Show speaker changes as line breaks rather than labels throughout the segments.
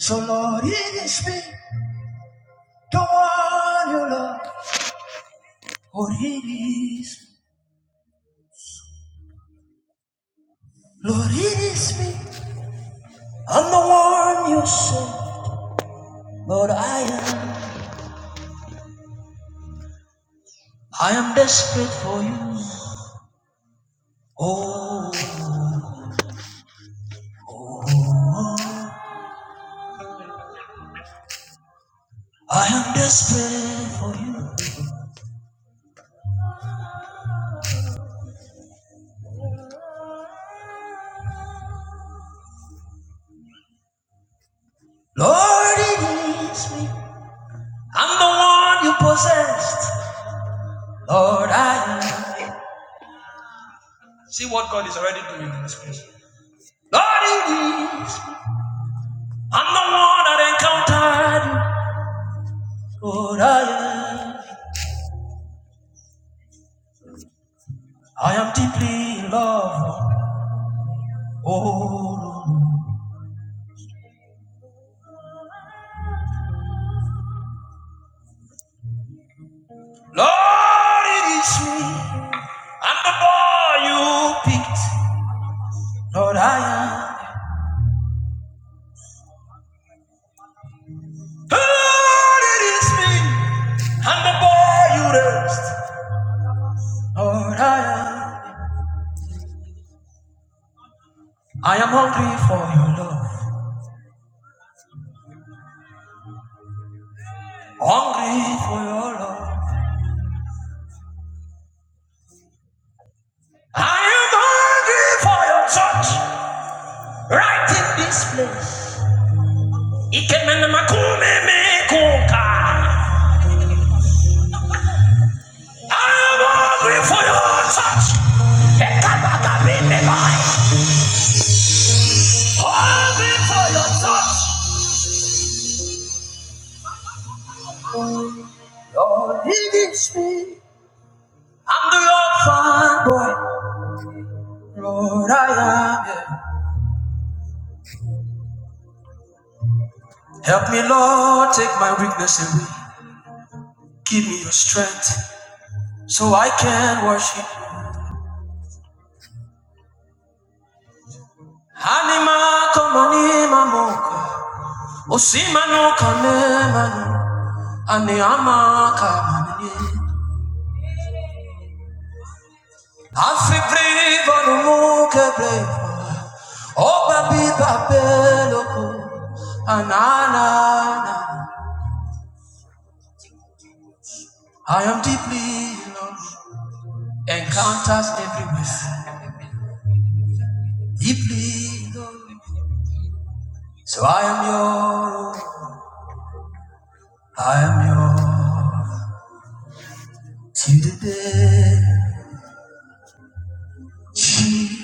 So Lord, it is me, don't want you, Lord. Lord, it is me. Lord, it is me. I'm the one you say. Lord, I am. I am desperate for you. Oh, I am desperate for you. Lord, it is me. I'm the one you possessed. Lord, I am. See what God is already doing in this place. Lord, it is. I'm the one that encountered you. Lord, I am. I am deeply in love. Oh, Lord, Lord, it is me. I'm the boy you picked. Lord, I am. Lord, it is me. I'm the boy you raised. Lord, I am. I am hungry for your love. Hungry for your love. I am hungry for your touch. Right in this place. I'm hungry for your touch. Ekabakabineba. Hungry for your touch. Lord, it is me. I'm the orphan boy. Lord, I am. yeah. Help me, Lord, take my weakness away. Give me your strength so I can worship you. Anima como anima moco, si kame manu, ani ama kame Afi brave anumuke brave Oba biba beloko Anana I am deeply loved Encounters everywhere Deeply loved So I am your I am your Till the day She-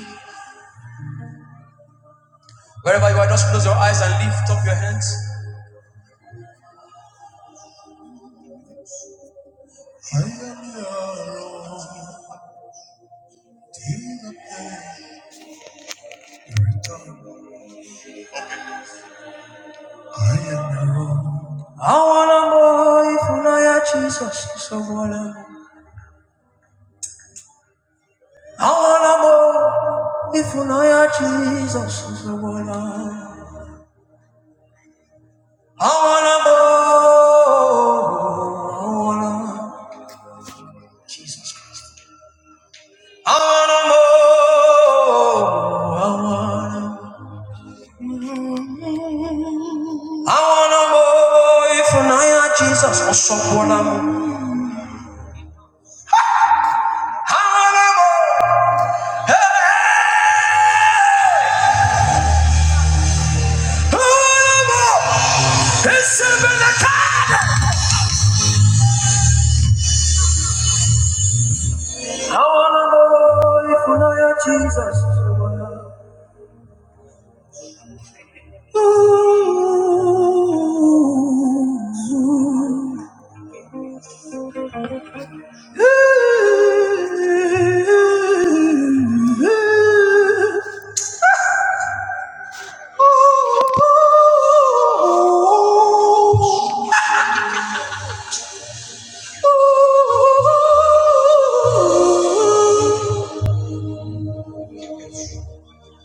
Wherever you are just close your eyes and lift up your hands I am your Lord, till the day I wanna more if you know ya Jesus is a waller. I wanna more if you know ya Jesus is a waller. I wanna more, I wanna Jesus Christ. I wanna more, I wanna. I wanna more if you know ya Jesus is a waller. I wanna more, hey, hey. I wanna know if you know your Jesus.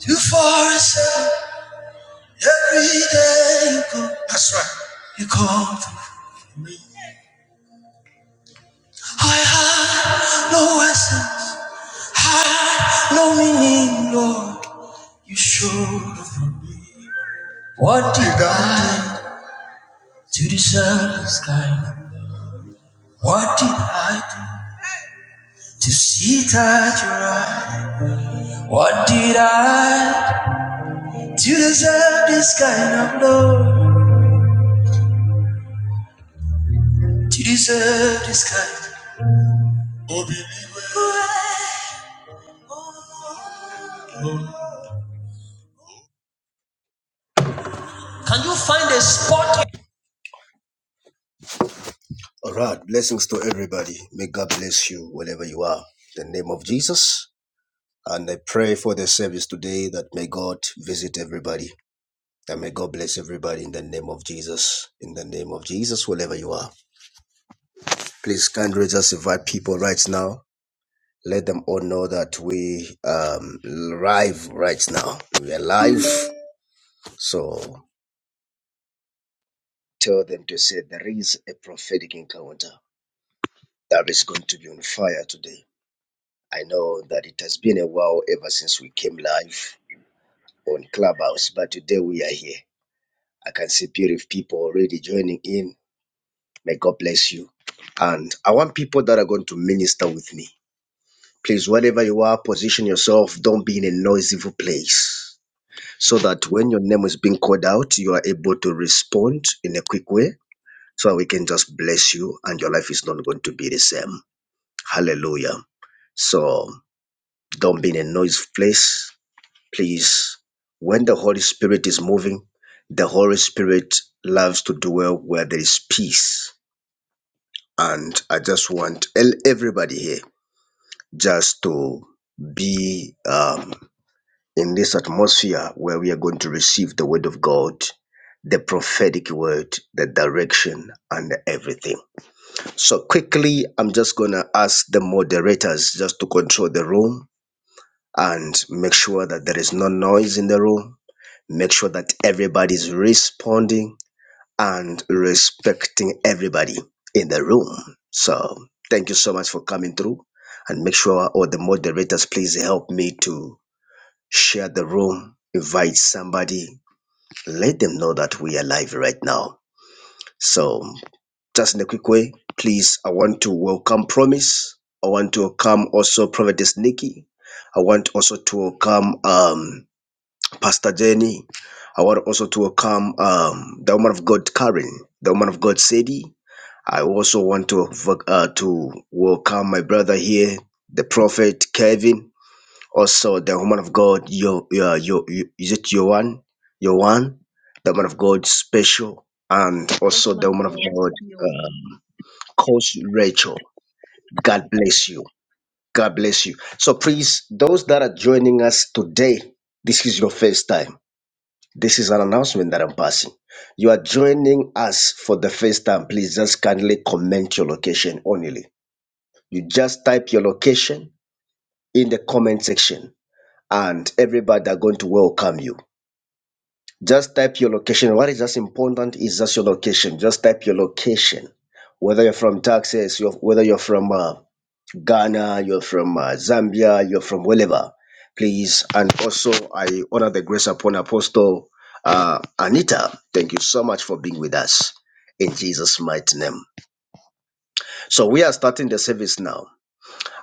Too far, I said, every day you come. That's right. You come. I had no essence, had no meaning, Lord. You showed up for me. What did I do to deserve this kind? What did I do to see that you're right? What did I do to deserve this kind of love? To deserve this kind of Can you find a spot All right. Blessings to everybody. May God bless you wherever you are. In the name of Jesus. And I pray for the service today that may God visit everybody. And may God bless everybody in the name of Jesus. In the name of Jesus, wherever you are. Please kindly just invite people right now. Let them all know that we um live right now. We are live. So tell them to say there is a prophetic encounter that is going to be on fire today. I know that it has been a while ever since we came live on Clubhouse, but today we are here. I can see beautiful people already joining in. May God bless you. And I want people that are going to minister with me. Please, wherever you are, position yourself. Don't be in a noisy place. So that when your name is being called out, you are able to respond in a quick way so we can just bless you and your life is not going to be the same. Hallelujah. So don't be in a noisy place Please, when the Holy Spirit is moving, the Holy Spirit loves to dwell where there is peace. And I just want el- everybody here just to be um, in this atmosphere where we are going to receive the Word of God, the prophetic word, the direction, and everything. So, quickly, I'm just going to ask the moderators just to control the room and make sure that there is no noise in the room Make sure that everybody's responding and respecting everybody in the room. So thank you so much for coming through. And make sure all the moderators please help me to share the room, invite somebody, let them know that we are live right now. So just in a quick way, please, I want to welcome Promise. I want to welcome also Prophetess Nikki. I want also to welcome um Pastor Jenny. I want also to welcome um, the woman of God, Karen, the woman of God, Sadie. I also want to vo- uh, to welcome my brother here, the prophet Kevin. Also, the woman of God, your your your is it your one, your one, the woman of God, special, and
Yes,
also
my
the woman of
God.
God,
You.
um, Coach Rachel. God bless you. God bless you. So please, those that are joining us today, this is your first time. This is an announcement that I'm passing. You are joining us for the first time. Please just kindly comment your location only. You just type your location in the comment section, and everybody are going to welcome you. Just type your location. What is just important is just your location. Just type your location. Whether you're from Texas, you're, whether you're from uh, Ghana, you're from uh, Zambia, you're from wherever, please. And also, I honor the grace upon Apostle uh, Anita. Thank you so much for being with us in Jesus' mighty name. So, we are starting the service now.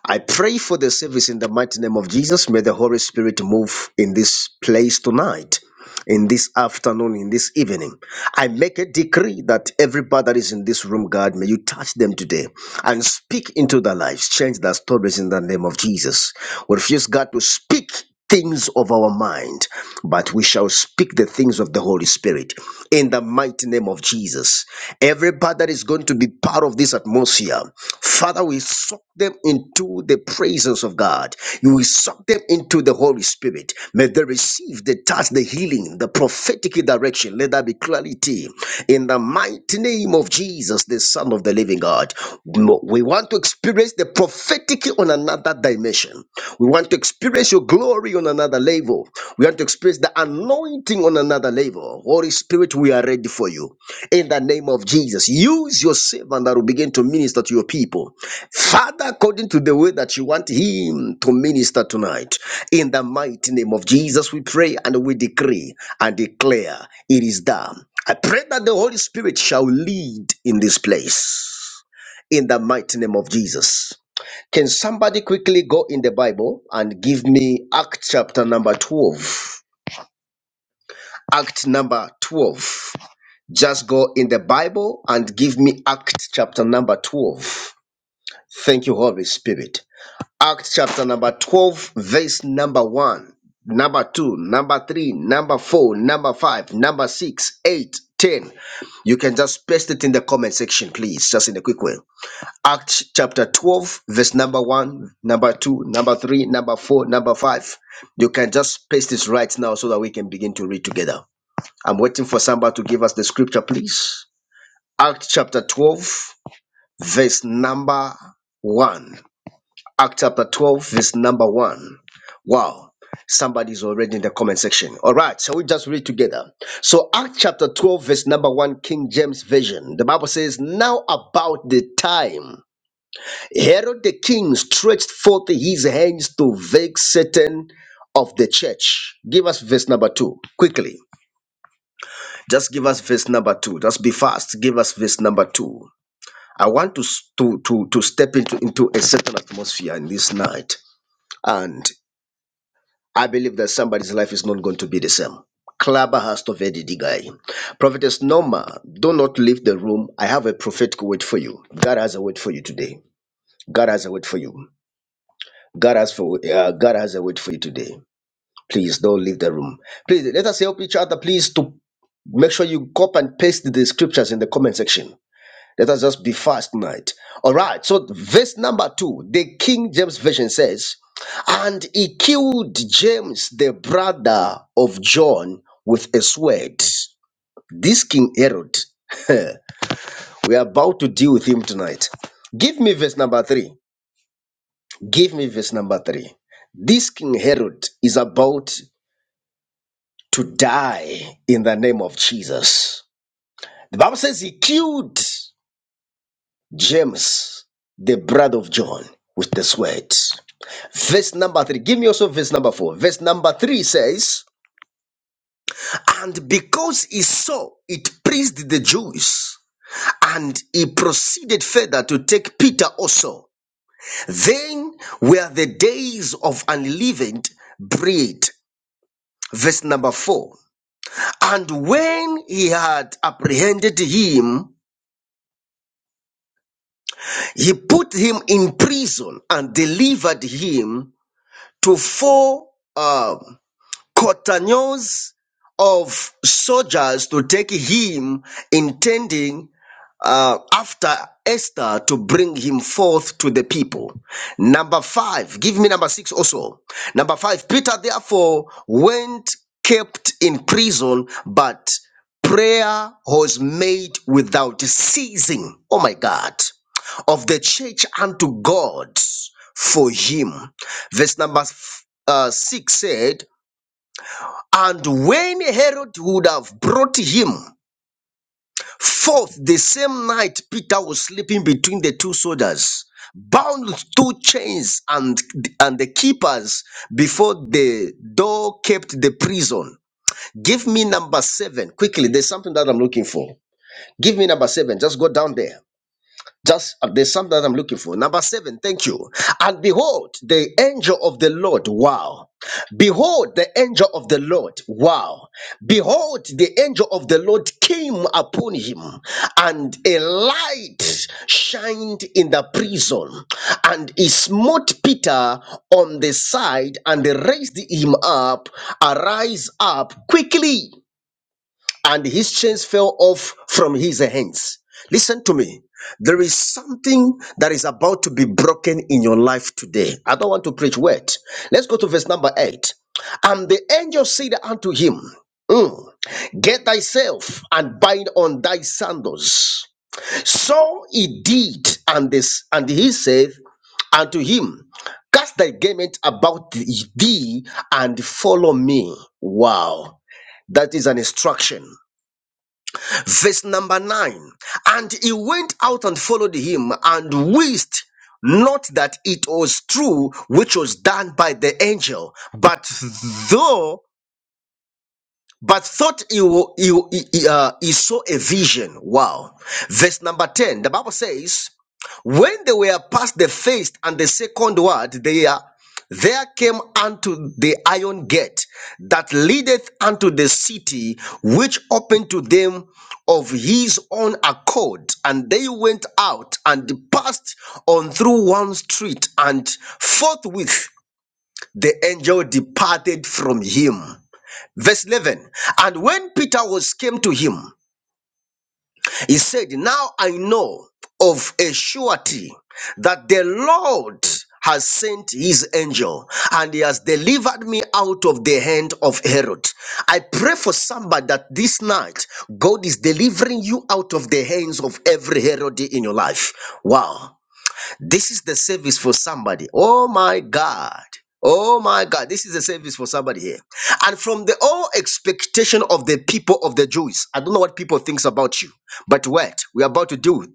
I pray for the service in the mighty name of Jesus. May the Holy Spirit move in this place tonight in this afternoon, in this evening. I make a decree that everybody that is in this room, God, may you touch them today and speak into their lives, change their stories in the name of Jesus. We refuse, God, to speak things of our mind, but we shall speak the things of the Holy Spirit in the mighty name of Jesus. Everybody that is going to be part of this atmosphere, Father, we soak them into the presence of God. You will suck them into the Holy Spirit. May they receive the touch, the healing, the prophetic direction. Let there be clarity in the mighty name of Jesus, the Son of the Living God. No, We want to experience the prophetic on another dimension. We want to experience your glory on another level. We want to experience the anointing on another level. Holy Spirit, we are ready for you. In the name of Jesus, use your servant that will begin to minister to your people. Father, according to the way that you want him to minister tonight, in the mighty name of Jesus, we pray and we decree and declare it is done. I pray that the Holy Spirit shall lead in this place, in the mighty name of Jesus. Can somebody quickly go in the Bible and give me Act chapter number 12? Act number 12. Just go in the Bible and give me Act chapter number 12. Thank you, Holy Spirit. Acts chapter number 12, verse number 1, number 2, number 3, number 4, number 5, number 6, 8, 10. You can just paste it in the comment section, please, just in a quick way. Acts chapter 12, verse number 1, number 2, number 3, number 4, number 5. You can just paste this right now so that we can begin to read together. I'm waiting for somebody to give us the scripture, please. Acts chapter 12, verse number 1. Act chapter 12, verse number 1. Wow. Somebody's already in the comment section. All right, so we just read together. So, Act chapter 12, verse number 1, King James Version. The Bible says, Now about the time, Herod the king stretched forth his hands to vex certain of the church. Give us verse number 2 quickly. Just give us verse number 2. Just be fast. Give us verse number 2. I want to, s- to, to, to step into, into a certain atmosphere in this night. and. I believe that somebody's life is not going to be the same. Klaba has to vedi digai. Prophetess Norma, do not leave the room. I have a prophetic word for you. God has a word for you today. God has a word for you. God has for uh, God has a word for you today. Please don't leave the room. Please let us help each other. Please to make sure you copy and paste the scriptures in the comment section let us just be fast tonight. All right. So, verse number two, the King James Version says, And he killed James, the brother of John, with a sword. This King Herod, we are about to deal with him tonight. Give me verse number three. Give me verse number three. This King Herod is about to die in the name of Jesus. The Bible says he killed James, the brother of John, with the sword. Verse number three. Give me also verse number four. Verse number three says, And because he saw it pleased the Jews, and he proceeded further to take Peter also. Then were the days of unleavened bread. Verse number four. And when he had apprehended him, he put him in prison and delivered him to four uh, cotaneos of soldiers to take him, intending uh, after Esther to bring him forth to the people. Number five, give me number six also. Number five, Peter therefore went kept in prison, but prayer was made without ceasing. Oh my God, of the church unto God for him. Verse number f- uh, six said, and when Herod would have brought him forth the same night, Peter was sleeping between the two soldiers, bound with two chains, and, and the keepers before the door kept the prison. Give me number seven quickly. There's something that I'm looking for. Give me number seven. Just go down there. Just uh, there's something that I'm looking for. Number seven, thank you. And behold, the angel of the Lord, wow. Behold, the angel of the Lord, wow. Behold, the angel of the Lord came upon him, and a light shined in the prison, and he smote Peter on the side and raised him up, arise up quickly and his chains fell off from his hands. Listen to me. There is something that is about to be broken in your life today. I don't want to preach word. Let's go to verse number eight. And the angel said unto him, "Mm, Get thyself and bind on thy sandals. So he did, and this and he said unto him, Cast thy garment about thee and follow me. Wow, that is an instruction. Verse number nine. And he went out and followed him and wished not that it was true which was done by the angel, but though but thought he, wa- he, he, uh, he saw a vision. Wow. Verse number 10, the Bible says, When they were past the first and the second word, they are, there came unto the iron gate that leadeth unto the city, which opened to them of his own accord. And they went out and passed on through one street, and forthwith the angel departed from him. Verse 11 And when Peter was came to him, he said, Now I know of a surety that the Lord has sent his angel and he has delivered me out of the hand of Herod. I pray for somebody that this night God is delivering you out of the hands of every Herod in your life. Wow. This is the service for somebody. Oh my God. Oh my God. This is the service for somebody here. And from the all expectation of the people of the Jews, I don't know what people thinks about you, but what we're about to do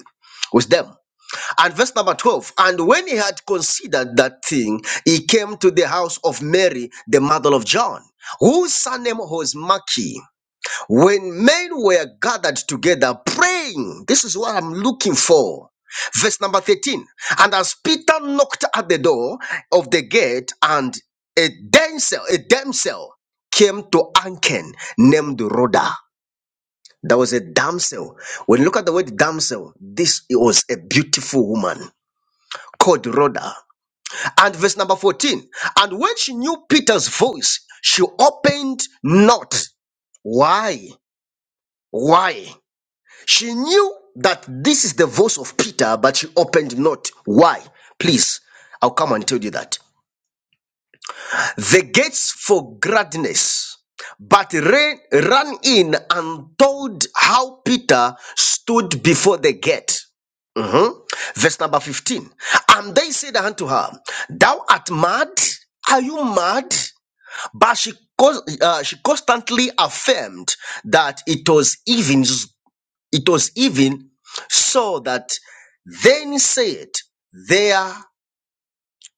with them. And verse number 12, and when he had considered that thing, he came to the house of Mary, the mother of John, whose surname was Maki. When men were gathered together praying, this is what I'm looking for. Verse number 13. And as Peter knocked at the door of the gate, and a damsel, a damsel came to Anken named Rhoda. That was a damsel. When you look at the word damsel, this was a beautiful woman called Rhoda. And verse number 14. And when she knew Peter's voice, she opened not. Why? Why? She knew that this is the voice of Peter, but she opened not. Why? Please, I'll come and tell you that. The gates for gladness, but ran, ran in and told how Peter stood before the gate. Mhm. Verse number 15. And they said unto her, Thou art mad? Are you mad? But she, cons- uh, she constantly affirmed that it was even it was even so that then said, There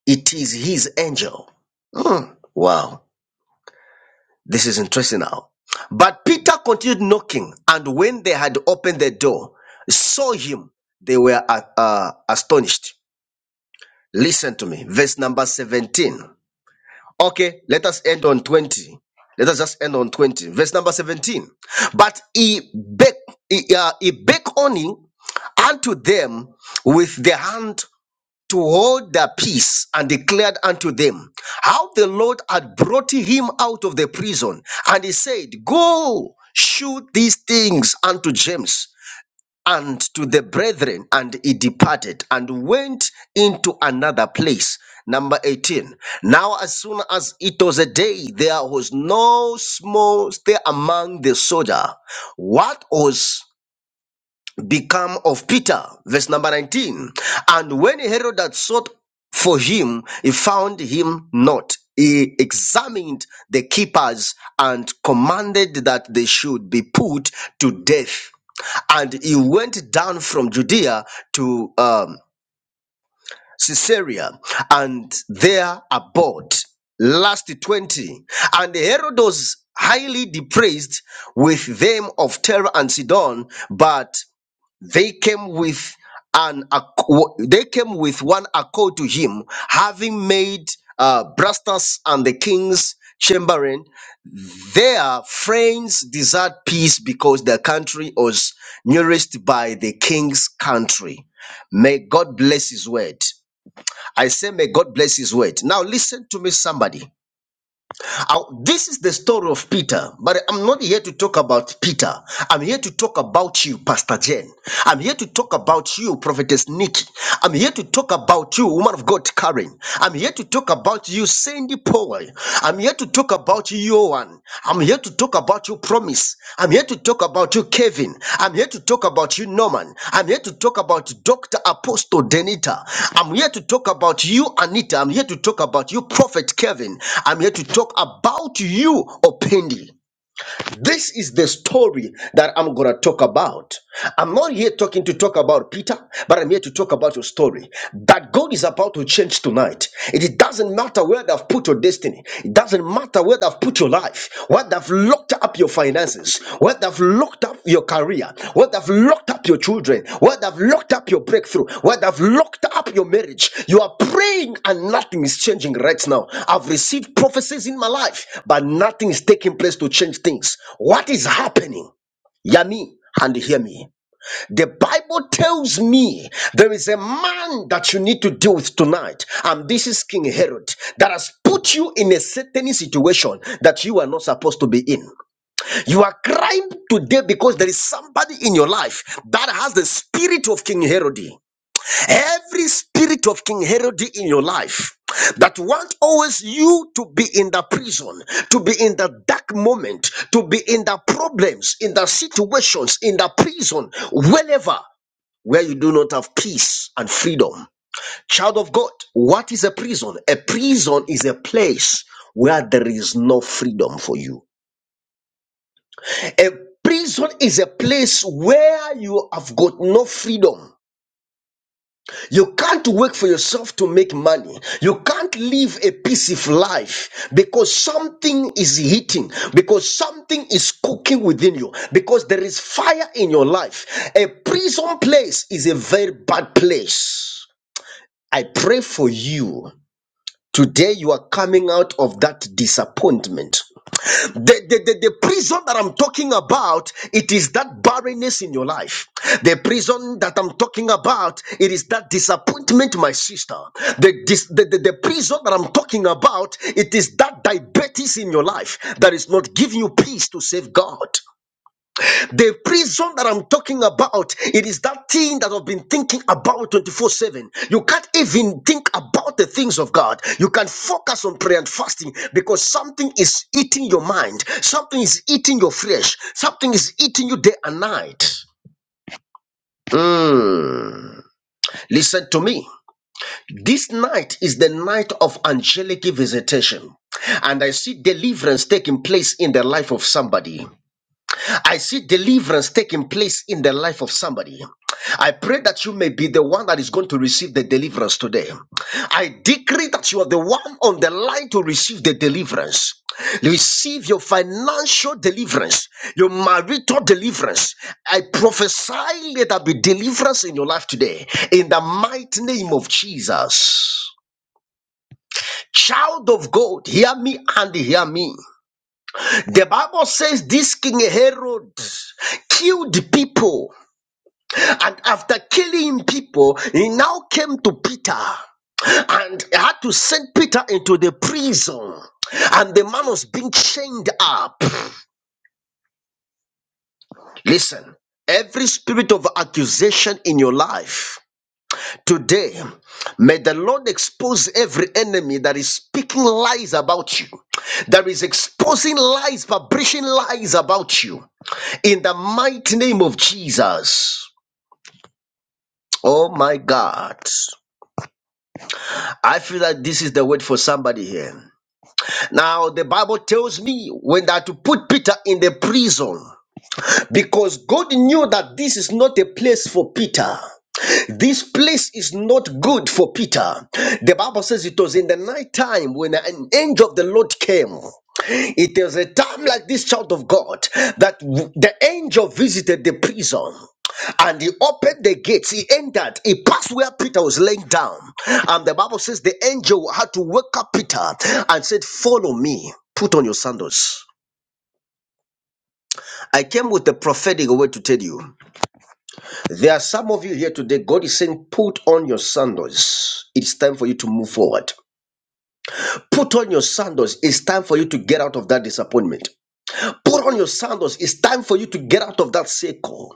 it is his angel. Hmm. Wow, this is interesting now. But Peter continued knocking, and when they had opened the door, saw him, they were uh, uh, astonished. Listen to me, verse number 17. Okay, let us end on 20. Let us just end on 20. Verse number 17. But he bake, he, uh, he bake on unto them with the hand to hold their peace and declared unto them how the Lord had brought him out of the prison. And he said, Go, shoot these things unto James and to the brethren, and he departed and went into another place. Number 18. Now, as soon as it was a day, there was no small stir among the soldier. What was become of Peter. Verse number 19. And when Herod had sought for him, he found him not. He examined the keepers and commanded that they should be put to death. And he went down from Judea to um, Caesarea and there abode. Last 20. And Herod was highly depraised with them of Terra and Sidon, but they came with an acc- they came with one accord to him having made uh, Brastas and the king's chamberlain their friends desired peace because their country was nourished by the king's country may god bless his word i say may god bless his word now listen to me somebody I- this is the story of Peter, but I'm not here to talk about Peter. I'm here to talk about you, Pastor Jen. I'm here to talk about you, Prophetess Nikki. I'm here to talk about you, woman of God, Karen. I'm here to talk about you, Sandy Powell. I'm here to talk about you. Joan. I'm here to talk about your promise. I'm here to talk about you, Kevin. I'm here to talk about you, Norman. I'm here to talk about Dr. Apostle Denita. I'm here to talk about you, Anita. I'm here to talk about you, Prophet Kevin. I'm here to talk about you, Opendi. This is the story that I'm going to talk about. I'm not here talking to talk about Peter, but I'm here to talk about your story that God is about to change tonight. It doesn't matter where they've put your destiny, it doesn't matter where they've put your life, where they've locked up your finances, what have locked up your career, what have locked up your children, what have locked up your breakthrough, what have locked up your marriage. You are praying and nothing is changing right now. I've received prophecies in my life, but nothing is taking place to change things. What is happening? Yami. And hear me. The Bible tells me there is a man that you need to deal with tonight, and this is King Herod that has put you in a certain situation that you are not supposed to be in. You are crying today because there is somebody in your life that has the spirit of King Herod. Every spirit of King Herod in your life that want always you to be in the prison, to be in the dark moment, to be in the problems, in the situations, in the prison, wherever where you do not have peace and freedom. Child of God, what is a prison? A prison is a place where there is no freedom for you. A prison is a place where you have got no freedom. You can't work for yourself to make money. You can't live a peaceful life because something is heating, because something is cooking within you, because there is fire in your life. A prison place is a very bad place. I pray for you. Today you are coming out of that disappointment. The, the, the, the prison that I'm talking about, it is that barrenness in your life. The prison that I'm talking about, it is that disappointment, my sister. The, dis, the, the, the prison that I'm talking about, it is that diabetes in your life that is not giving you peace to save God. The prison that I'm talking about, it is that thing that I've been thinking about 24 7. You can't even think about the things of God. You can focus on prayer and fasting because something is eating your mind, something is eating your flesh, something is eating you day and night. Mm. Listen to me. This night is the night of angelic visitation. And I see deliverance taking place in the life of somebody. I see deliverance taking place in the life of somebody. I pray that you may be the one that is going to receive the deliverance today. I decree that you are the one on the line to receive the deliverance. Receive your financial deliverance, your marital deliverance. I prophesy let there be deliverance in your life today in the mighty name of Jesus. Child of God, hear me and hear me. The Bible says this King Herod killed people, and after killing people, he now came to Peter and had to send Peter into the prison. And the man was being chained up. Listen, every spirit of accusation in your life today, may the Lord expose every enemy that is speaking lies about you, that is exposing lies, publishing lies about you. In the mighty name of Jesus. Oh my God. I feel that this is the word for somebody here. Now, the Bible tells me when that to put Peter in the prison because God knew that this is not a place for Peter. This place is not good for Peter. The Bible says it was in the night time when an angel of the Lord came It is a time like this, child of God, that w- the angel visited the prison. And he opened the gates, he entered, he passed where Peter was laying down. And the Bible says the angel had to wake up Peter and said, Follow me, put on your sandals. I came with the prophetic word to tell you. There are some of you here today, God is saying, Put on your sandals. It's time for you to move forward. Put on your sandals. It's time for you to get out of that disappointment. Put on your sandals. It's time for you to get out of that circle.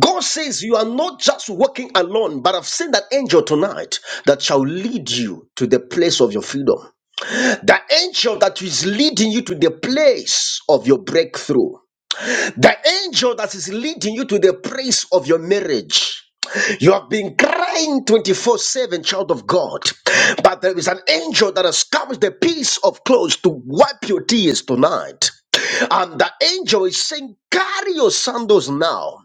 God says you are not just walking alone, but I've sent that angel tonight that shall lead you to the place of your freedom. The angel that is leading you to the place of your breakthrough. The angel that is leading you to the place of your marriage. You have been crying 24 7, child of God. But there is an angel that has come with the piece of clothes to wipe your tears tonight. And the angel is saying, Carry your sandals now.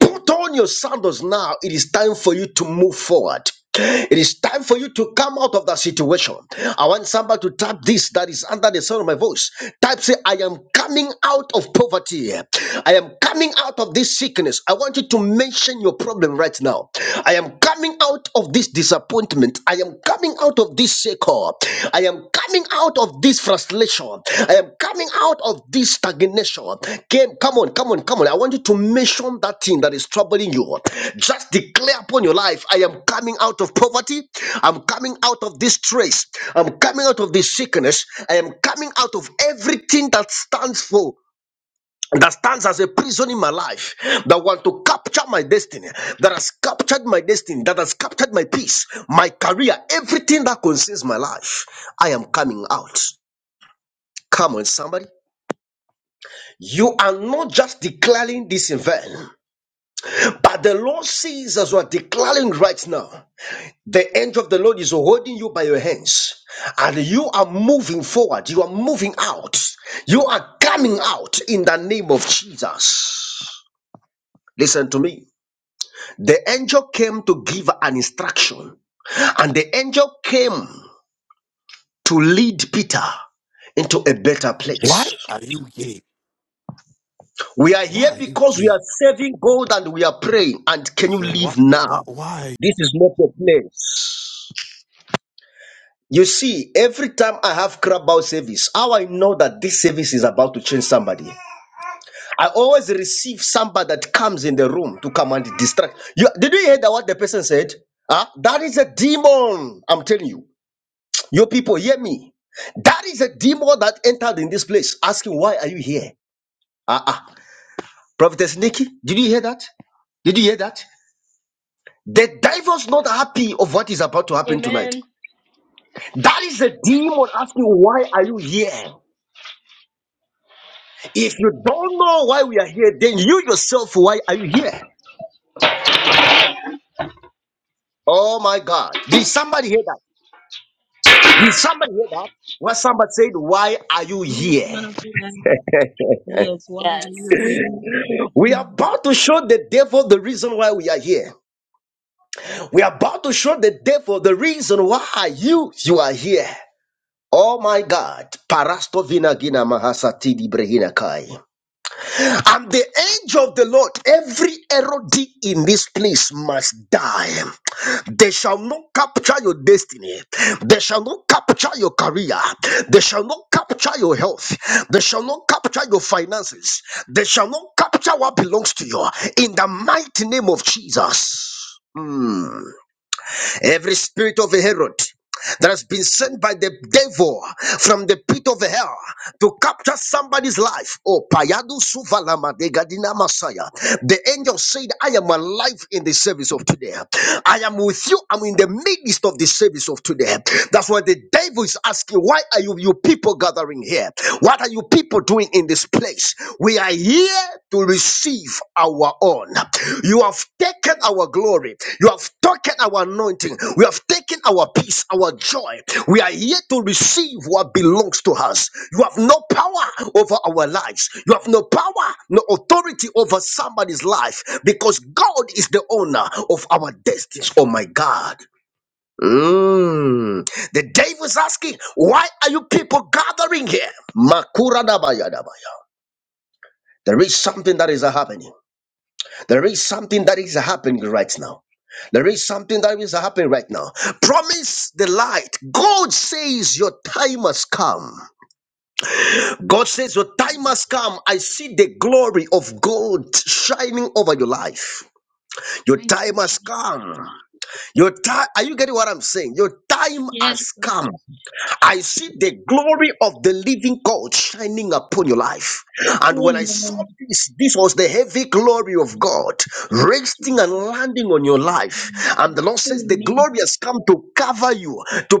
Put on your sandals now. It is time for you to move forward. It is time for you to come out of that situation. I want somebody to type this that is under the sound of my voice. Type say, I am coming out of poverty. I am coming out of this sickness. I want you to mention your problem right now. I am coming out of this this disappointment. I am coming out of this shaker. I am coming out of this frustration. I am coming out of this stagnation. Came, come on, come on, come on. I want you to mention that thing that is troubling you. Just declare upon your life I am coming out of poverty. I'm coming out of this stress. I'm coming out of this sickness. I am coming out of everything that stands for that stands as a prison in my life that want to capture my destiny that has captured my destiny that has captured my peace my career everything that concerns my life i am coming out come on somebody you are not just declaring this in vain but the lord sees as you are declaring right now the angel of the Lord is holding you by your hands, and you are moving forward. You are moving out. You are coming out in the name of Jesus. Listen to me. The angel came to give an instruction, and the angel came to lead Peter into a better place.
Why are you gay?
We are
Why
here
are you
because we are
gay?
serving God and we are praying. And
I
can you
said, why,
leave
why,
now?
why
This is not your place. You see, every time I have crab service, how I know that this service is about to change somebody. I always receive somebody that comes in the room to come and distract. You, did you hear that what the person said? Huh? That is a demon. I'm telling you. Your people, hear me. That is a demon that entered in this place, asking, Why are you here? Ah, ah. Prophetess Nikki, did you hear that? Did you hear that? The devil's not happy of what is about to happen tonight.
Amen.
That is a demon asking, Why are you here? If you don't know why we are here, then you yourself, why are you here? Oh my God. Did somebody hear that? Did somebody hear that? What somebody said, Why are you
Yes,
here?
man of God. Yes, why are you
Yes.
here?
We are
Amen.
about to show the devil the reason why we are here. We are about to show the devil the reason why you you are here. Oh my God. Parastovina gina mahasatidi brehina kai. And the angel of the Lord, every error in this place must die. They shall not capture your destiny. They shall not capture your career. They shall not capture your health. They shall not capture your finances. They shall not capture what belongs to you. In the mighty name of Jesus. Hmm. Every spirit of Herod that has been sent by the devil from the pit of hell to capture somebody's life. Oh, Payadu Suvalama de Gadina Masaya. The angel said, I am alive in the service of today. I am with you. I'm in the midst of the service of today. That's why the devil is asking, Why are you, you people gathering here? What are you people doing in this place? We are here to receive our own. You have taken our glory. You have taken our anointing. We have taken our peace, our joy. We are here to receive what belongs to us. You have no power over our lives. You have no power, no authority over somebody's life because God is the owner of our destinies. Oh my God. Mm. The devil's asking, why are you people gathering here? Makura dabaya dabaya. There is something that is happening. There is something that is happening right now. There is something that is happening right now. Promise the light. God says your time has come. God says your time has come. I see the glory of God shining over your life. Your
Thank
time
you,
has come. Your time. Are you getting what I'm saying? Your time has
Jesus.
come. I see the glory of the living God shining upon your life. And when I saw
Amen.
this, this was the heavy glory of God
Jesus.
resting and landing on your life. And the Lord says, The
Amen.
glory has come to cover you, to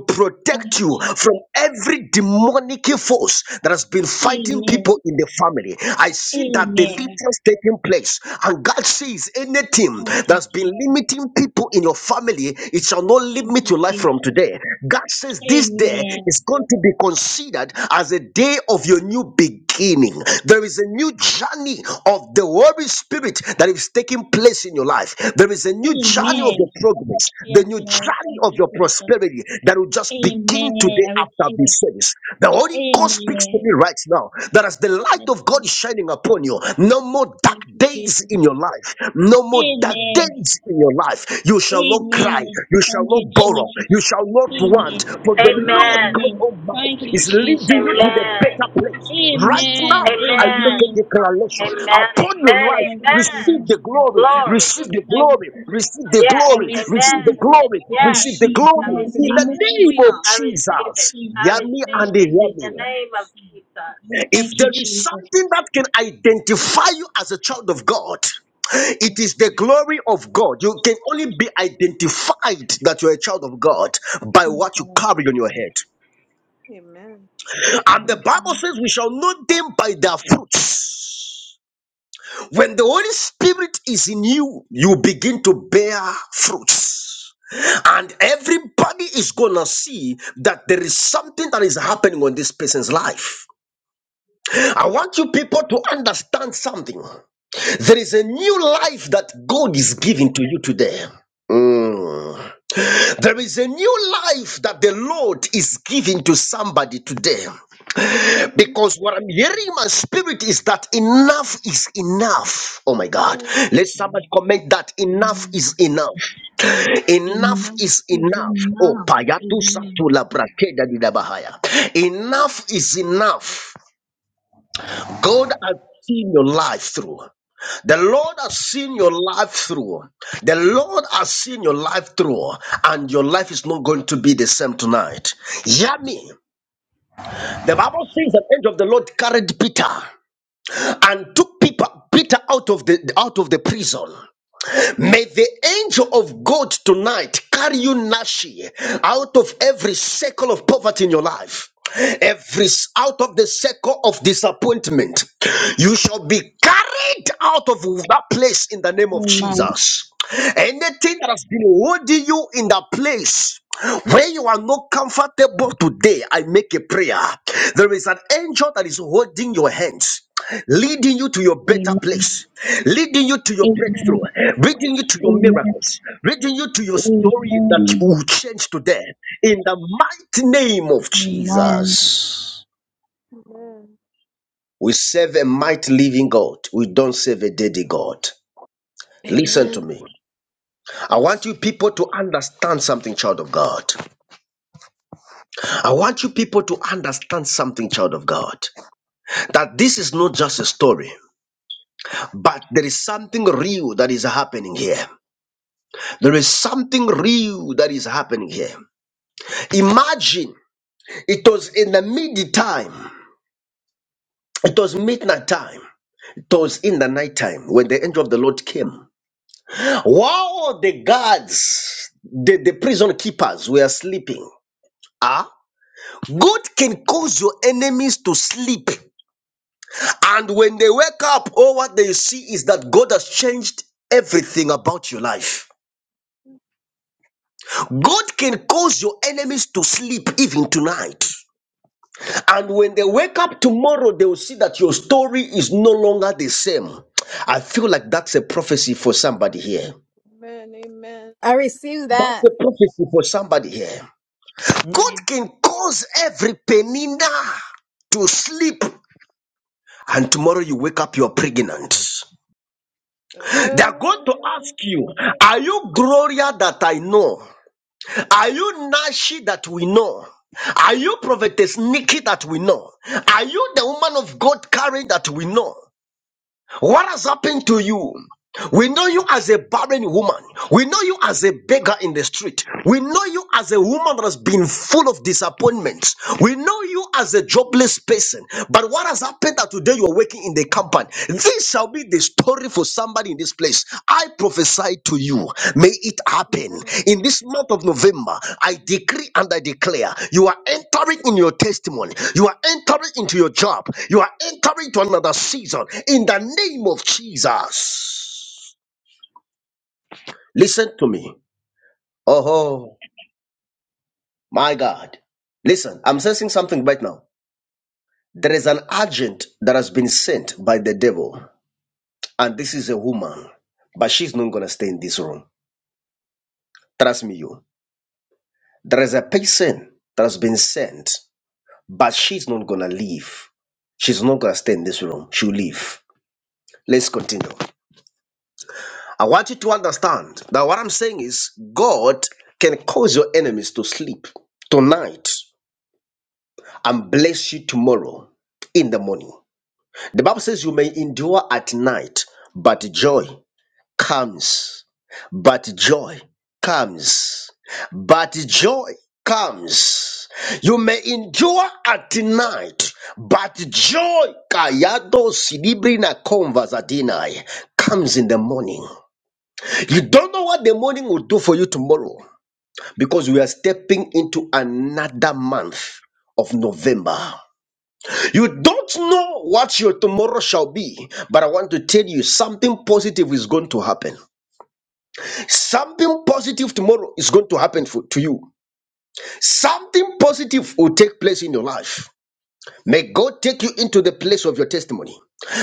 Thank
protect
you,
you from
Jesus.
every demonic force that has been fighting
Amen.
people in the family. I see that
Amen.
deliverance taking place. And God sees anything
Thank you,
that's been
Jesus.
limiting people in your in your family, it shall not
Thank
limit
you,
your life from
Jesus.
today. God says this day
Amen.
is going to be considered as a day of your new beginning. There is a new journey of the Holy Spirit that is taking place in your life. There is a new journey of your
Amen.
progress,
Yes,
the new
Lord.
journey
Thank
of
you,
your
Jesus.
prosperity that will just begin
Amen.
today
I
after
receive it.
this service. The Holy Ghost speaks to
Amen.
me right now that as the
Yes,
light of God
Lord.
is shining upon you, no more more dark
Thank you,
days in
Jesus.
your life. No more dark
Amen.
days in your life. You shall not cry.
Amen.
You shall
Thank you,
not borrow. You
Jesus.
shall not
Amen.
want. For the Lord God
Amen.
Amen. Thank
Almighty
you,
is
Amen.
leading
Jesus.
you to the
Amen.
better place. Right
Amen.
now, I make
Hallelujah.
Amen.
a
Amen.
declaration
Amen.
upon your
Thank
life.
you,
Amen.
Receive
Jesus.
the glory.
Yes,
Glory.
Receive the
Lord.
I receive
glory.
it.
Receive the
Yes.
I
we
glory.
receive
Receive
receive
it.
the
Amen.
it in the name
glory.
I
of
Yes.
Receive the
receive it.
I
glory
Now
receive.
in
Jesus.
the
in the
name of
it.
name
Jesus.
of
Hallelujah.
I receive it.
Jesus.
I
Hear
Jesus.
me
I
receive
receive
and
it
hear
in
it.
the
me.
name of
Yes,
Jesus.
Thank
If
you,
there is
Jesus.
something that can identify you as a child of God, it
Yes,
is
Lord.
the glory of God. You can only be identified that you're a child of God by
Yes,
what you
Lord.
carry on your head.
Amen.
it's all
And the
Yes,
Bible
Lord.
says, We shall know them by their fruits. When the Holy Spirit is in you, you begin to bear fruits. And everybody is gonna see that there is something that is happening on this person's life. I want you people to understand something. There is a new life that God is giving to you today. Mm. There is a new life that the Lord is giving to somebody today.
Amen.
Because what I'm hearing in my spirit is that enough is enough.
Amen.
Oh my God.
Amen.
Let somebody
Amen.
comment that enough
Amen.
is enough. Enough
Enough
is
is
enough. Oh,
enough.
payatu
Amen.
satula brakeda didabahaya. Enough is enough. God has seen your life through. The Lord has seen your life through. The Lord has seen your life through, and your life is not going to be the same tonight. Hear me. The Bible says the angel of the Lord carried Peter and took Peter, Peter out of the out of the prison. May the angel of God tonight carry you, Nashi, out of every circle of poverty in your life. Every out of the circle of disappointment, you shall be carried out of that place in the name of
Amen.
Jesus. Anything that has been holding you in that place where you are not comfortable today, I make a prayer. There is an angel that is holding your hands leading you to your better
Amen.
place, leading you to your
Amen.
breakthrough,
Amen.
leading you to your
Amen.
miracles, leading you to your story that
Amen.
will change today. In the mighty name of
Amen.
Jesus,
Amen.
we serve a mighty living God. We don't serve a dead God. Listen to
Amen.
me. I want you people to understand something, child of God. I want you people to understand something, child of God. That this is not just a story, but there is something real that is happening here. There is something real that is happening here. Imagine it was in the mid time, it was midnight time, it was in the night time when the angel of the Lord came. While the guards, the, the prison keepers were sleeping, ah, God can cause your enemies to sleep. And when they wake up, all what they see is that God has changed everything about your life. God can cause your enemies to sleep even tonight. And when they wake up tomorrow, they will see that your story is no longer the same. I feel like that's a prophecy for somebody here.
Amen. Amen.
I receive
That's
that.
a prophecy for somebody here. God can cause every penina to sleep, and tomorrow you wake up, you're pregnant. They are going to ask
Oh,
you, Are you Gloria that I know? Are you Nashi that we know? Are you prophetess Nikki that we know? Are you the woman of God Karen that we know? What has happened to you? We know you as a barren woman. We know you as a beggar in the street. We know you as a woman that has been full of disappointments. We know you as a jobless person. But what has happened that today you are working in the company? This shall be the story for somebody in this place. I prophesy to you, may it happen
amen. Amen.
in this month of November. I decree and I declare you are entering in your testimony, you are entering into your job, you are entering to another season in the name of Jesus. Listen to me. Oh, my God. Listen, I'm sensing something right now. There is an agent that has been sent by the devil, and this is a woman, but she's not gonna stay in this room. Trust me, you. There is a person that has been sent, but she's not gonna leave. She's not gonna stay in this room. She'll leave. Let's continue. I want you to understand that what I'm saying is God can cause your enemies to sleep tonight and bless you tomorrow in the morning. The Bible says you may endure at night, but joy comes, but joy comes, but joy comes. You may endure at night, but joy kayado silibrina conversatinai comes in the morning. You don't know what the morning will do for you tomorrow because we are stepping into another month of November. You don't know what your tomorrow shall be, but I want to tell you something positive is going to happen. Something positive tomorrow is going to happen for, to you. Something positive will take place in your life. May God take you into the place of your testimony.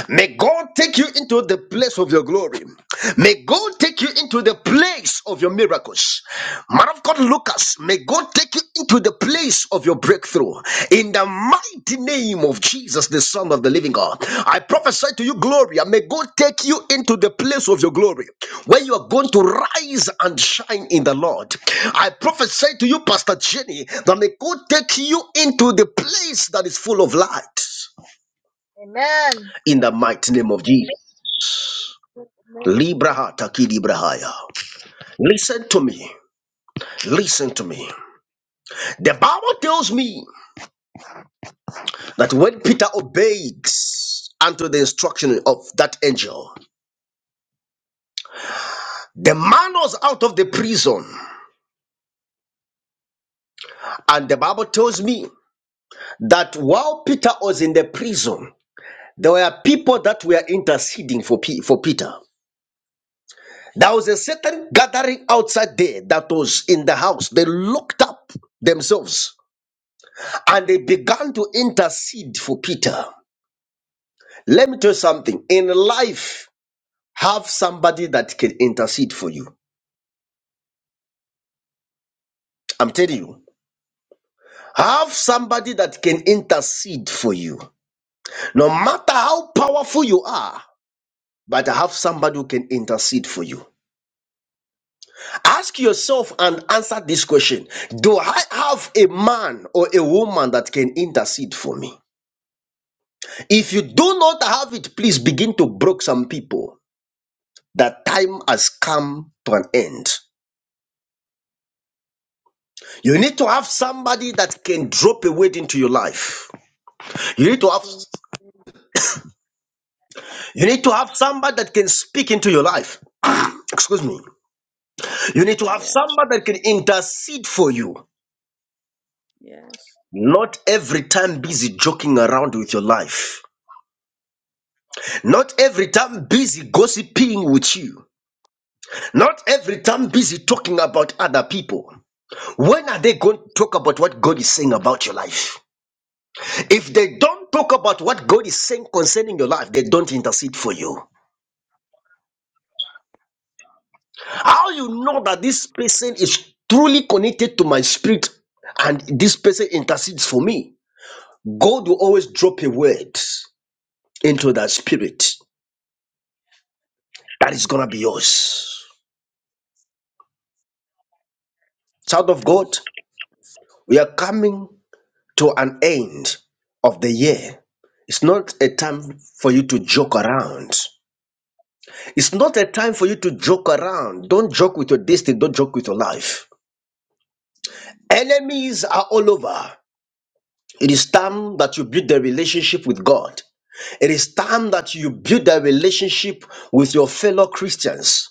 May God take you into the place of your glory. May God take you into the place of your miracles. Man of God, Lucas, may God take you into the place of your breakthrough. In the mighty name of Jesus, the Son of the Living God, I prophesy to you, Gloria, may God take you into the place of your glory, where you are going to rise and shine in the Lord. I prophesy to you, Pastor Jenny, that may God take you into the place that is full of light.
Amen.
In the mighty name of Jesus.
Amen.
Librahata kilibrahaya. Listen to me. Listen to me. The Bible tells me that when Peter obeyed unto the instruction of that angel, the man was out of the prison. And the Bible tells me that while Peter was in the prison, there were people that were interceding for, Pe- for Peter. There was a certain gathering outside there that was in the house. They looked up themselves and they began to intercede for Peter. Let me tell you something. In life, have somebody that can intercede for you. I'm telling you, have somebody that can intercede for you. No matter how powerful you are, but have somebody who can intercede for you. Ask yourself and answer this question Do I have a man or a woman that can intercede for me? If you do not have it, please begin to broke some people. That time has come to an end. You need to have somebody that can drop a word into your life. You need to have
True.
you need to have somebody that can speak into your life. Excuse me. You need to have
Yes.
somebody that can intercede for you.
Yes.
Not every time busy joking around with your life. Not every time busy gossiping with you. Not every time busy talking about other people. When are they going to talk about what God is saying about your life? If they don't talk about what God is saying concerning your life, they don't intercede for you. How you know that this person is truly connected to my spirit and this person intercedes for me? God will always drop a word into that spirit that is gonna be yours. Child of God, we are coming to an end of the year. It's not a time for you to joke around. It's not a time for you to joke around. Don't joke with your destiny, don't joke with your life. Enemies are all over. It is time that you build a relationship with God. It is time that you build a relationship with your fellow Christians.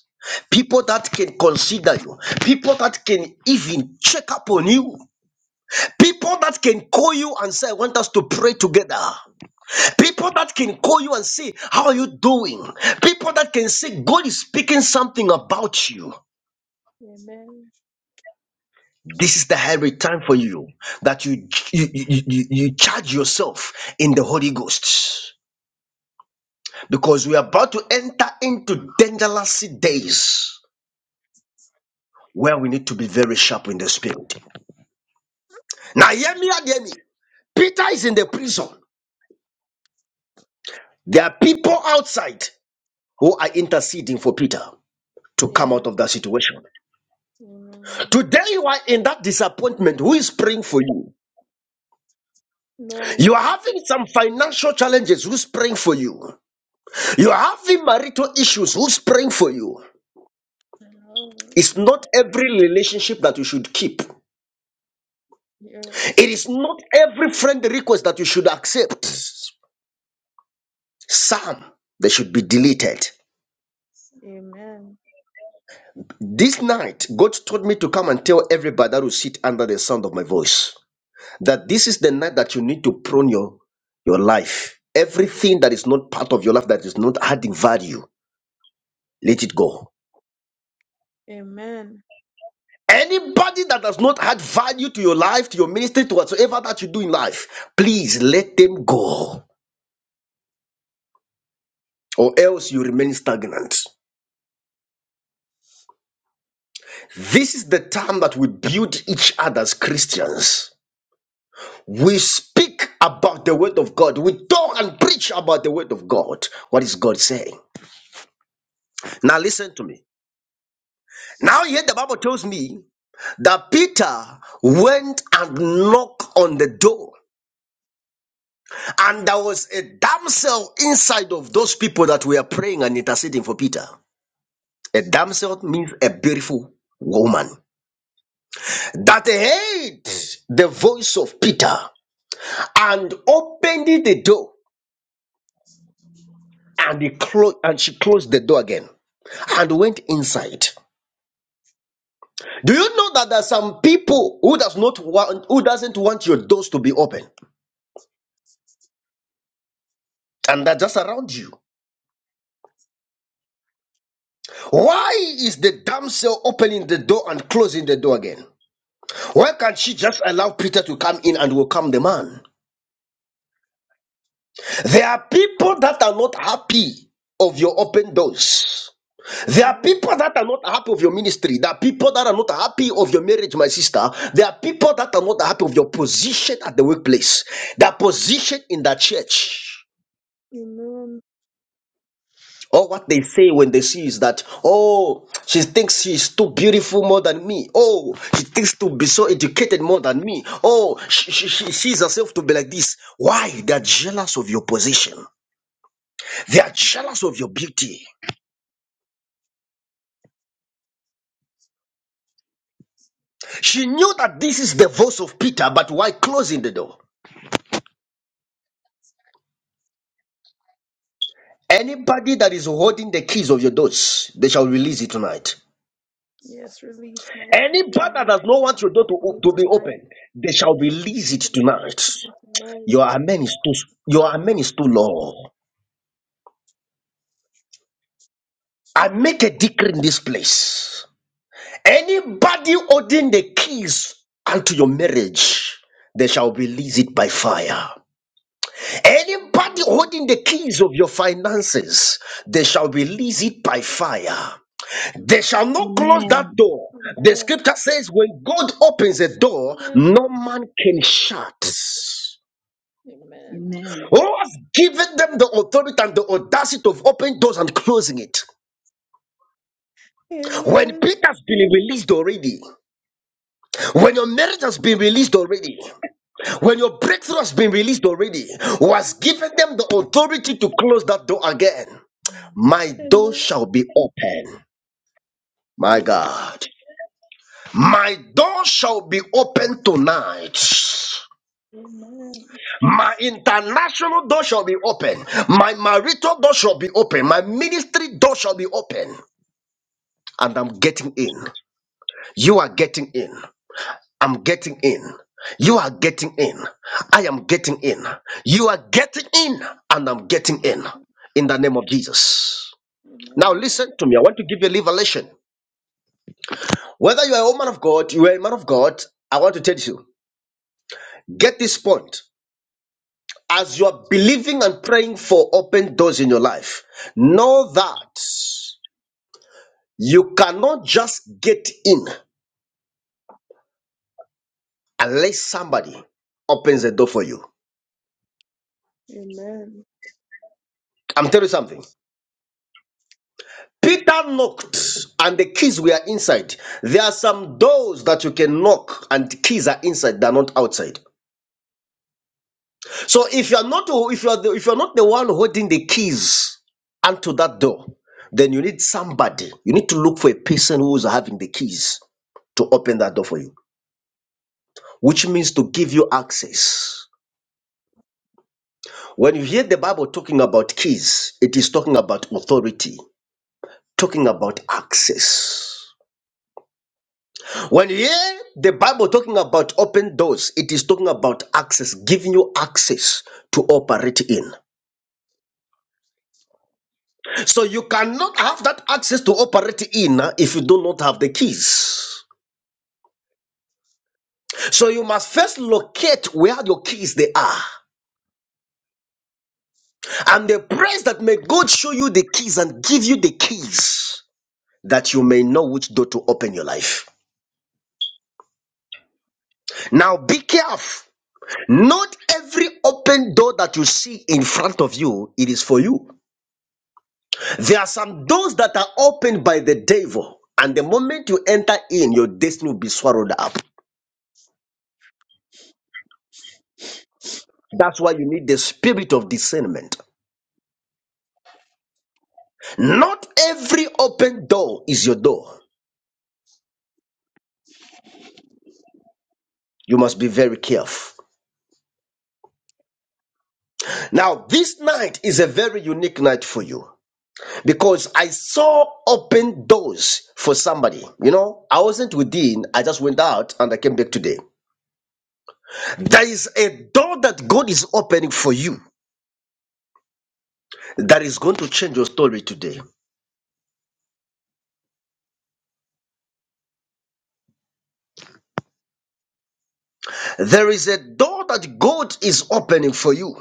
People that can consider you, people that can even check up on you, people that can call you and say, I want us to pray together. People that can call you and say, How are you doing? People that can say, God is speaking something about you.
Amen.
This is the high time for you that you, you, you, you you charge yourself in the Holy Ghost because we are about to enter into dangerous days. where we need to be very sharp in the spirit. Now, hear me, and hear me. Peter is in the prison. There are people outside who are interceding for Peter to come
Amen.
out of that situation.
Amen.
Today, you are in that disappointment. Who is praying for you?
No
You are
one.
having some financial challenges. Who's praying for you? You are having marital issues. Who's praying for you?
alone.
It's not every relationship that you should keep. It
Yes.
is not every friend request that you should accept. Some they should be deleted.
Amen.
This night, God told me to come and tell everybody that will sit under the sound of my voice that this is the night that you need to prune your, your life. Everything that is not part of your life, that is not adding value, let it go.
Amen.
Anybody that does not add value to your life, to your ministry, to whatsoever that you do in life, please let them go, or else you remain stagnant. This is the time that we build each other as Christians. We speak about the word of God. We talk and preach about the word of God. What is God saying? Now listen to me. Now here the Bible tells me that Peter went and knocked on the door. And there was a damsel inside of those people that were praying and interceding for Peter. A damsel means a beautiful woman that heard the voice of Peter and opened the door and he closed and she closed the door again and went inside do you know that there are some people who does not want who doesn't want your doors to be open and they're just around you why is the damsel opening the door and closing the door again why can't she just allow peter to come in and welcome the man there are people that are not happy of your open doors There are
Amen.
people that are not happy of your ministry. There are people that are not happy of your marriage, my sister. There are people that are not happy of your position at the workplace, their position in the church.
Amen.
Or what they say when they see is that, oh, she thinks she's too beautiful more than me. Oh, she thinks to be so educated more than me. Oh, she, she, she sees herself to be like this. Why? They are jealous of your position. They are jealous of your beauty. She knew that this is the voice of Peter, but why closing the door? Anybody that is holding the keys of your doors, they shall release it tonight.
Yes, release my
Anybody
key
that
to
does not
my
want your door to,
destiny
to be
tonight.
open, they shall
Release
release
me
it
to my
tonight.
destiny tonight.
Your amen is
Release me
too
to my
your amen is too
destiny.
low. I make a decree in this place. Anybody holding the keys unto your marriage, they shall release it by fire. Anybody
Amen.
holding the keys of your finances, they shall release
Amen.
it by fire. They shall not close that
Amen.
door. The
Amen.
scripture says, when God opens a door, no man can shut.
Amen.
Amen.
Oh, has given them the authority and the audacity of opening doors and closing it. When
Amen. Amen.
Peter has been released already, when your marriage has been released already, when your breakthrough has been released already, was given them the authority to close that door again. My door
Amen.
shall be open. My
Amen.
God. My door shall be open tonight. My international door shall be open. My marital door shall be open. My ministry door shall be open. And I'm getting in. You are getting in. I'm getting in. You are getting in. I am getting in. You are getting in. And I'm getting in. In the name of Jesus.
Amen.
Now
Amen.
listen to me. I want to give you a revelation. Whether you are a woman of God, you are a man of God, I want to tell you. Get this point. As you're believing and praying for open doors in your life, know that you cannot just get in unless somebody opens the door for you. I'm telling you something. Peter knocked and the keys were inside. There are some doors that you can knock and the keys are inside, they're not outside. So if you're not if you're the, if you're not the one holding the keys unto that door, then you need somebody. You need to look for a person who's having the keys to open that door for you. which means to give you access. When you hear the Bible talking about keys, it is talking about authority, talking about access. When you hear the Bible talking about open doors, it is talking about access, giving you access to operate in. So you cannot have that access to operate in uh, if you do not have the keys. So you must first locate where your keys they are. And the praise that may God show you the keys and give you the keys that you may know which door to open your life. Now be careful. Not every open door that you see in front of you, it is for you. There are some doors that are opened by the devil, and the moment you enter in, your destiny will be swallowed up. That's why you need the spirit of discernment. Not every open door is your door. You must be very careful. Now, this night is a very unique night for you. because I saw open doors for somebody. You know, I wasn't within, I just went out and I came back today. There is a door that God is opening for you that is going to change your story today. There is a door that God is opening for you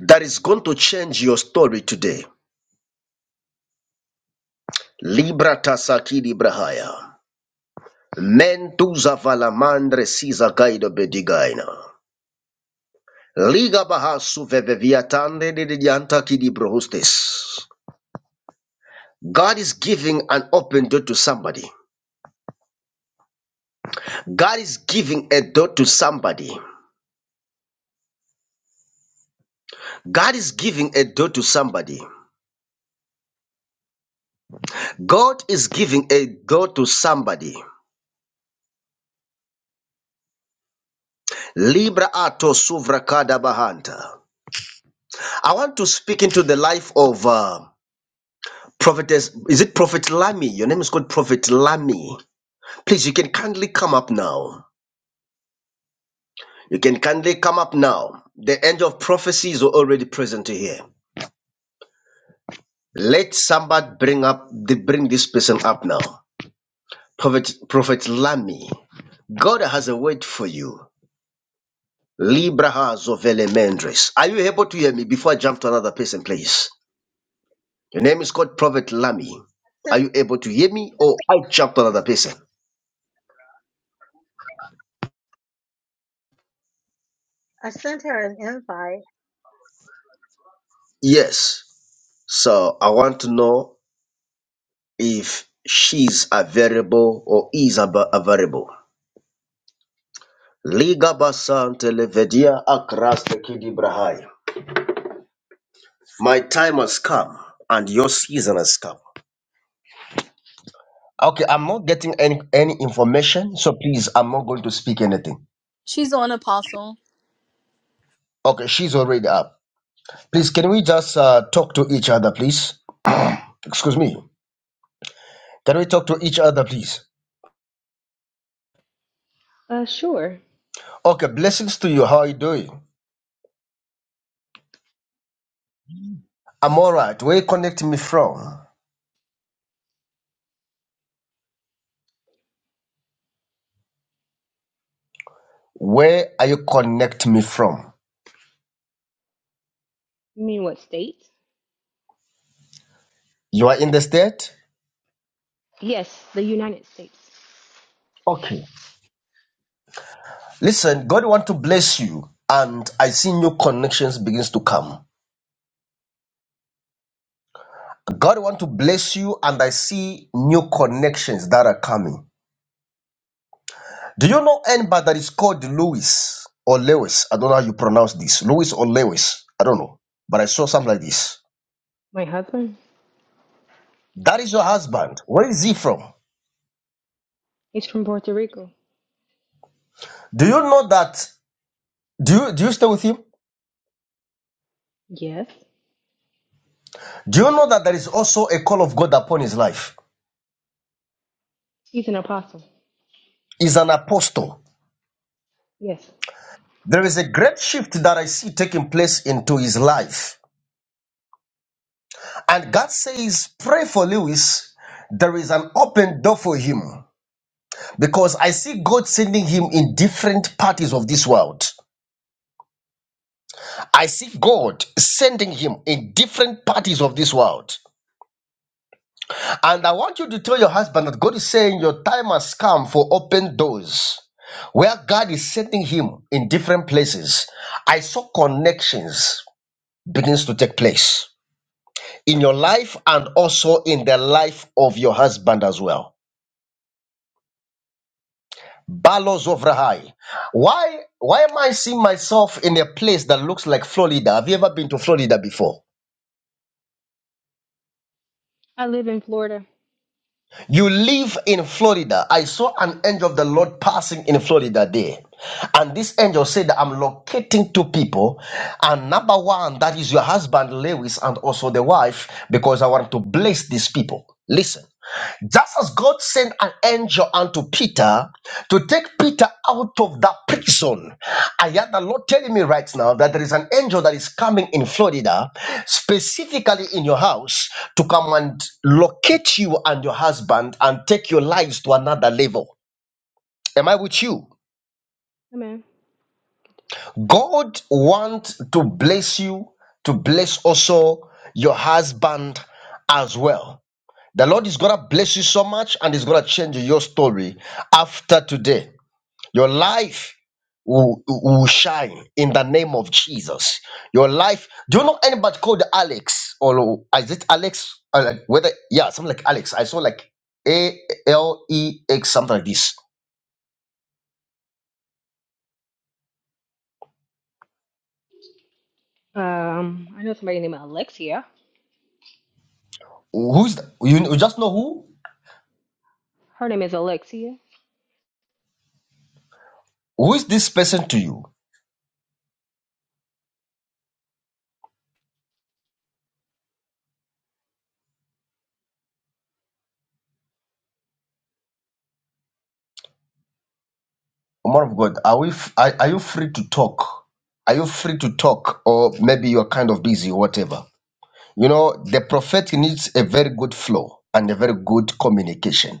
that is going to change your story today. Libra tasaki librahaya. Mentuza valamandre siza gaido bedigaina. Liga bahasu veveviatande de dianta kidibrohostes. God is giving an open door to somebody. God is giving a door to somebody. God is giving a door to somebody. God is giving a door to somebody. Libra ato suvra kada bahanta. I want to speak into the life of uh, prophetess. Is it Prophet Lami? Your name is called Prophet Lami. Please, you can kindly come up now. You can kindly come up now. The angel of prophecy is already present here. Let somebody bring up the bring this person up now. Prophet, Prophet Lami, God has a word for you. Libra has of elementaries. Are you able to hear me before I jump to another person, please? Your name is called Prophet Lami. Are you able to hear me or I jump to another person?
I sent her an invite.
Yes. So I want to know if she's available or is ab- available. Liga basante levedia akras tekidi brahai. My time has come and your season has come. Okay, I'm not getting any any information, so please, I'm not going to speak anything.
She's on apostle.
Okay, she's already up. Please, can we just uh, talk to each other, please? Excuse me. Can we talk to each other, please?
Uh, sure.
Okay, blessings to you. How are you doing? I'm all right. Where you connect me from? Where are you connect me from?
You mean what state?
You are in the state?
Yes, the United States.
Okay. Listen, God want to bless you, and I see new connections begins to come. God want to bless you, and I see new connections that are coming. Do you know anybody that is called Lewis or Lewis? I don't know how you pronounce this. Lewis or Lewis. I don't know. But I saw something like this.
My husband?
That is your husband. Where is he from?
He's from Puerto Rico.
Do you know that? Do you do you stay with him?
Yes.
Do you know that there is also a call of God upon his life?
He's an apostle.
He's an apostle.
Yes.
There is a great shift that I see taking place into his life. And God says, Pray for Lewis. There is an open door for him because I see God sending him in different parties of this world. I see God sending him in different parties of this world. And I want you to tell your husband that God is saying your time has come for open doors. Where God is sending him in different places, I saw connections begins to take place in your life and also in the life of your husband as well. Balos of Rahai. Why why am I seeing myself in a place that looks like Florida? Have you ever been to Florida before?
I live in Florida.
You live in Florida. I saw an angel of the Lord passing in Florida there. And this angel said that I'm locating two people. And number one, that is your husband, Lewis, and also the wife, because I want to bless these people. Listen. Just as God sent an angel unto Peter to take Peter out of that prison, I hear the Lord telling me right now that there is an angel that is coming in Florida, specifically in your house, to come and locate you and your husband and take your lives to another level. Am I with you?
Come in.
God wants to bless you, to bless also your husband as well. The Lord is going to bless you so much and is going to change your story after today. Your life will, will shine in the name of Jesus. Your life. Do you know anybody called Alex? Or is it Alex? Or like whether, yeah, something like Alex. I saw like A L E X, something like this.
Um, I know somebody named Alexia.
Who's the, you, you just know who?
Her name is Alexia.
Who is this person to you? Woman of God, are, we, f- are, are you free to talk? Are you free to talk? Or maybe you're kind of busy, whatever. You know, the prophet needs a very good flow and a very good communication.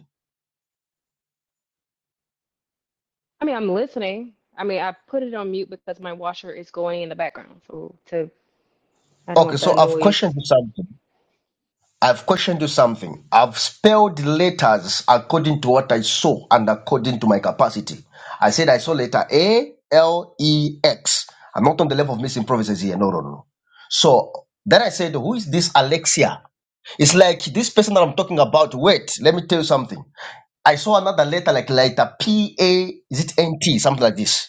I mean, I'm listening. I mean, I put it on mute because my washer is going in the background, so to I don't
Okay,
want
so
the
I've questioned
noise.
you something. I've questioned you something. I've spelled letters according to what I saw and according to my capacity. I said I saw letter A L E X. I'm not on the level of missing prophecies here. No, no, no. no. So then I said, Who is this Alexia? It's like this person that I'm talking about. Wait, let me tell you something. I saw another letter like letter P A, is it N T, something like this.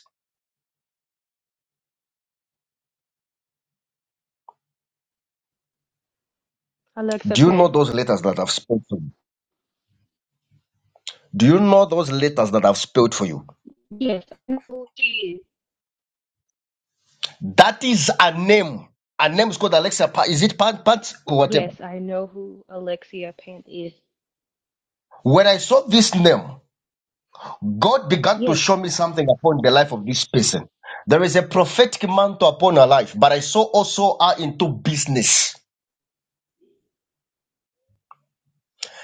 Alexa
Do you know
Pant.
those letters that I've spelled for you? Do you know those letters that I've spelled for you?
Yes, I know who she is.
That is a name. A name is called Alexia. Pa- is it Pant Pants or whatever?
Yes, I know who Alexia Pant is.
When I saw this name, God began to
Yes.
show me something upon the life of this person. There is a prophetic mantle upon her life, but I saw also her into business.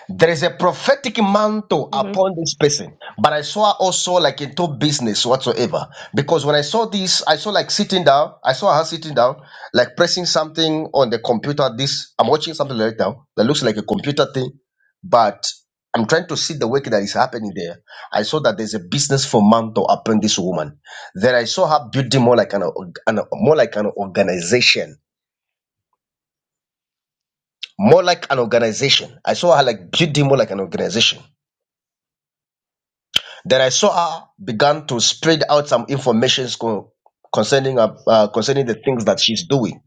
There is a prophetic mantle
Mm-hmm.
upon this person, but I saw also like into business whatsoever. Because when I saw this, I saw like sitting down, I saw her sitting down, like pressing something on the computer. This I'm watching something right now that looks like a computer thing, but I'm trying to see the work that is happening there. I saw that there's a business for mantle upon this woman. Then I saw her building more like an, org- an more like an organization, more like an organization. I saw her like building more like an organization Then I saw her began to spread out some informations concerning uh, uh, concerning the things that she's doing.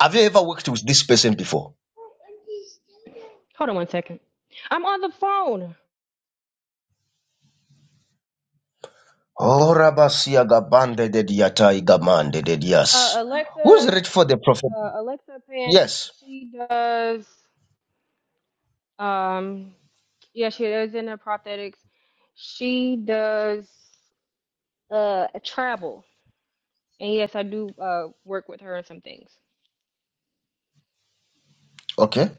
Have you ever worked with this person before?
Hold on one second. I'm on the phone.
Oh, Rabasia Gabande de Diatai Gamande de
Uh,
Dias. Who's
Alexa,
ready for the prophet?
uh, Alexa Pant,
Yes.
she does, um, yeah, she is in the prosthetics. She does uh, travel. And yes, I do uh, work with her on some things.
Okay.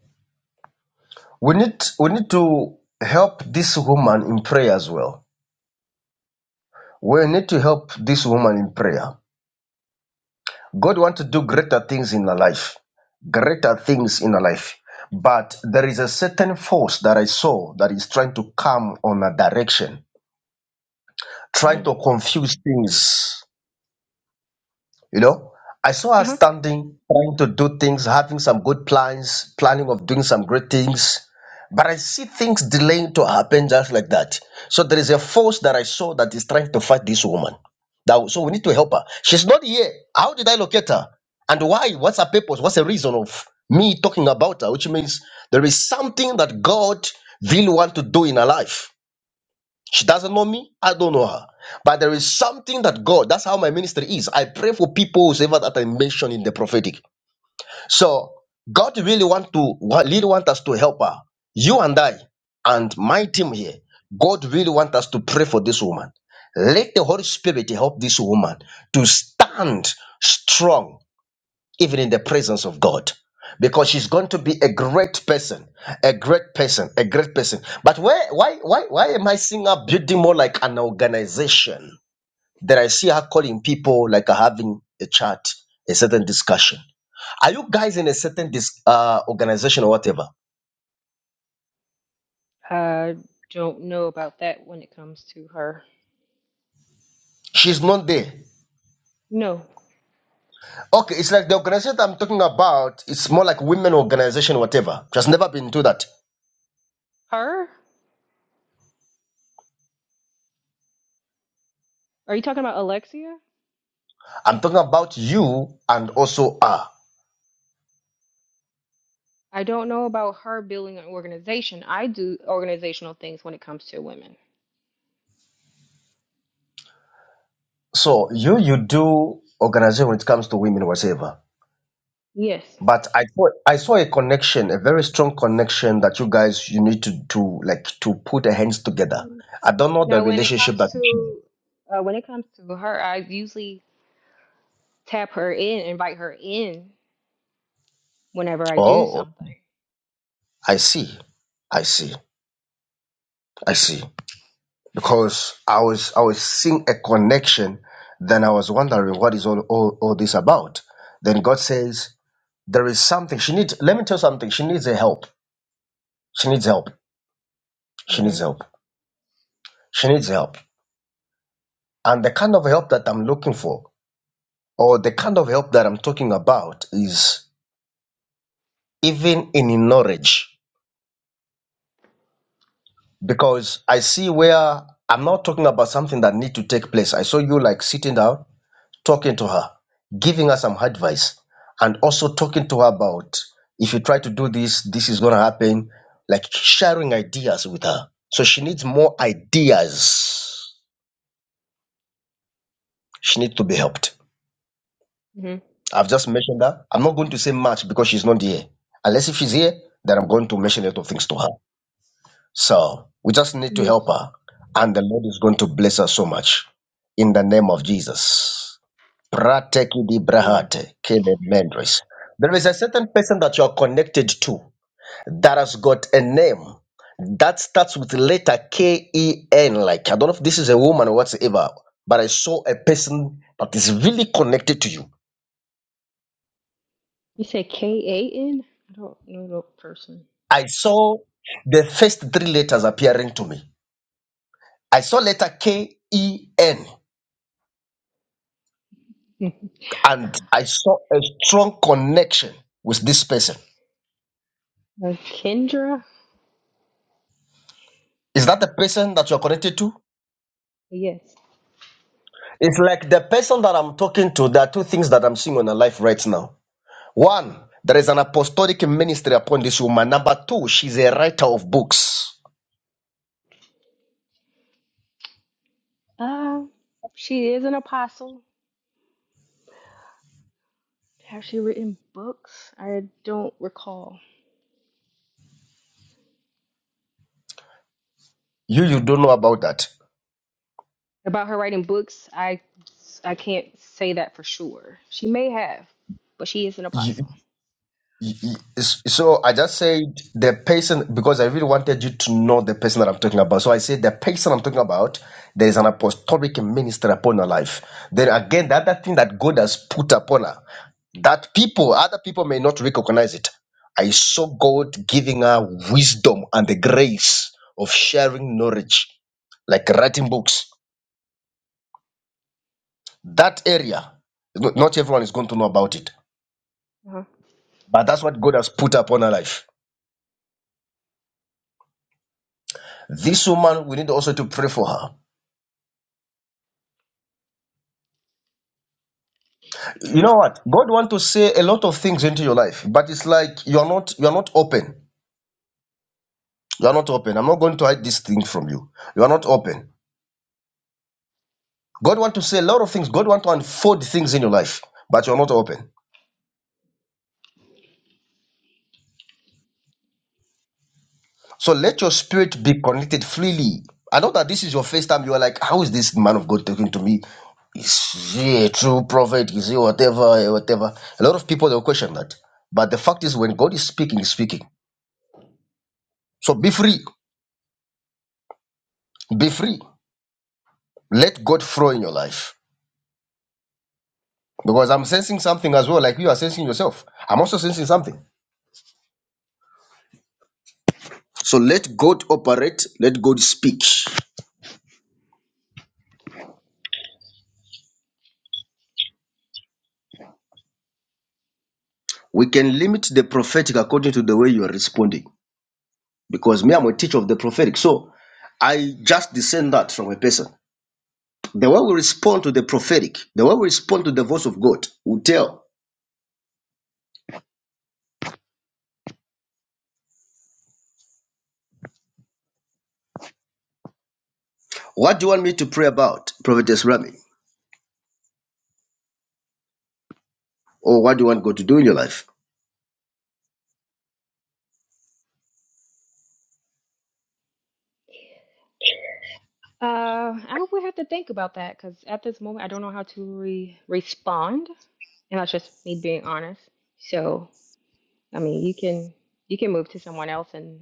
We need we need to help this woman in prayer as well. We need to help this woman in prayer. God wants to do greater things in our life, greater things in our life. But there is a certain force that I saw that is trying to come on a direction,
hmm
trying to confuse things. You know, I saw her
Uh-huh.
standing, trying to do things, having some good plans, planning of doing some great things. But I see things delaying to happen just like that. So there is a force that I saw that is trying to fight this woman. That, so we need to help her. She's not here. How did I locate her? And why? What's her purpose? What's the reason of me talking about her? Which means there is something that God really want to do in her life. She doesn't know me. I don't know her. But there is something that God, that's how my ministry is. I pray for people whoever that I mention in the prophetic. So God really want to really want us to help her. You and I and my team here. God really want us to pray for this woman. Let the Holy Spirit help this woman to stand strong even in the presence of God. Because she's going to be a great person, a great person, a great person. But where, why, why, why am I seeing her building more like an organization that I see her calling people like uh, having a chat, a certain discussion? Are you guys in a certain dis- uh, organization or whatever?
I don't know about that when it comes to her.
She's not there.
No.
Okay, it's like the organization I'm talking about. It's more like women organization, whatever. Just never been to that.
Her? Are you talking about Alexia?
I'm talking about you and also her.
I don't know about her building an organization. I do organizational things when it comes to women.
So you you do organization when it comes to women whatever.
Yes.
But I thought I saw a connection, a very strong connection that you guys you need to to like to put your hands together. I don't know the
Now, when it
relationship
comes
that you have.
to uh, when it comes to her, I usually tap her in, invite her in whenever I do
Oh,
something.
I see. I see. I see. Because I was I was seeing a connection, then I was wondering what is all all, all this about. Then God says there is something she needs let me tell you something. She needs a help. She needs help. She
hmm
needs help. She needs help. And the kind of help that I'm looking for, or the kind of help that I'm talking about, is even in knowledge, because I see where I'm not talking about something that need to take place. I saw you like sitting down, talking to her, giving her some advice, and also talking to her about if you try to do this, this is gonna happen. Like sharing ideas with her, so she needs more ideas. She needs to be helped.
hmm
I've just mentioned that. I'm not going to say much because she's not here. Unless if she's here, then I'm going to mention a lot of things to her. So we just need to
hmm
help her. And the Lord is going to bless her so much. In the name of Jesus. Prateki di
Woman,
brahate, kele mendres. There is a certain person that you are connected to that has got a name that starts with letter K E N. Like, I don't know if this is a woman or whatsoever, but I saw a person that is really connected to you
you said K A N? I don't know the person.
I saw the first three letters appearing to me. I saw letter K E N, and I saw a strong connection with this person.
Uh, Kendra?
Is that the person that you're connected to?
Yes.
It's like the person that I'm talking to. There are two things that I'm seeing on her life right now. One, there is an apostolic ministry upon this woman. Number two, she's a writer of books.
Uh, she is an apostle. Has she written books? I don't recall
You, you don't know about that.
about her writing books. I I can't say that for sure. She may have, but she is an apostle.
Y- y- s- So I just said the person because I really wanted you to know the person that I'm talking about. So I said the person I'm talking about, there is an apostolic ministry upon her life. Then again, the other thing that God has put upon her, that people, other people may not recognize it. I saw God giving her wisdom and the grace of sharing knowledge, like writing books. That area, no- not everyone is going to know about it, but that's what God has put upon her life. This woman, we need also to pray for her. You know what? God wants to say a lot of things into your life, but it's like you are not you are not open. You are not open. I'm not going to hide this thing from you. You are not open. God wants to say a lot of things. God wants to unfold things in your life, but you are not open. So let your spirit be connected freely. I know that this is your first time. You are like, how is this man of God talking to me? Is he a true prophet? Is he whatever, eh, whatever? A lot of people they'll question that. But the fact is, when God is speaking, He's speaking. So be free. Be free. Let God flow in your life. Because I'm sensing something as well, like you are sensing yourself. I'm also sensing something. So let God operate, let God speak. We can limit the prophetic according to the way you are responding. Because me, I'm a teacher of the prophetic. So I just discern that from a person. The way we respond to the prophetic, the way we respond to the voice of God, will tell, What do you want me to pray about, Prophetess Rami? Or what do you want God to do in your life?
Uh, I would have to think about that because at this moment I don't know how to re respond, and that's just me being honest. So, I mean, you can you can move to someone else and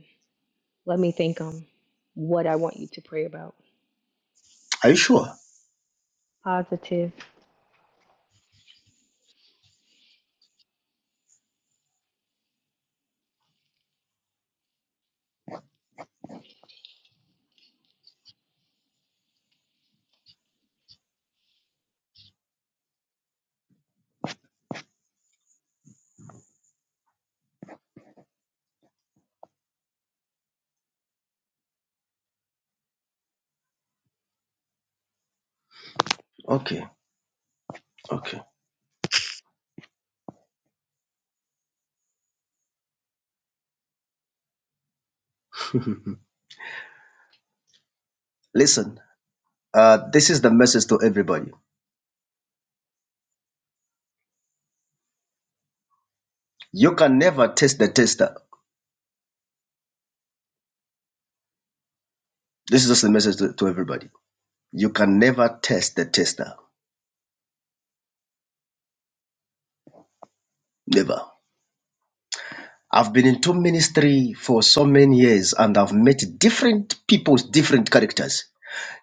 let me think on what I want you to pray about.
Are you sure?
Positive.
Okay, okay. Listen, Uh, this is the message to everybody. You can never test the tester. This is just the message to, to everybody. You can never test the tester. Never. I've been into ministry for so many years and I've met different people's different characters.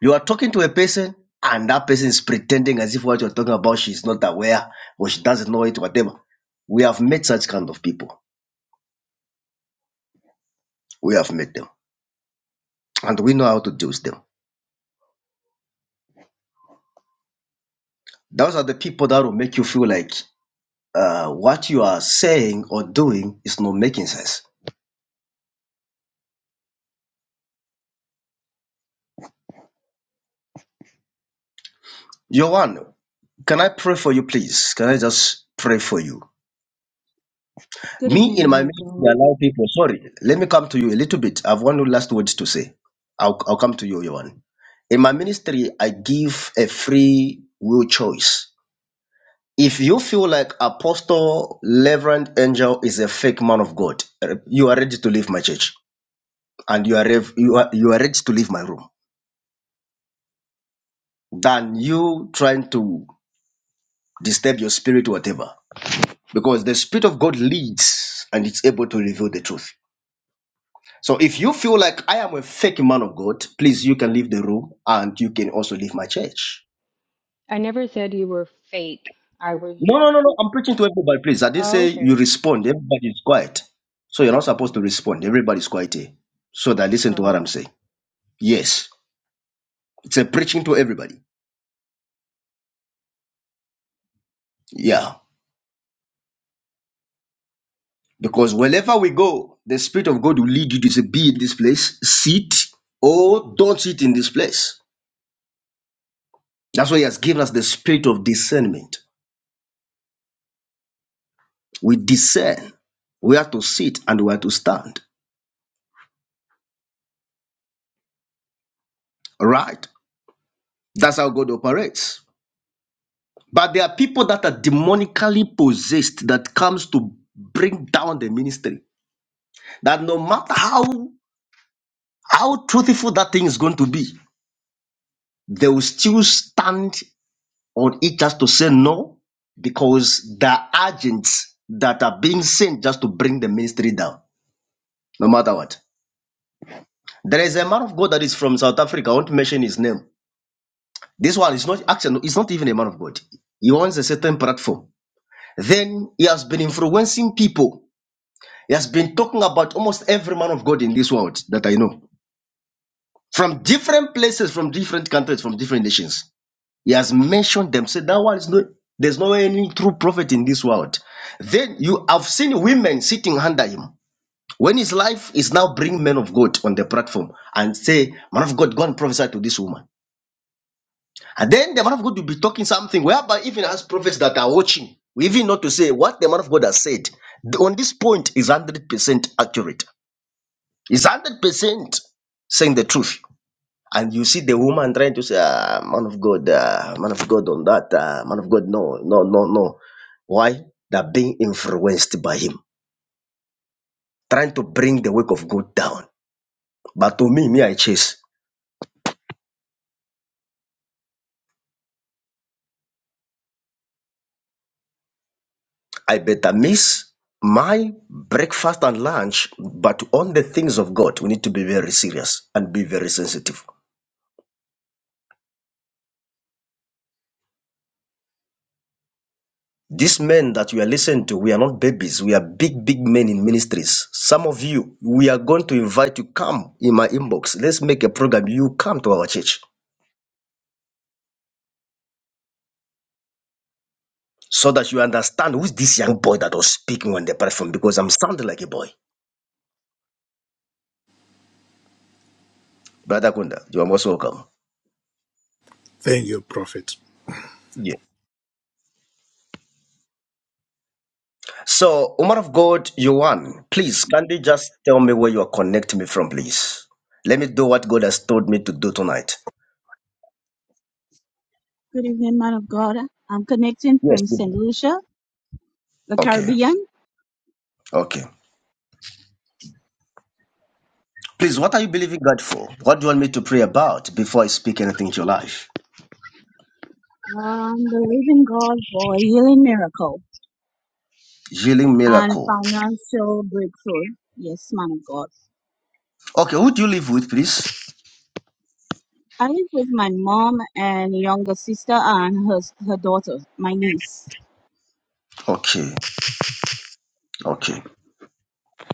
You are talking to a person and that person is pretending as if what you're talking about she's not aware or she doesn't know it, whatever. We have met such kind of people. We have met them and we know how to deal with them. Those are the people that will make you feel like uh, what you are saying or doing is not making sense. Yohan. can I pray for you, please? Can I just pray for you?
Good
Me
evening,
in
man
my
of
ministry,
God.
allow people. Sorry, let me come to you a little bit. I have one last word to say. I'll, I'll come to you, Yohan. In my ministry, I give a free will choice. If you feel like Apostle Reverend Angel is a fake man of God, you are ready to leave my church and you are, rev- you are, you are ready to leave my room than you trying to disturb your spirit, whatever. Because the Spirit of God leads and it's able to reveal the truth. So if you feel like I am a fake man of God, please, you can leave the room and you can also leave my church.
I never said you were fake. I was.
No, no, no, no. I'm preaching to everybody, please. I didn't
Oh,
say you
okay.
respond. Everybody is quiet. So you're not supposed to respond. Everybody's quiet here. So that listen to what
Oh,
I'm saying. Yes. It's a preaching to everybody. Yeah. Because wherever we go, the Spirit of God will lead you to say, be in this place, sit, or don't sit in this place. That's why He has given us the spirit of discernment. We discern where to sit and where to stand. Right? That's how God operates. But there are people that are demonically possessed that comes to bring down the ministry. That no matter how how truthful that thing is going to be, they will still stand on it just to say no, because there are agents that are being sent just to bring the ministry down, no matter what. There is a man of God that is from South Africa. I want to mention his name. This one is not actually it's not even a man of God. He owns a certain platform. Then he has been influencing people. He has been talking about almost every man of God in this world that I know. From different places, from different countries, from different nations. He has mentioned them. Said that one is not there's no any true prophet in this world. Then you have seen women sitting under him. When his life is now bring men of God on the platform and say, Man of God, go and prophesy to this woman And then the man of God will be talking something whereby even as prophets that are watching, we even not to say what the man of God has said the- on this point is 100% accurate. It's 100% saying the truth. And you see the woman trying to say, ah, man of God, ah, man of God on that, ah, man of God, no, no, no, no. Why? They're being influenced by him, trying to bring the work of God down. But to me, me, I chase. I better miss my breakfast and lunch, but on the things of God, we need to be very serious and be very sensitive. These men that we are listening to, we are not babies. We are big, big men in ministries. Some of you, we are going to invite you. Come in my inbox. Let's make a program. You come to our church so that you understand who's this young boy that was speaking on the platform because I'm sounding like a boy. Brother Kunda, you are most welcome.
Thank you, Prophet.
So, woman of God, you won. Please, can you just tell me where you are connecting me from, please? Let me do what God has told me to do tonight.
Good evening, man of God. I'm connecting
Yes,
from St.
please.
Lucia, the
Okay,
Caribbean.
okay. Please, what are you believing God for? What do you want me to pray about before I speak anything into your life?
I'm believing God for a healing miracle
Healing
and
miracle.
financial breakthrough. Yes, man of God.
Okay, who do you live with, please?
I live with my mom and younger sister and her, her daughter, my niece.
Okay, okay.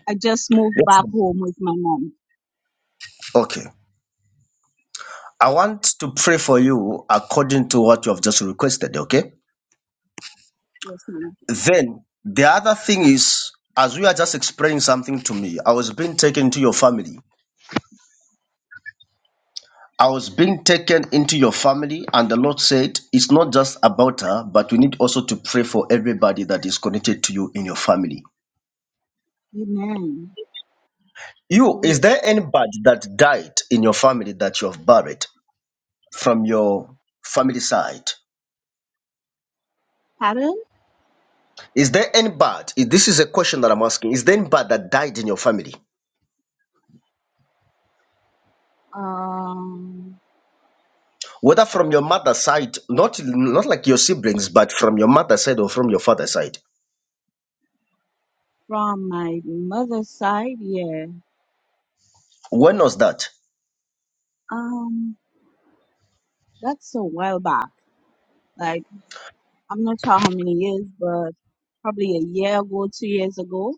I just moved
Yes.
back
sir.
home with my mom.
Okay. I want to pray for you according to what you have just requested, okay?
Yes, man of God.
Then the other thing is, as you are just explaining something to me, I was being taken to your family. I was being taken into your family, and the Lord said, It's not just about her, but we need also to pray for everybody that is connected to you in your family.
Amen. Oh,
You, is
yes.
there anybody that died in your family that you have buried from your family side?
Pardon?
Is there anybody? This is a question that I'm asking. Is there anybody that died in your family?
Um,
whether from your mother's side, not not like your siblings, but from your mother's side or from your father's side.
from my mother's side, yeah.
When was that?
Um, that's a while back. Like, I'm not sure how many years, but probably a year ago, two years ago.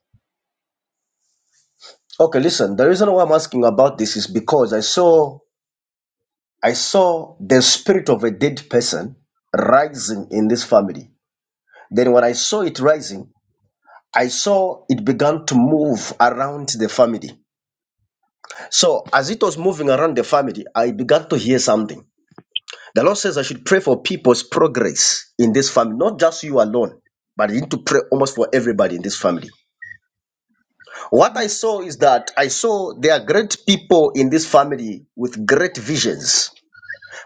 Okay, listen. The reason why I'm asking about this is because I saw I saw the spirit of a dead person rising in this family. Then when I saw it rising, I saw it began to move around the family. So as it was moving around the family, I began to hear something. The Lord says I should pray for people's progress in this family, not just you alone, but I need to pray almost for everybody in this family. What I saw is that I saw there are great people in this family with great visions,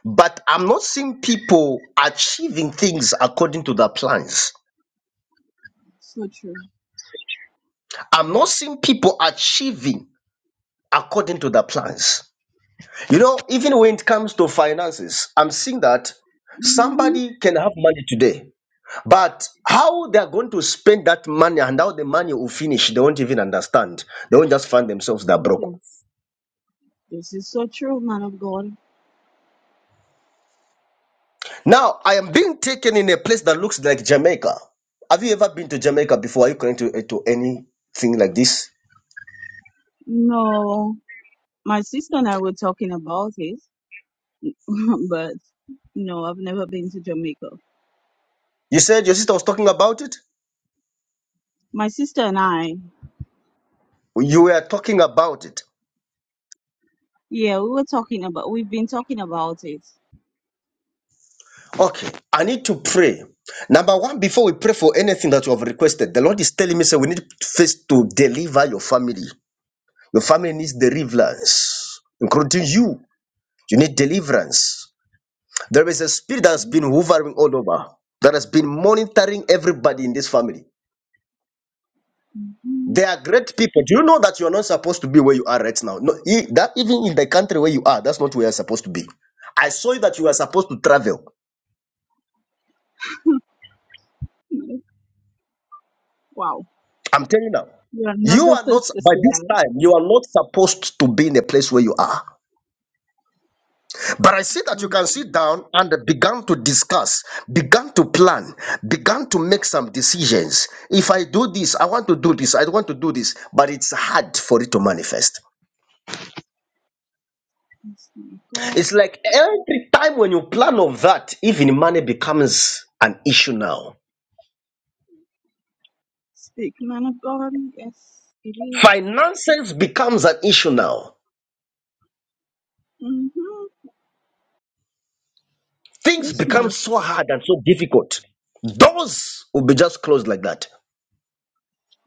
but I'm not seeing people achieving things according to their plans.
So true.
I'm not seeing people achieving according to their plans. You know, even when it comes to finances, I'm seeing that
Mhm.
somebody can have money today But how they are going to spend that money and how the money will finish, they won't even understand. They won't just find themselves that broke.
Yes, this is so true, man of God.
Now, I am being taken in a place that looks like Jamaica. Have you ever been to Jamaica before? Are you going to, to anything like this?
No, my sister and I were talking about it, but no, I've never been to Jamaica.
You said your sister was talking about it?
My sister and I,
You were talking about it.
yeah, we were talking about, we've been talking about it.
Okay, I need to pray. Number one, before we pray for anything that you have requested, the Lord is telling me, say, we need first to deliver your family. Your family needs deliverance, including you. You need deliverance. There is a spirit that's been hovering all over, that has been monitoring everybody in this family.
Mhm.
They are great people. Do you know that you are not supposed to be where you are right now? No, e- that even in the country where you are, that's not where you're supposed to be. I saw you that you are supposed to travel.
Wow,
I'm telling you now.
you're not
You
the
are not
first to
by
say
this
that.
time, you are not supposed to be in the place where you are. But I see that
My
you can sit
God,
down and began to discuss, began to plan, began to make some decisions. If I do this, I want to do this, I want to do this, but it's hard for it to manifest.
Yes, man of God.
It's like every time when you plan of that, even money becomes an issue now.
Speak, man of God. Yes, it is.
Finances becomes an issue now.
Mm-hmm.
Things
Yes, man
become
of
so
God.
hard and so difficult. Doors will be just closed like that.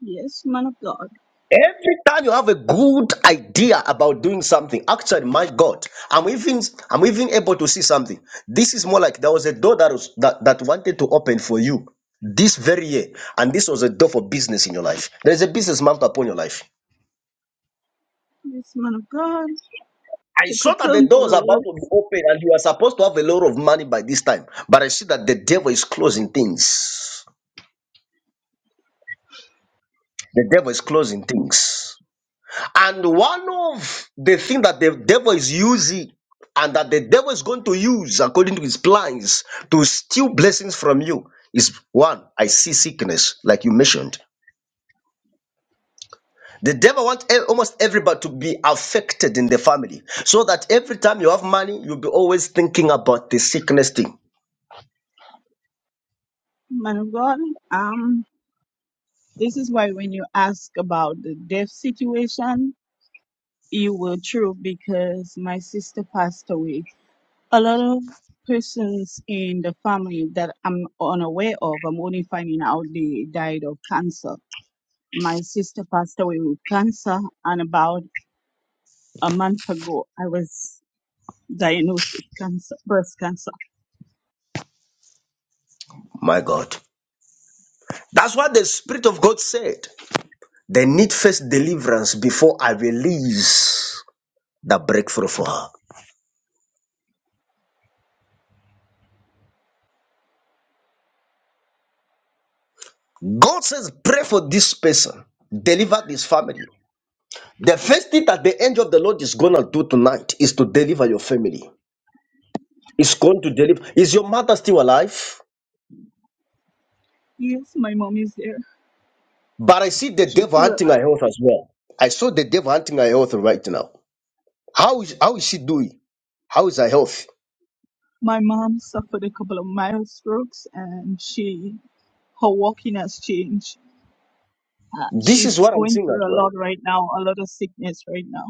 Yes, man of God.
Every time you have a good idea about doing something, actually, my God, I'm even I'm even able to see something. This is more like there was a door that was that, that wanted to open for you this very year, and this was a door for business in your life. There's a business marked upon your life.
Yes, man of God.
I
to
saw that the
contend for
door was
the
about
word,
to be open, and you are supposed to have a lot of money by this time. But I see that the devil is closing things. The devil is closing things. And one of the things that the devil is using and that the devil is going to use according to his plans to steal blessings from you is one, I see sickness, like you mentioned. The devil wants e- almost everybody to be affected in the family so that every time you have money, you'll be always thinking about the sickness thing.
man of God. Um, this is why when you ask about the death situation, you were true because my sister passed away. A lot of persons in the family that I'm unaware of, I'm only finding out they died of cancer. My sister passed away with cancer, and about a month ago, I was diagnosed with cancer, breast cancer.
My God. That's what the Spirit of God said. They need first deliverance before I release the breakthrough for her. God says, pray for this person, deliver this family. The first thing that the angel of the Lord is going to do tonight is to deliver your family. It's going to deliver. Is your mother still alive?
Yes, my mom is there.
But I see the
She's
devil
still alive.
hunting her health as well. I saw the devil hunting her health right now. How is, how is she doing? How is her health?
My mom suffered a couple of mild strokes and she her walking has changed. Uh,
This is
she's
what I'm
going
seeing as
through a
well.
lot right now, a lot of sickness right now.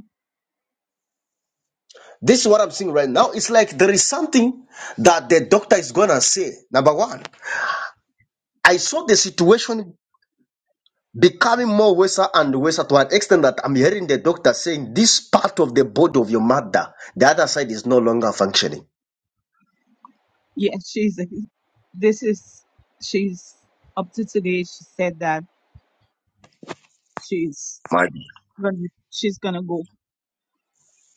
This is what I'm seeing right now. It's like there is something that the doctor is gonna say. Number one, I saw the situation becoming more worser and worser to an extent that I'm hearing the doctor saying this part of the body of your mother, the other side is no longer functioning.
Yes, she's this is she's up to today. She said that she's
My God.
gonna she's gonna go.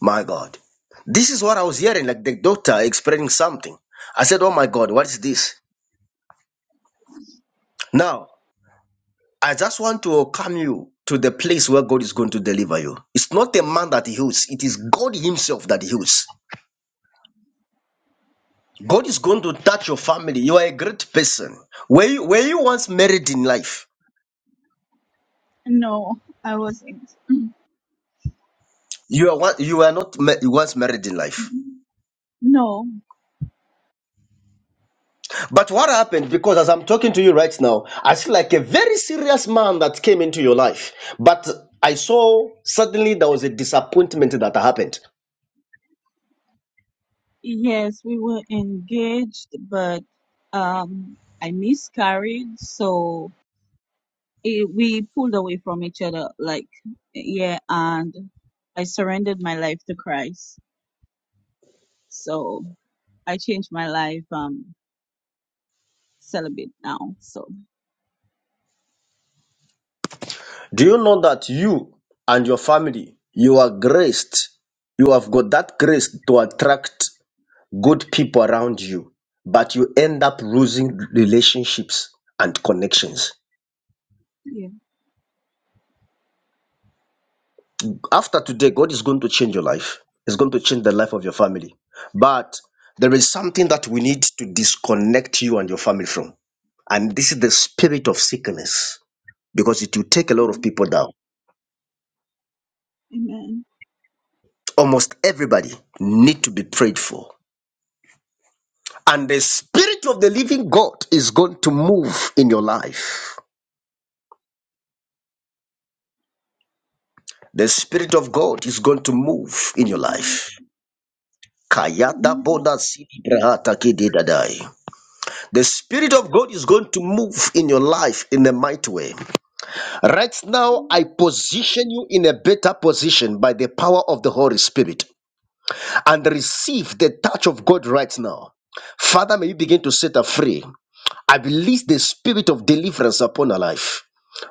My God. This is what I was hearing, like the doctor explaining something. I said, Oh my God, what is this? Now, I just want to welcome you to the place where God is going to deliver you. It's not a man that heals, it is God Himself that heals. God is going to touch your family. You are a great person. Were you, were you once married in life?
No, I wasn't.
You are one, you are not ma- once married in life.
No,
But what happened? Because as I'm talking to you right now, I see like a very serious man that came into your life. But I saw suddenly there was a disappointment that happened.
yes, we were engaged, but um, I miscarried, so. it, we pulled away from each other like yeah and i surrendered my life to christ so i changed my life um celibate now so
Do you know that you and your family, you are graced. You have got that grace to attract good people around you, but you end up losing relationships and connections
yeah
After today, God is going to change your life. It's going to change the life of your family. But there is something that we need to disconnect you and your family from. And this is the spirit of sickness because it will take a lot of people down.
amen
Almost everybody need to be prayed for. And the spirit of the living God is going to move in your life. The spirit of God is going to move in your life. Kayata boda sidi brahata kidi dadai. The Spirit of God is going to move in your life in a mighty way. Right now, I position you in a better position by the power of the Holy Spirit and receive the touch of God right now. Father, may you begin to set her free. I release the spirit of deliverance upon her life.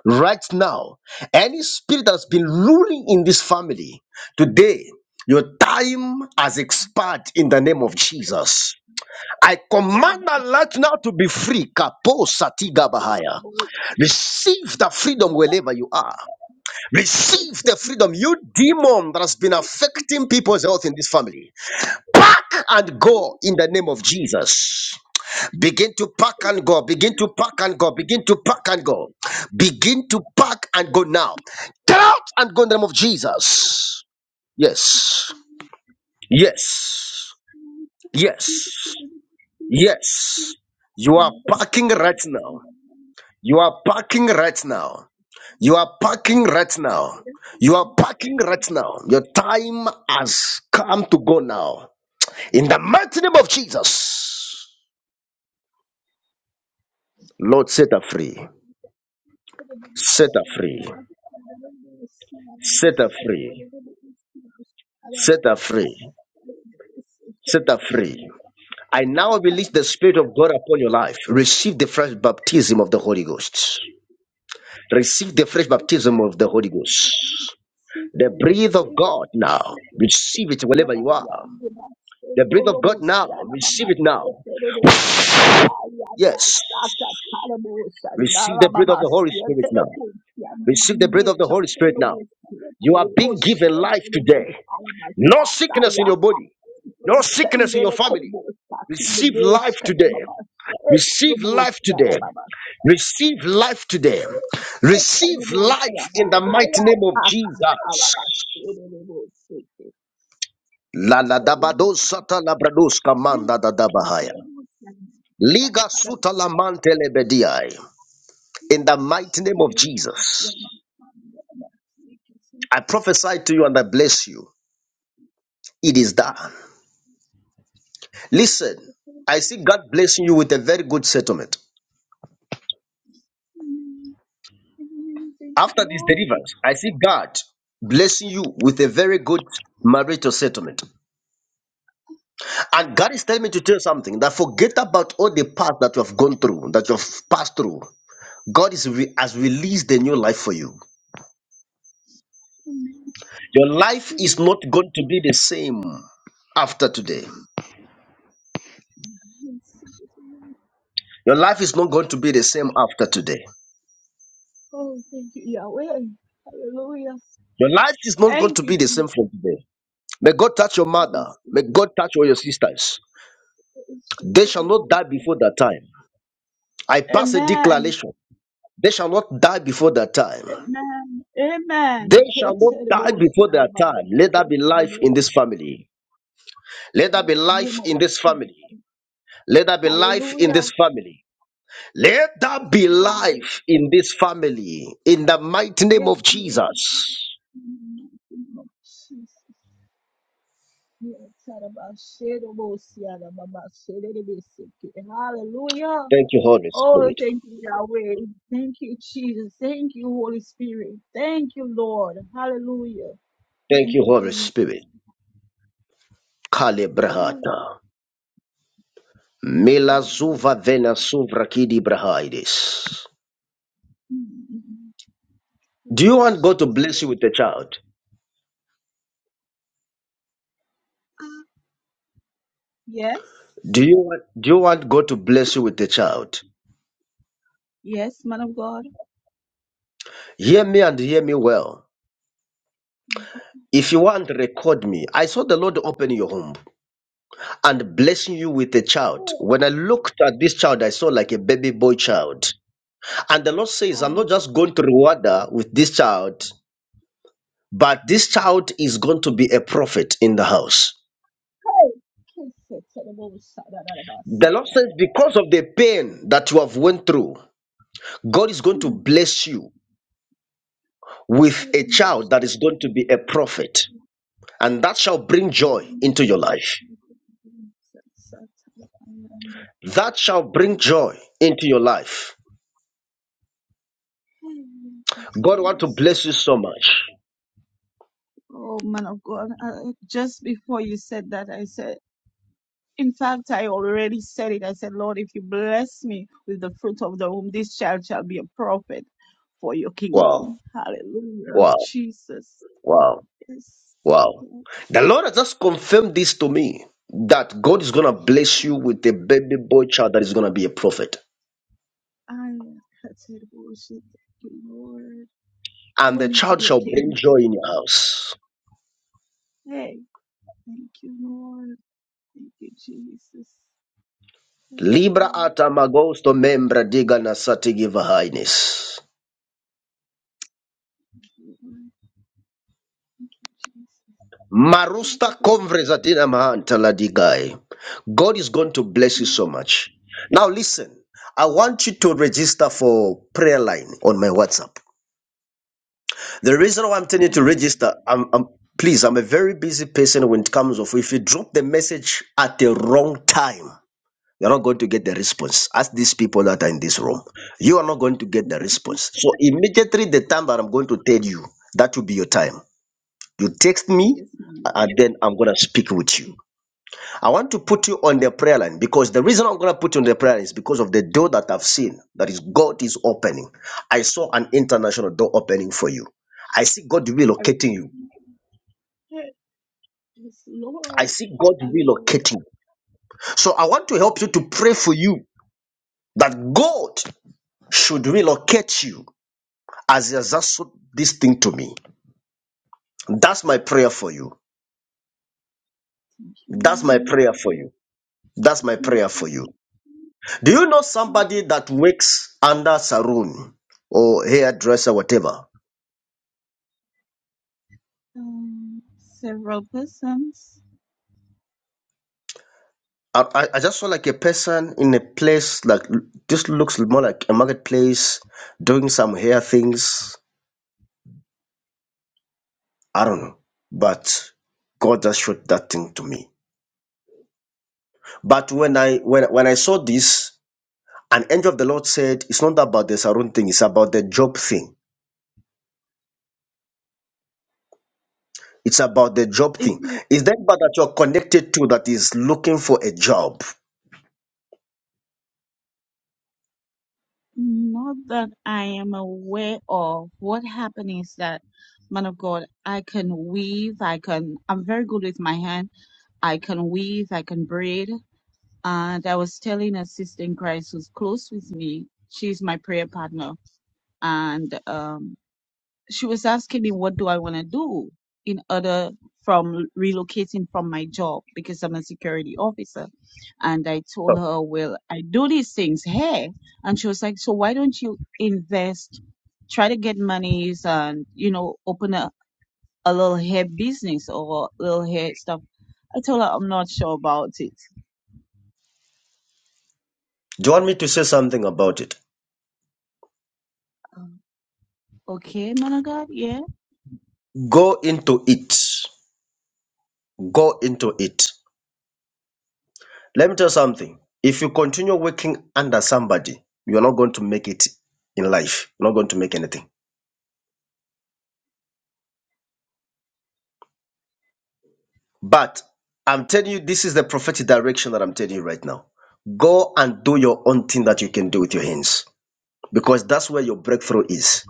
Right now, any spirit that's been ruling in this family, today, your time has expired in the name of Jesus. I command that light now to be free. Kapo satiga bahaya. Receive the freedom wherever you are. Receive the freedom. You demon that has been affecting people's health in this family. Pack and go in the name of Jesus. Begin to pack and go. Begin
amen
to pack and go.
Nobody
Begin to pack and go. Begin to pack and go now. Get out and go in the name of Jesus. Yes. Yes. Yes. Yes, you are
come
parking
back
right
to
now.
me.
You are parking right now. You are parking right now. You are parking right now. Your time has come to go now. In the mighty name of Jesus, Lord, set her free. Set her free. Set her free. Set her free. Set her free. I now release the Spirit of God upon your life. Receive the fresh baptism of the Holy Ghost. Receive the fresh baptism of the Holy Ghost.
Save it
The
up,
breath of
save
God now.
it up,
Receive it wherever you are. The breath of God now. Receive it now. Yes. Receive the breath of the Holy Spirit now. Receive the breath of the Holy Spirit now. You are being given life today. No sickness in your body. No sickness in your
Sendele
family.
kobo saki
Receive
bedesh
life
kada
today.
baba. E
Receive
kobo
life
siara
today.
baba.
Receive life today.
E
Receive
kobo
life
siara.
in the mighty
Aya
name of
paka alaba.
Jesus.
E kobo
La la da ba do
siara.
sa
Thank
da da
you,
Liga suta la mante lebediai. In the mighty name of Jesus,
Lord.
I prophesy to you and I bless you. It is done. Listen, I see God blessing you with a very good settlement.
Thank you,
After this
Lord.
deliverance, I see God blessing you with a very good marital settlement. And God is telling me to tell you something that forget about all the path that you have gone through, that you have passed through. God is re- has released a new life for you. Your life is not going to be the same after today. Your life is not going to be the same after today.
Oh, thank you, Yahweh. Hallelujah.
Your life is not going
Thank
to
you,
be the
Jesus.
same from today. May God touch your
I
mother.
receive
May
it.
God touch all your sisters.
It is so
They shall not
terrible.
die before that time. I pass a
Amen.
declaration. They shall not die before that time.
Amen.
They
Amen. Ke
shall not
terrible.
die before their time. Let there be life in this family. Let there
In
be
the name
life
of
in this
Jesus.
family. Let there be life in
Hallelujah.
this family. Let there
Yes,
be
Lord.
life in this family. In the mighty name
Yes,
of
Lord.
Jesus.
In the name of Jesus. Yeah, tarabashedobosiada, Hallelujah.
Thank you, Holy
Oh,
Spirit.
thank you, Yahweh. Thank you, Jesus. Thank you, Holy Spirit. Thank you, Lord. Hallelujah.
Thank
Thank
you,
you,
Holy Spirit.
Jesus. Thank
Kale
you, Lord.
brahata. Mela
Hallelujah.
zuva vena suvra kidi brahaides.
Mm, mm,
Do you want God to
mm.
bless you with a child?
Yes.
Do you want, do you want God to bless you with a child?
Yes, man of God.
Hear me and hear me well. If you want, record me. I saw the Lord open your home and blessing you with a child.
Oh,
When I looked at this child, I saw like a baby boy child. And the Lord says, I'm
hallelujah.
not just going to reward her with this child, but this child is going to be a prophet in the house. The Lord says, because of the pain that you have went through, God is going to bless you with a child that is going to be a prophet, and that shall bring joy into your life. That shall bring joy into your life. God want to bless you so much.
Oh man of God, I- I- just before you said that, I said, in fact, I already said it. I said, Lord, if you bless me with the fruit of the womb, this child shall be a prophet for your
Wow,
kingdom. Hallelujah.
wow,
Jesus.
wow,
Yes.
wow.
Yes.
The Lord has just confirmed this to me that God is going to bless you with a baby boy child that is going to be a prophet,
I have said worship Thank you, Lord.
and the
Only for
child
your
shall bring joy
kingdom.
in your house.
Hey, thank you, Lord. Thank you, Jesus. Yes,
Libra
Lord.
ata magosto membra diga na satigi vahainis.
Thank you, Lord. Thank you, Jesus.
Marusta
Hallelujah.
conversa dina mahanta la digai. God is going to bless you so
Mm,
much. Now listen, I want you to register for prayer line on my WhatsApp. The reason why I'm
Thank
telling
you,
you to
Lord.
register, I'm, I'm please, I'm a very busy person when it comes of if you drop the message at the wrong time. You're not going to get the response. Ask these people that are in this room. You are not going to get the response. So immediately the time that I'm going to tell you, that will be your time. You text me
Yes, my
and
God.
then I'm gonna speak with you. I want to put you on the prayer line because the reason I'm gonna put you on the prayer line is because of the door that I've seen that is God is opening. I saw an international door opening for you. I see God
I
relocating you.
receive it. Yes,
I
Lord.
see God
Hallelujah.
relocating. So I want to help you to pray for you that God should relocate you as he has just showed this thing to me. That's my prayer for you.
Thank you,
That's my
Lord.
prayer for you. That's my
Thank
prayer for you.
you.
Do you know somebody that works under saloon or hairdresser, whatever?
Um, several persons.
I, I I just saw like a person in a place like this looks more like a marketplace doing some hair things. I don't know, but God just showed that thing to me. But when I when when I saw this, an angel of the Lord said, "It's not about the saloon thing; it's about the job thing." It's about the job thing. Is that anybody that you're connected to that is looking for a job?
Not that I am aware of. What happened is that, man of God, I can weave. I can. I'm very good with my hand. I can weave. I can braid. And I was telling a sister in Christ who's close with me. She's my prayer partner, and um, she was asking me what do I want to do in other from relocating from my job because I'm a security officer. And I told her, well, I do these things here. And she was like, so why don't you invest, try to get monies and, you know, open a, a little hair business or little hair stuff. I told her I'm not sure about it.
Do you want me to say something about it?
Um, okay, man of God, yeah, I
Go into it. Go into it. Let me tell you something. If you continue working under somebody, you're not going to make it in life. You're not going to make anything. But I'm telling you, this is the prophetic direction that I'm telling you right now. Go and do your own thing that you can do with your hands because that's where your breakthrough is.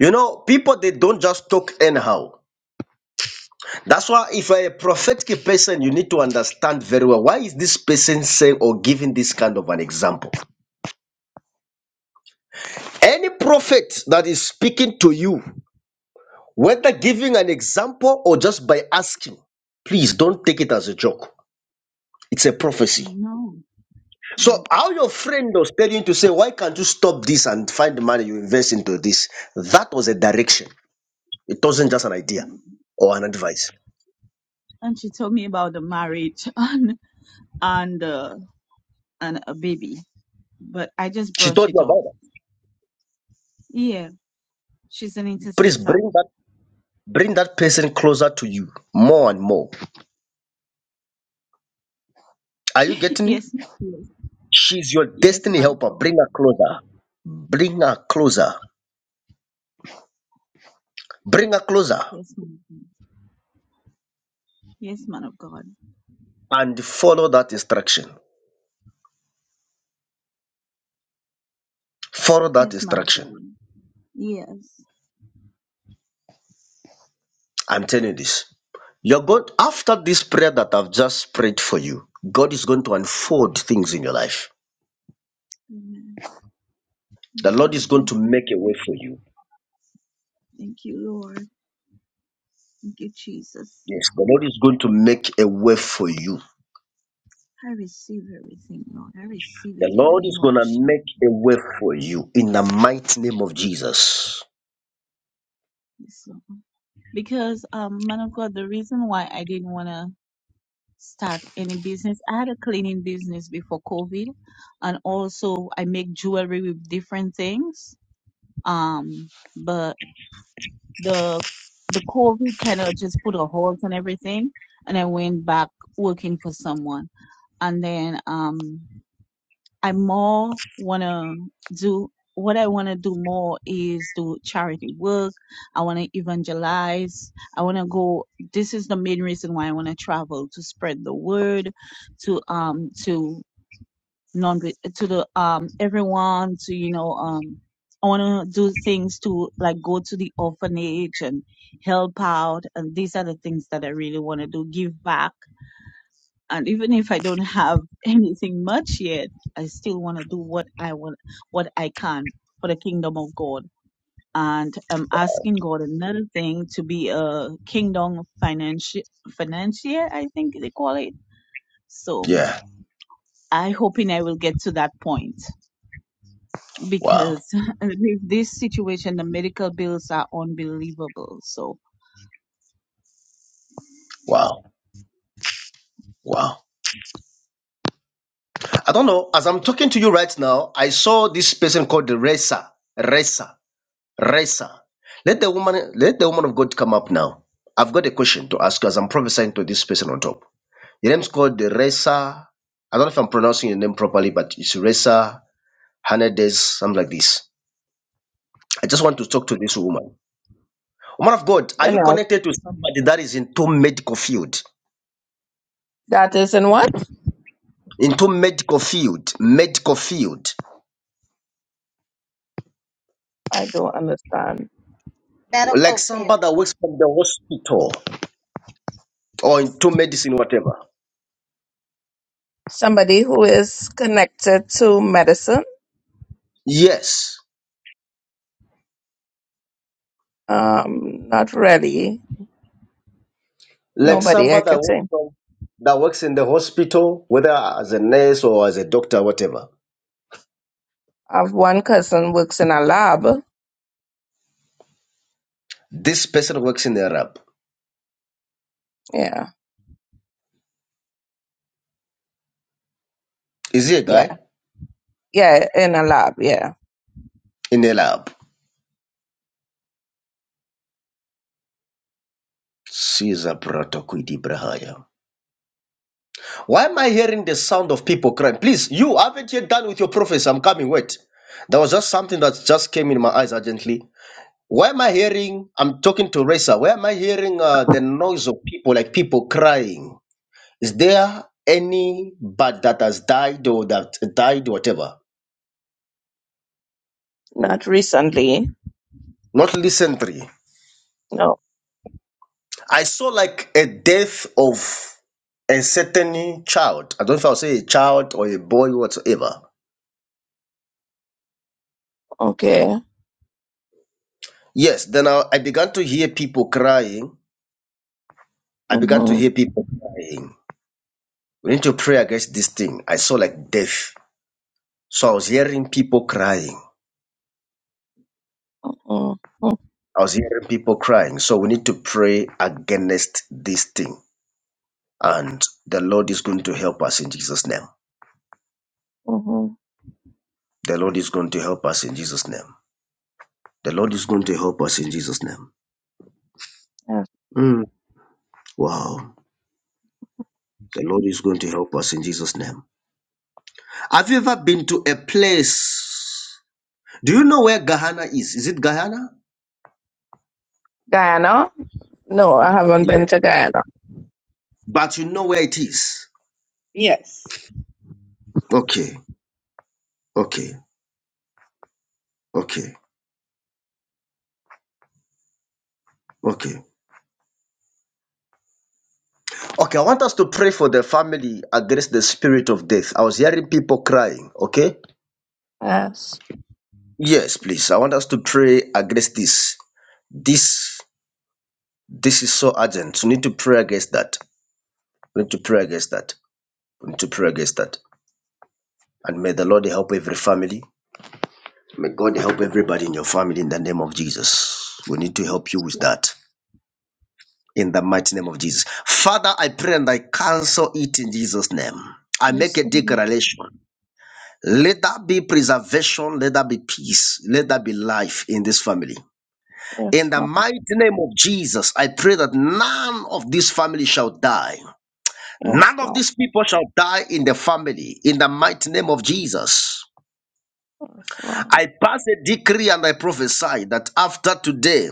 You know, people, they don't just talk anyhow. That's why if you're a prophetic person, you need to understand very well why is this person saying or giving this kind of an example. Any prophet that is speaking to you, whether giving an example or just by asking, please don't take it as a joke. It's a prophecy.
know. Yeah.
So how your friend was telling you to say, why can't you stop this and find the money you invest into this? That was a direction. It wasn't just an idea or an advice.
And she told me about the marriage and and uh, and a baby. but I just
She
brush
told
it
you
off.
about that.
Yeah, she's an
Please
intercessor.
bring that bring that person closer to you more and more. Are you getting me?
Yes, yes,
She's your
yes,
destiny
man of
helper.
God.
Bring her closer. Bring her closer. Bring her closer
Yes, man of God. Yes, man of God.
and follow that instruction. Follow that
Yes, man of
instruction.
God. Yes.
I'm telling you this. You're going after this prayer that I've just prayed for you. God is going to unfold things in your life.
Amen.
The Lord
Amen.
is going
Thank
to
you,
make a way
Lord.
for you.
Thank you, Lord. Thank you, Jesus.
Yes, the Lord is going to make a way for you.
I receive everything, Lord. I receive
The
it in the
Lord
name
is
of
going to make a way for you in the mighty name of Jesus.
Jesus, Lord. Because, um, man of God, the reason why I didn't wanna start any business. I had a cleaning business before COVID, and also I make jewelry with different things. Um, but the the COVID kind of just put a halt on everything, and I went back working for someone. And then um, I more want to do what I want to do more is do charity work. I want to evangelize. I want to go. This is the main reason why I want to travel to spread the word to um to non to the um everyone to you know um I want to do things to like go to the orphanage and help out and these are the things that I really want to do give back and even if I don't have anything much yet, I still want to do what I want, what I can for the kingdom of God. And I'm asking God another thing to be a kingdom financier, financier, I think they call it. So
Yeah.
I hoping I will get to that point
Wow.
because with this situation, the medical bills are unbelievable. So
Wow. Wow. I don't know. As I'm talking to you right now, I saw this person called the Resa. Resa. Resa. Let the woman let the woman of God come up now. I've got a question to ask you as I'm prophesying to this person on top. Your name's called the Resa. I don't know if I'm pronouncing your name properly, but it's Resa Hernandez, something like this. I just want to talk to this woman. Woman of God, are
You
you
know,
connected to somebody that is into medical field?
that is in what?
Into medical field, medical field.
I don't understand.
Like
Medical field.
somebody that works from the hospital. or into medicine, whatever.
Somebody who is connected to medicine?
Yes,
Um, not really.
like
Nobody I
somebody
could
that
say.
works, from, that works in the hospital, whether as a nurse or as a doctor, whatever.
I have one cousin works in a lab.
This person works in the lab.
Yeah,
Is he a
yeah,
guy
yeah, in a lab. Yeah,
in a lab? Caesar Bratakwidi Brahaya. Why am I hearing the sound of people crying? Please, you haven't yet done with your prophecy. I'm coming. Wait. There was just something that just came in my eyes urgently. Why am I hearing? I'm talking to Reza. Why am I hearing uh, the noise of people, like people crying? Is there any bird that has died or that died, whatever?
not recently.
Not recently.
No.
I saw like a death of a certain child. I don't know if I'll say a child or a boy, whatsoever.
Okay.
Yes, then I, I began to hear people crying. I began to
Mhm.
hear people crying. We need to pray against this thing. I saw like death. So I was hearing people crying.
Mhm. Mhm.
I was hearing people crying. So we need to pray against this thing. And the Lord is going to help us in Jesus' name.
mhm.
The Lord is going to help us in Jesus' name. The Lord is going to help us in Jesus' name.
Yes.
Mm, Wow. The Lord is going to help us in Jesus' name. Have you ever been to a place? Do you know where Gahana is? Is it Guyana?
Guyana? No, I haven't
Yes.
been to Guyana.
But you know where it is.
Yes.
Okay. Okay. Okay. Okay. Okay. I want us to pray for the family against the spirit of death. I was hearing people crying. Okay.
Yes.
Yes, please. I want us to pray against this. This this is so urgent. You need to pray against that. We need to pray against that. We need to pray against that. And may the Lord help every family. May God help everybody in your family in the name of Jesus. We need to help you with
Yes.
that in the mighty name of Jesus. Father, I pray and I cancel it in Jesus' name. I make
Yes.
a declaration. Let there be preservation. Let there be peace. Let there be life in this family. In the
Lord.
mighty name of Jesus, I pray that none of this family shall die.
Yes.
None of
Lord.
these people shall die in the family. In the mighty name of Jesus.
Yes.
I pass a decree and I prophesy that after today,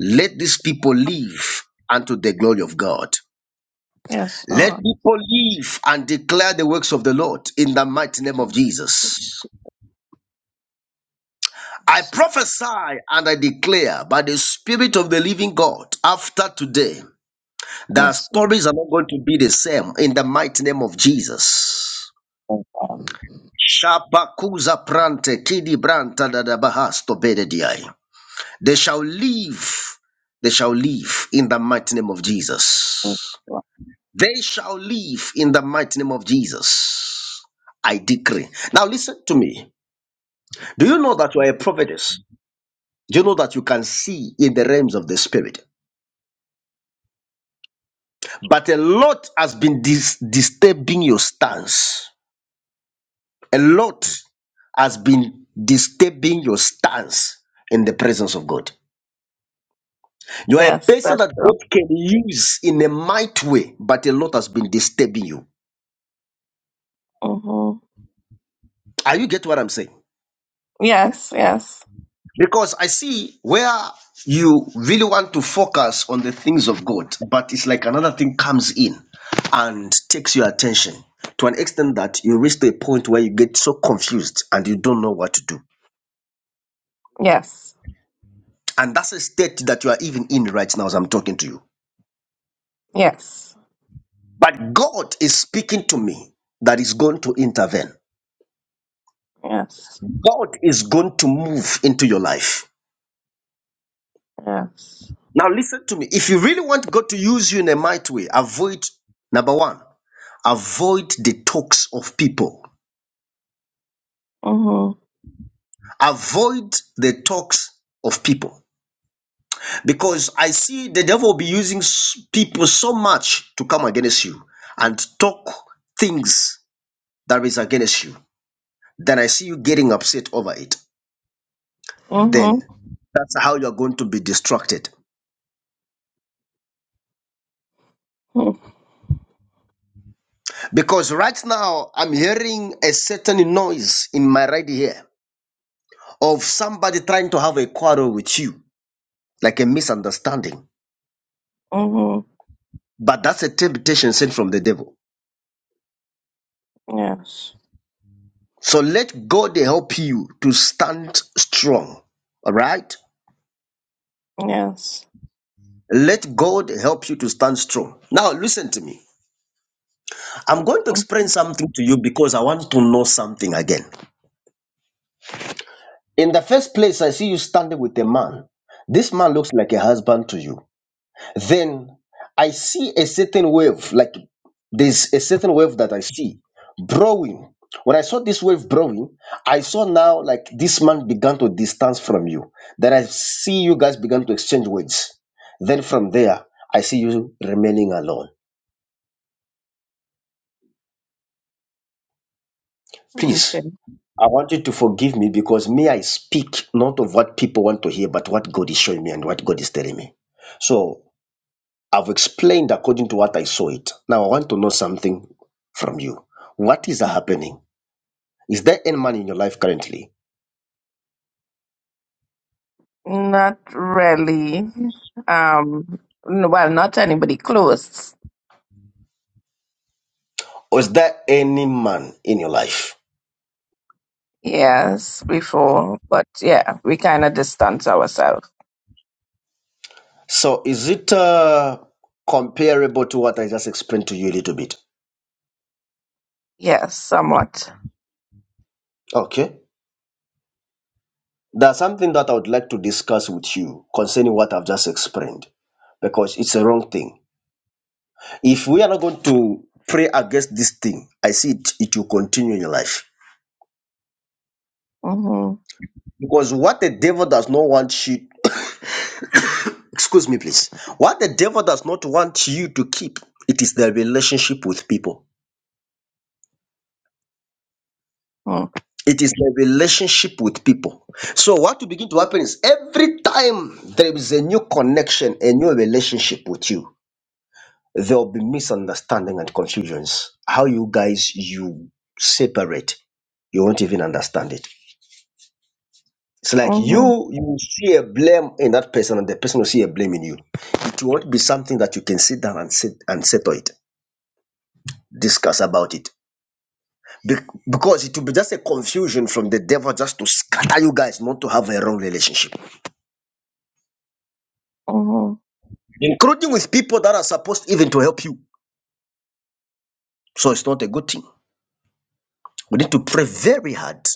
let these people live unto the glory of God.
Yes,
Let
Lord.
people live and declare the works of the Lord in the mighty name of Jesus. I
Yes,
prophesy and I declare by the Spirit of the living God after today, the
yes, Lord.
stories are not going to be the same in the mighty name of Jesus.
Um,
Shabakuza prante kidi branta da da bahasto bedediai. They shall live. They shall live in the mighty name of Jesus. They shall live in the mighty name of Jesus. I decree. Now listen to me. Do you know that you are a prophetess? Do you know that you can see in the realms of the spirit? But a lot has been dis- disturbing your stance. A lot has been disturbing your stance in the presence of God. You are a
Yes,
person
that's
that
true.
God can use in a mighty way, but a lot has been disturbing you.
Mm-hmm.
Are you get what I'm saying?
Yes, yes,
Because I see where you really want to focus on the things of God, but it's like another thing comes in and takes your attention to an extent that you reach to a point where you get so confused and you don't know what to do.
yes,
And that's a state that you are even in right now as I'm talking to you.
yes,
But God is speaking to me that is going to intervene.
yes,
God is going to move into your life.
yes.
Now listen to me. If you really want God to use you in a mighty way, avoid number one, avoid the talks of people.
Mm-hmm.
Avoid the talks of people. Because I see the devil will be using s- people so much to come against you and talk things that is against you. Then I see you getting upset over it. Then
Mm-hmm.
that's how you're going to be distracted. Because right now I'm hearing a certain noise in my right ear of somebody trying to have a quarrel with you, like a misunderstanding.
Mm-hmm.
But that's a temptation sent from the devil.
Yes,
So let God help you to stand strong. All right?
yes.
Let God help you to stand strong. Now, listen to me. I'm going to explain something to you because I want to know something again. In the first place, I see you standing with a man. This man looks like a husband to you. Then I see a certain wave, like there's a certain wave that I see brewing. When I saw this wave brewing, I saw now like this man began to distance from you. Then I see you guys began to exchange words. Then from there, I see you remaining alone.
Mm-hmm.
Please,
Okay.
I want you to forgive me because me, I speak not of what people want to hear, but what God is showing me and what God is telling me. So I've explained according to what I saw it. Now I want to know something from you. What is happening? Is there any man in your life currently?
Not really. Um, n- well, not anybody close.
Or is there any man in your life?
Yes, before, but yeah, we kind of distance ourselves.
So is it uh, comparable to what I just explained to you a little bit?
Yes, somewhat.
Okay. There's something that I would like to discuss with you concerning what I've just explained because it's a wrong thing. If we are not going to pray against this thing, I see it, it will continue in your life.
Mm-hmm.
Because what the devil does not want you Excuse me, please. What the devil does not want you to keep, it is the relationship with people. It is the relationship with people. So, what will begin to happen is every time there is a new connection, a new relationship with you, there will be misunderstanding and confusions. How you guys you separate, you won't even understand it. It's like
Mm-hmm.
you you will see a blame in that person, and the person will see a blame in you. It won't be something that you can sit down and sit and settle it, discuss about it Be- because it will be just a confusion from the devil just to scatter you guys, not to have a wrong relationship,
Mhm,
including with people that are supposed even to help you. So it's not a good thing. We need to pray very hard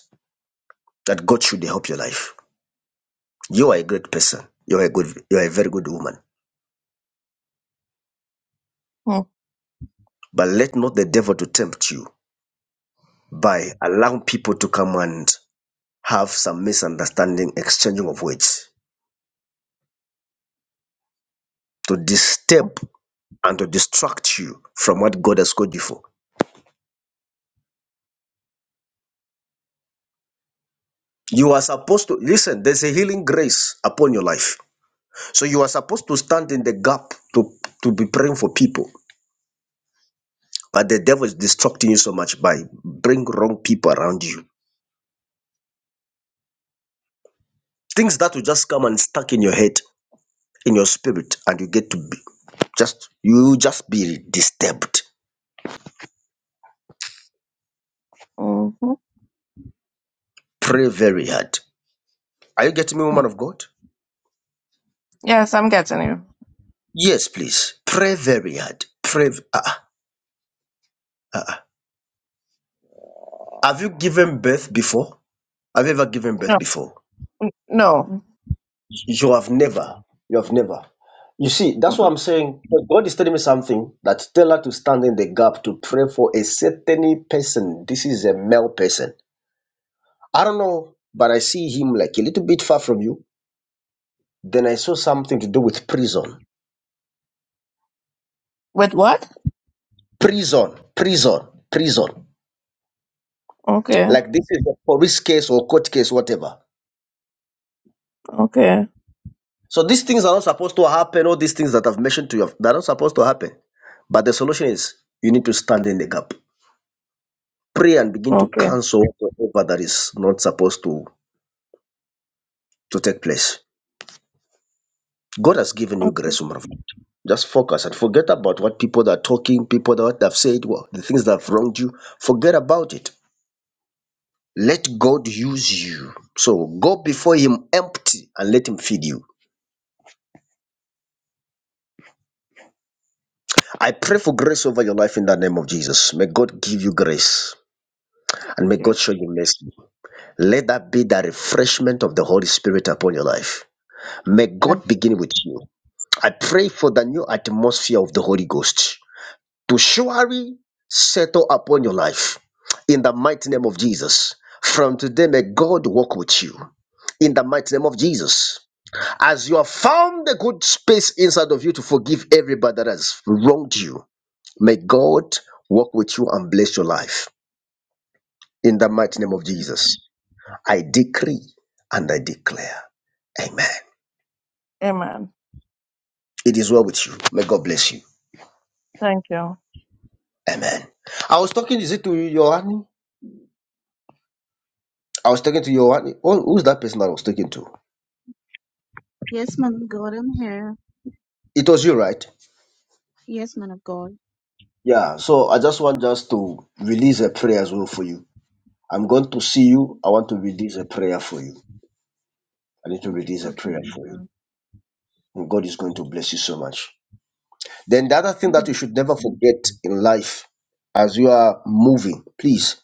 that God should help your life. You are a great person. You are a good. You are a very good woman.
mhm,
But let not the devil to tempt you by allowing people to come and have some misunderstanding, exchanging of words to disturb and to distract you from what God has called you for. You are supposed to listen, there's a healing grace upon your life. So you are supposed to stand in the gap to, to be praying for people. But the devil is distracting you so much by bring wrong people around you. Things that will just come and stuck in your head, in your spirit, and you get to be just you just be disturbed.
mhm.
Pray very hard. Are you getting me,
mhm.
woman of God?
Yes, I'm getting you.
Yes, please. Pray very hard. Pray. Uh, uh, uh. Have you given birth before? Have you ever given
No,
birth before?
no,
You have never. You have never. You see, that's what
no.
I'm saying. But God is telling me something that tell her to stand in the gap to pray for a certain person. This is a male person. I don't know, but I see him like a little bit far from you. Then I saw something to do with prison.
With what?
Prison, prison, prison.
Okay,
Like this is a police case or court case, whatever.
okay,
So these things are not supposed to happen. All these things that I've mentioned to you, they're not supposed to happen. But the solution is you need to stand in the gap. Pray and begin to
okay,
cancel whatever that is not supposed to, to take place. God has given you
okay.
grace, woman of God. Just focus and forget about what people that are talking, people that have said, what the things that have wronged you. Forget about it. Let God use you. So go before Him empty and let Him feed you. I pray for grace over your life in the name of Jesus. May God give you grace and may
okay.
God show you mercy. Let that be the refreshment of the Holy Spirit upon your life. May
Thank
God
you.
begin with you. I pray for the new atmosphere of the Holy Ghost to surely settle upon your life in the mighty name of Jesus. From today, may God walk with you in the mighty name of Jesus. As you have found the good space inside of you to forgive everybody that has wronged you, may God walk with you and bless your life in the mighty name of Jesus. I decree and I declare, Amen.
Amen.
It is well with you. May God bless you.
Thank you.
Amen. I was talking, is it to you, Johan? I was talking to you. What, who- who's that person that I was talking to?
yes, man of God, I'm here.
It was you, right?
Yes, man of God.
Yeah. So I just want just to release a prayer as well for you. I'm going to see you. I want to release a prayer for you. I need to release a
Okay,
prayer
man of
for you.
God.
And God is going to bless you so much. Then the other thing that you
Amen.
should never forget in life, as you are moving, please,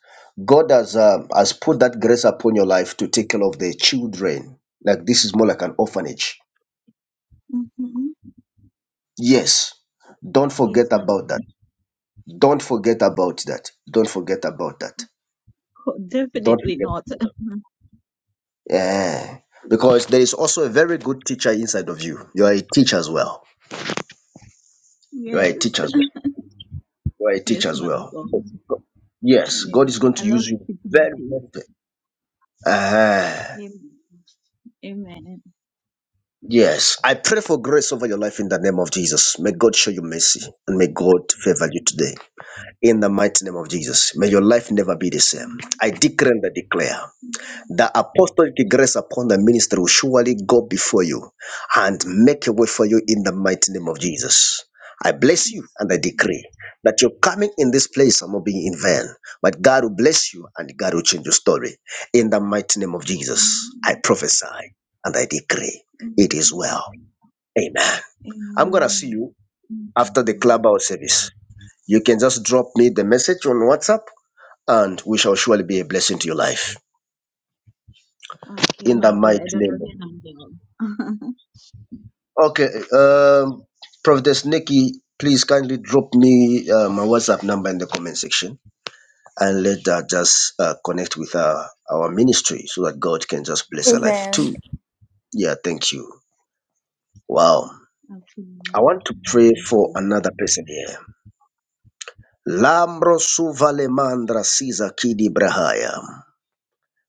God has um, has put that grace upon your life to take care of the children. Like this is more like an orphanage.
hmm
Yes. Don't forget
Yes, man of God.
about that Don't forget about that. Don't forget about that.
Oh,
Don't
definitely
forget.
not.
Yeah. Because there is also a very good teacher inside of you. You are a teacher as well. You are
Yes.
a teacher as well. You are a teacher
Yes,
as
man of
well.
God.
Yes,
Yeah.
God is going
I
to
love
use you
keeping the
very,
peace.
very. very- Ah,
Amen. Amen.
yes. I pray for grace over your life in the name of Jesus. May God show you mercy and may God favor you today. In the mighty name of Jesus. May your life never be the same. I decree and I declare. The apostolic grace upon the ministry will surely go before you and make a way for you in the mighty name of Jesus. I bless you and I decree that your coming in this place are not being in vain, but God will bless you and God will change your story. In the mighty name of Jesus, I prophesy and I decree it is
Amen.
well. Amen. I'm going to see
Amen.
you after the clubhouse service. You can just drop me the message on WhatsApp and we shall surely be a blessing to your life.
Okay,
In
man
the
of God,
mighty
I don't
name
have
of
your number.
Okay, um, Prophetess Nikki, please kindly drop me uh, my WhatsApp number in the comment section and let her just uh, connect with our, our ministry so that God can just bless her life
Amen.
too. Yeah, thank you. Wow.
okay.
I want to pray
Thank
for
you.
another person here. Lambro suvale mandra siza kidi brahaya.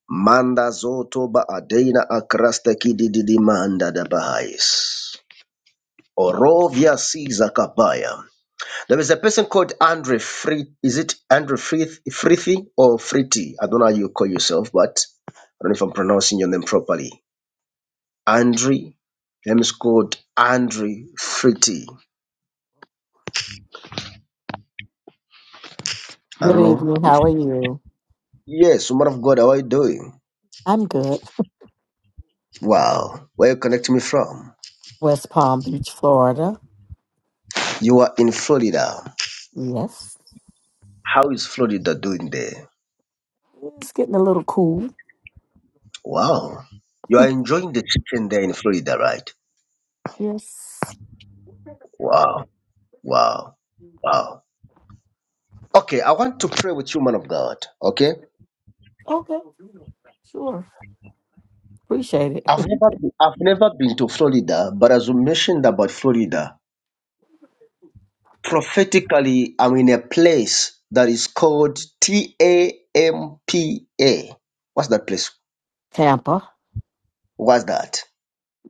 Manda zoto ba adena akrasta kidi didi manda da bahais. Orovia siza kabaya. There is a person called Andre Free. Is it Andre Frith Frithi or Friti? I don't know how you call yourself, but I don't know if I'm pronouncing your name properly. Andre. Name is called Andre Friti. I
Good
don't know
evening.
if
How are you?
Yes, woman of God, how are you doing?
I'm good.
Wow. Where you connecting me from?
West Palm Beach, Florida.
You are in Florida.
Yes.
How is Florida doing there?
It's getting a little cool.
Wow. You are enjoying the chicken there in Florida, right?
Yes.
Wow. Wow. Wow. Okay, I want to pray with you, man of God. Okay?
Okay. Sure. Appreciate it.
I've never been, I've never been to Florida, but as you mentioned about Florida, prophetically, I'm in a place that is called T A M P A. What's that place?
Tampa.
What's that?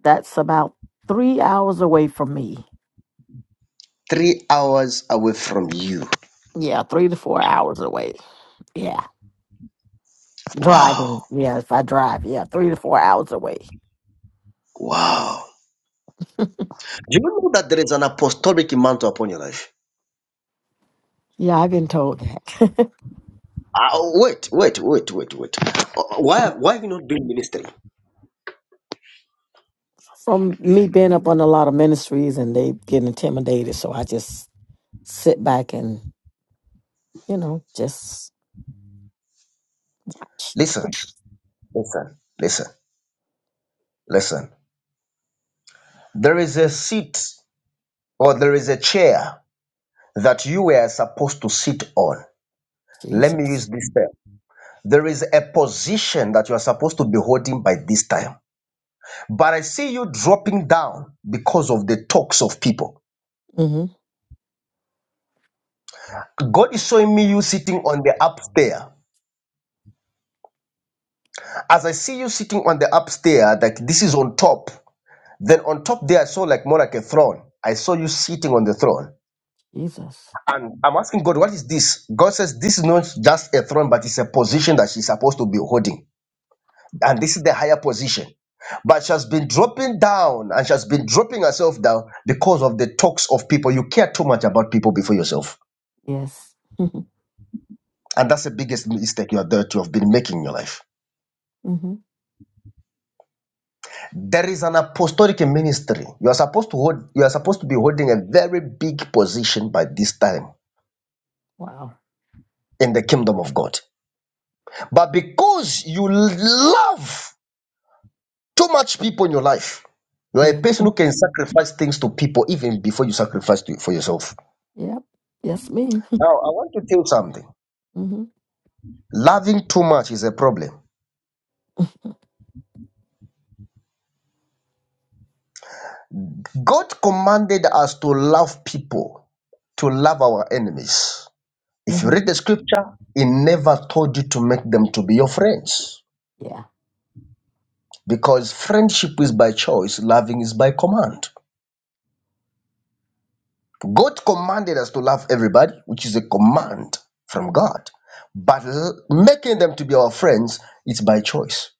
That's about three hours away from me.
Three hours away from you.
Yeah, three to four hours away. Yeah.
Wow.
Driving. Yeah, if I drive, yeah, three to four hours away.
Wow. Do you know that there is an apostolic mantle upon your life?
Yeah, I've been told that.
Ah, oh, wait, wait, wait, wait, wait. Uh, Why, why have you not doing ministry?
From me being up on a lot of ministries and they get intimidated, so I just sit back and, you know, just watch.
Listen, listen, listen, listen. There is a seat or there is a chair that you were supposed to sit on. Let me
Jesus.
use this term. There is a position that you are supposed to be holding by this time. But I see you dropping down because of the talks of people.
hmm
God is showing me you sitting on the upstairs. As I see you sitting on the upstairs, like this is on top. Then on top there, I saw like more like a throne. I saw you sitting on the throne.
Jesus.
And I'm asking God, what is this? God says this is not just a throne, but it's a position that she's supposed to be holding. and this is the higher position. But she has been dropping down and she has been dropping herself down because of the talks of people. You care too much about people before yourself.
Yes.
And that's the biggest mistake you are that you have been making in your life.
hmm
There is an apostolic ministry. You are supposed to hold you are supposed to be holding a very big position by this time
Wow.
in the kingdom of God. But because you love too much people in your life, you are a
Yeah.
person who can sacrifice things to people even before you sacrifice to, for yourself.
Yep. Yes, me.
Now, I want to tell you something.
hmm
Laughing too much is a problem. God commanded us to love people, to love our enemies. If you
hmm
read the scripture, He never told you to make them to be your friends
Yeah.
because friendship is by choice, loving is by command. God commanded us to love everybody, which is a command from God. But l- making them to be our friends, it's by choice.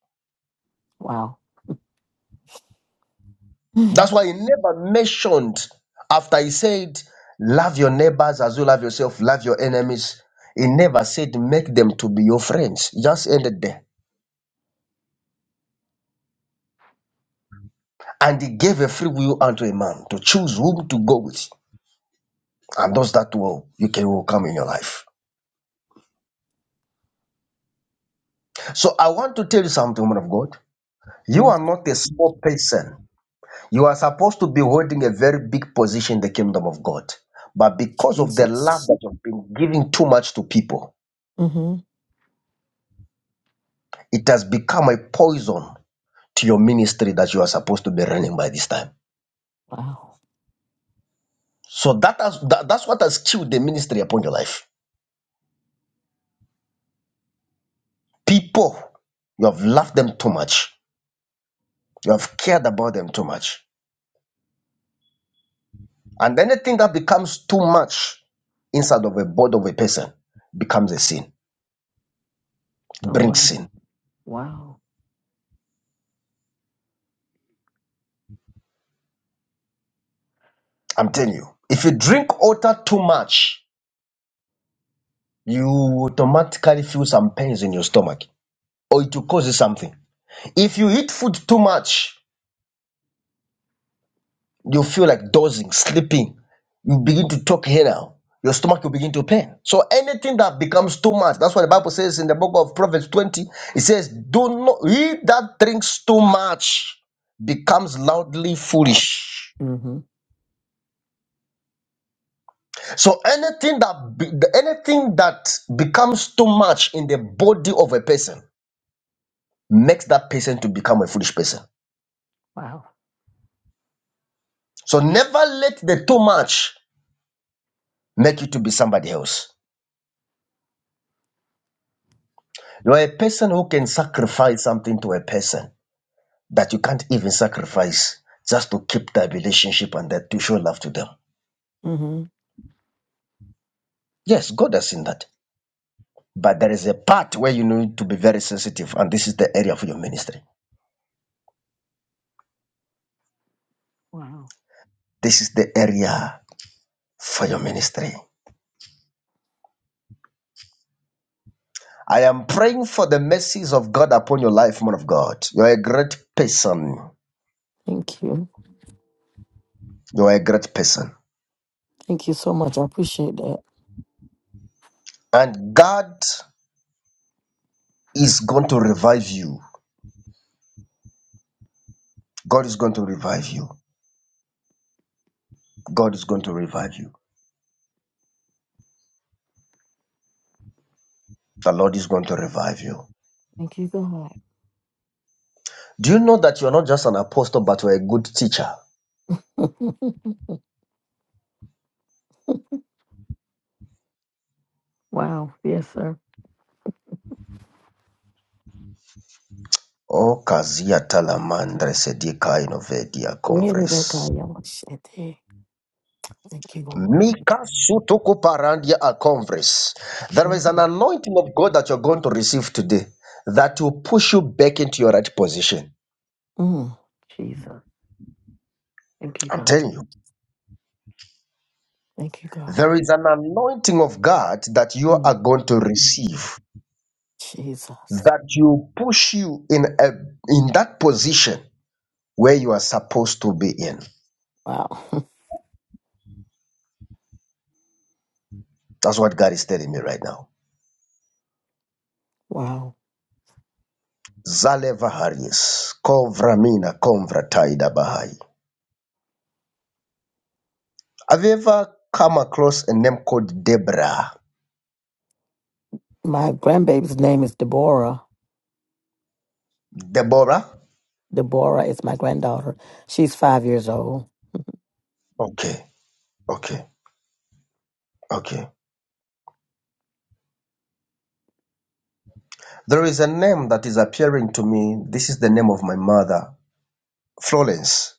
Wow.
That's why he never mentioned after he said, Love your neighbors as you love yourself, love your enemies. He never said, Make them to be your friends. He just ended there. And he gave a free will unto a man to choose whom to go with. And those that will, you can will come in your life. So I want to tell you something, woman of God. You are
yes.
not a small person. You are supposed to be holding a very big position in the kingdom of God. But because of the love
Jesus.
that you've been giving too much to people,
hmm
it has become a poison to your ministry that you are supposed to be running by this time.
Wow.
So that has, that, that's what has killed the ministry upon your life. People, you have loved them too much. You have cared about them too much. And anything that becomes too much inside of a body of a person becomes a sin, It
Oh,
brings
wow.
sin.
Wow.
I'm telling you. If you drink water too much, you automatically feel some pains in your stomach or it will cause you something. If you eat food too much, you feel like dozing, sleeping. You begin to talk here now. Your stomach will begin to pain. So anything that becomes too much, that's what the Bible says in the book of Proverbs 20. It says, Do not he that drinks too much becomes loudly
Wow.
foolish.
hmm
So anything that be, the- anything that becomes too much in the body of a person makes that person to become a foolish person.
Wow.
So never let the too much make you to be somebody else. You are a person who can sacrifice something to a person that you can't even sacrifice just to keep that relationship and that to show love to them.
hmm
Yes, God has seen that. But there is a part where you need to be very sensitive, and this is the area for your ministry.
Wow.
This is the area for your ministry. I am praying for the mercies of God upon your life, man of God. You are a great person.
Thank you.
You are a great person.
Thank you so much. I appreciate that.
And God is going to revive you. God is going to revive you. God is going to revive you. The Lord is going to revive you.
Thank you, God.
Do you know that you are not just an apostle, but you are a good teacher?
Wow. Yes, sir.
Oh, kazia talamandre sedika inovedia
Thank
converse.
you, Lord.
Mika sutuku parandia a converse. There is an
Mhm.
anointing of God that you're going to receive today that will push you back into your right position.
Mm. Jesus. Thank you,
I'm
God.
telling you.
Thank you, God.
There is an anointing of God that you
Mm.
are going to receive
Jesus.
that will push you in a, in that position where you are supposed to be in.
Wow.
That's what God is telling me right now.
wow.
Zale Vaharis, Kovramina, Konvrataida Bahai. Have you ever come across a name called Deborah?
My grandbaby's name is Deborah.
Deborah?
Deborah is my granddaughter. She's five years old.
Okay, okay, okay. There is a name that is appearing to me. This is the name of my mother, Florence.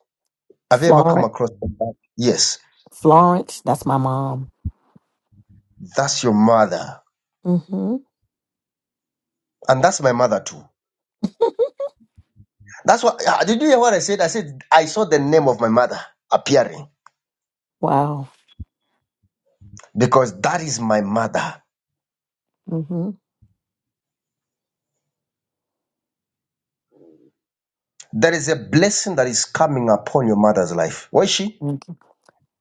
Have you ever come
Florence.
across that? Yes,
Florence. That's my mom.
that's your mother.
Mm-hmm.
And that's my mother too. That's what, ah, did you hear what I said? I said, I saw the name of my mother appearing
Wow.
because that is my mother.
Mm-hmm.
There is a blessing that is coming upon your mother's life. Was she?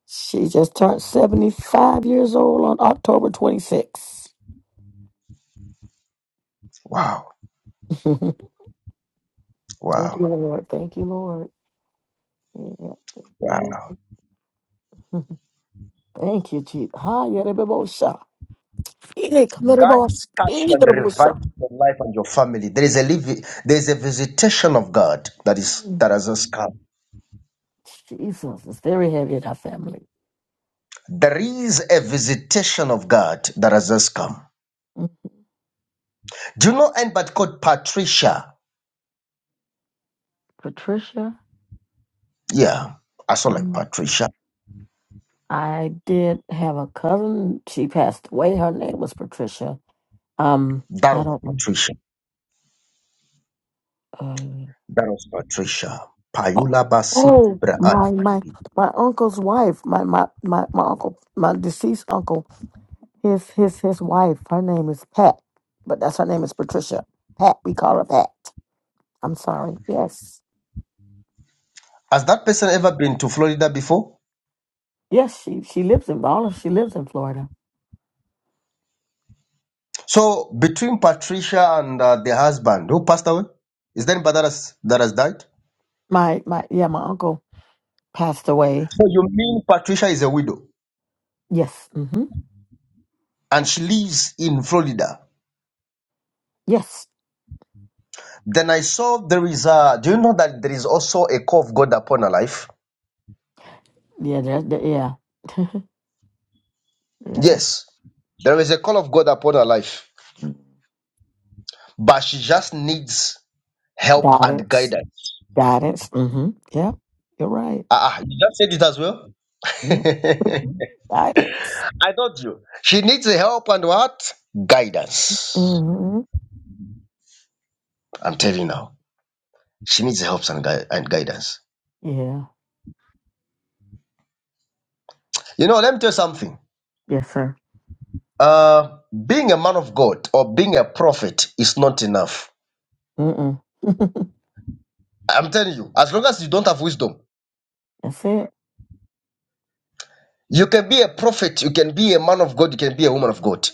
She just turned 75 years old on October 26th.
Wow.
thank you,
Wow.
Lord. Thank you, Lord. Yeah, thank you,
Wow.
Lord. Thank you, Jesus. Ha, yerebebosha. Ide
God is
kamerebos-
touching and
iderebosha.
reviving your life and your family. There is a liv- there is a visitation of God that is
Mm,
that has just come.
Jesus, it's very heavy in our family.
There is a visitation of God that has just come.
Mm.
Do you know anybody called Patricia?
Patricia,
Yeah, I saw like
um,
Patricia.
I did have a cousin. She passed away. Her name was Patricia. Um,
That
I
was
don't.
Patricia.
uh,
That was Patricia.
Oh,
Payula Basiti
oh,
Braan.
my my my uncle's wife, my my my my uncle, my deceased uncle, his his his wife. Her name is Pat, but that's her name is Patricia. Pat, we call her Pat. I'm sorry. Yes,
Has that person ever been to Florida before?
yes, she she lives in Bala. She lives in Florida.
So between Patricia and uh, the husband who passed away, is there anybody that has, that has died? So
My my yeah, my uncle passed away.
you mean Patricia is a widow
Yes, mm-hmm.
and she lives in Florida?
yes,
Then I saw there is a. Do you know that there is also a call of God upon her life?
yeah, that, that- yeah, yeah.
Yes, there is a call of God upon her life,
Mm.
but she just needs help and
Guidance,
guidance.
guidance. Mm-hmm. Yeah, you're right.
Ah, ah, you just said it as well.
Yeah. Guidance.
I told you she needs help and what guidance.
Mm-hmm.
I'm telling you now, she needs help and, gui- and guidance.
Yeah.
You know, let me tell you something.
Yes, sir.
Uh, being a man of God or being a prophet is not enough.
Mm-mm.
I'm telling you, as long as you don't have wisdom,
That's it.
you can be a prophet, you can be a man of God, you can be a woman of God.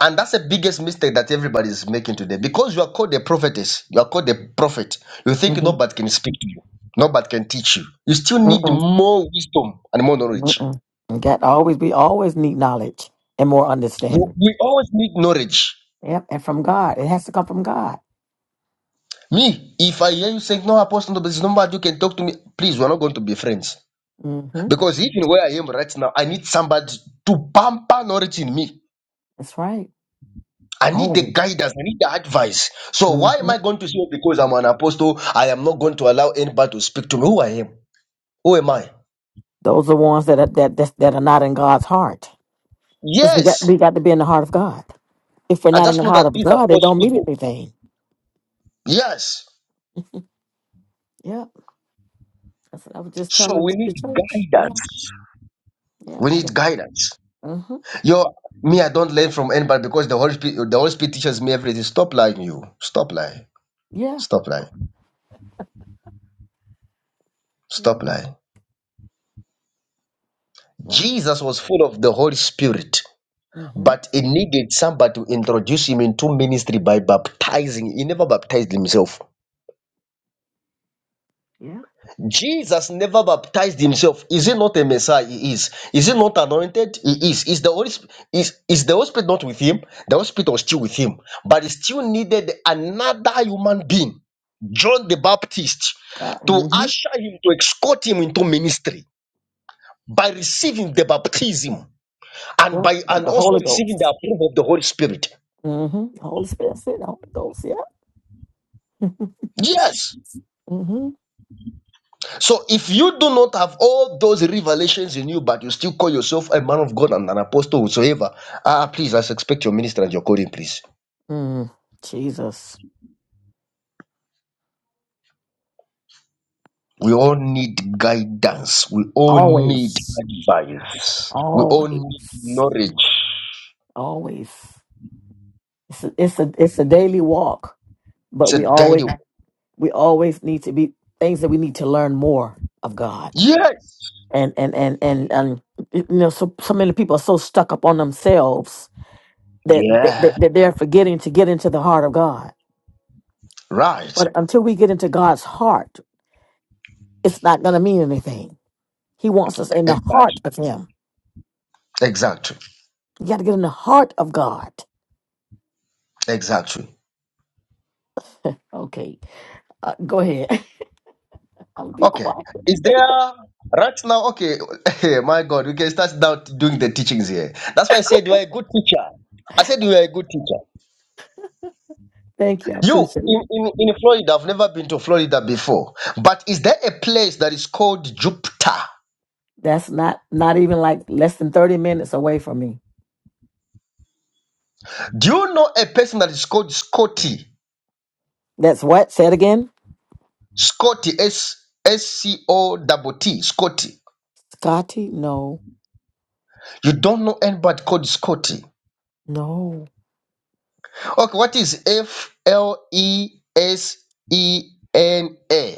And that's the biggest mistake that everybody is making today. Because you are called a prophetess, you are called a prophet, you think
Mm-hmm.
nobody can speak to you, nobody can teach you. You still need
Mm-mm.
more wisdom and more knowledge.
Mm-mm. You got always We always need knowledge and more
You,
understanding.
we always need knowledge.
Yep, and from God, it has to come from God.
Me, if I hear you saying, No, Apostle, no, there's nobody you can talk to me, please, we're not going to be friends
Mm-hmm.
Because even where I am right now, I need somebody to pamper knowledge in me.
That's right.
I need the
Always.
guidance. I need the advice. So why am
Mm-hmm.
I going to say because I'm an apostle, I am not going to allow anybody to speak to me? Who I am? Who am I?
Those are ones that are, that that that are not in God's heart, because we got
Yes.
we got to be in the heart of God. If we're
I
not in
just
the
know
heart
that
of
these are
God, it
false
don't mean
people.
anything.
Yes.
Yep. That's what I was just
So
telling
we
the
need
church. Yeah.
guidance.
Yeah.
We
Yeah.
need guidance.
Mm-hmm.
Yo, me, I don't learn from anybody because the Holy Spirit, the Holy Spirit teaches me everything. Stop lying, you. Stop lying.
Yeah.
Stop lying. Stop
Yeah.
lying. Jesus was full of the Holy Spirit.
Mm-hmm.
But he needed somebody to introduce him into ministry by baptizing. He never baptized himself.
Yeah.
Jesus never baptized himself. Is he not a Messiah? He is. Is he not anointed? He is. Is the Holy Sp- is, is the Holy Spirit not with him? The Holy Spirit was still with him, but he still needed another human being, John the Baptist, to
Yeah.
usher him to escort him into ministry by receiving the baptism and
Yeah,
by
of
and
the
also
Holy
receiving the
Ghost.
approval of the Holy Spirit.
Mm-hmm. Holy Spirit, said the Holy Ghost. Yeah.
Yes.
Mm-hmm.
So if you do not have all those revelations in you, but you still call yourself a man of God and an apostle whatsoever, ah, please, I expect your minister and your calling, please.
Mm. Jesus,
We all need guidance. We all need
always,
advice. We all need
always,
knowledge.
always. It's a, it's a it's a daily walk, but
It's a
we always
daily.
we always need to be things that we need to learn more of God.
Yes.
And and and and and you know, so so many people are so stuck up on themselves that that, that
Yeah.
that they're forgetting to get into the heart of God.
Right.
But until we get into God's heart, it's not going to mean anything He wants us in the heart
Exactly.
of Him.
Exactly.
You got to get in the heart of God.
Exactly.
Okay, uh, go ahead. i am gonna be
Okay.
quiet.
Is there right now? Okay. Hey, my God, we can start now doing the teachings here. That's why I said you are a good teacher. I said you are a good teacher.
Thank you. I
You
appreciate
in,
it.
in, in Florida, I've never been to Florida before. But is there a place that is called Jupiter?
That's not not even like less than thirty minutes away from me.
Do you know a person that is called Scotty?
That's what. Say it again.
Scotty S S C O double T Scotty.
Scotty. No,
You don't know anybody called Scotty.
no.
Okay, what is F L E S E N A?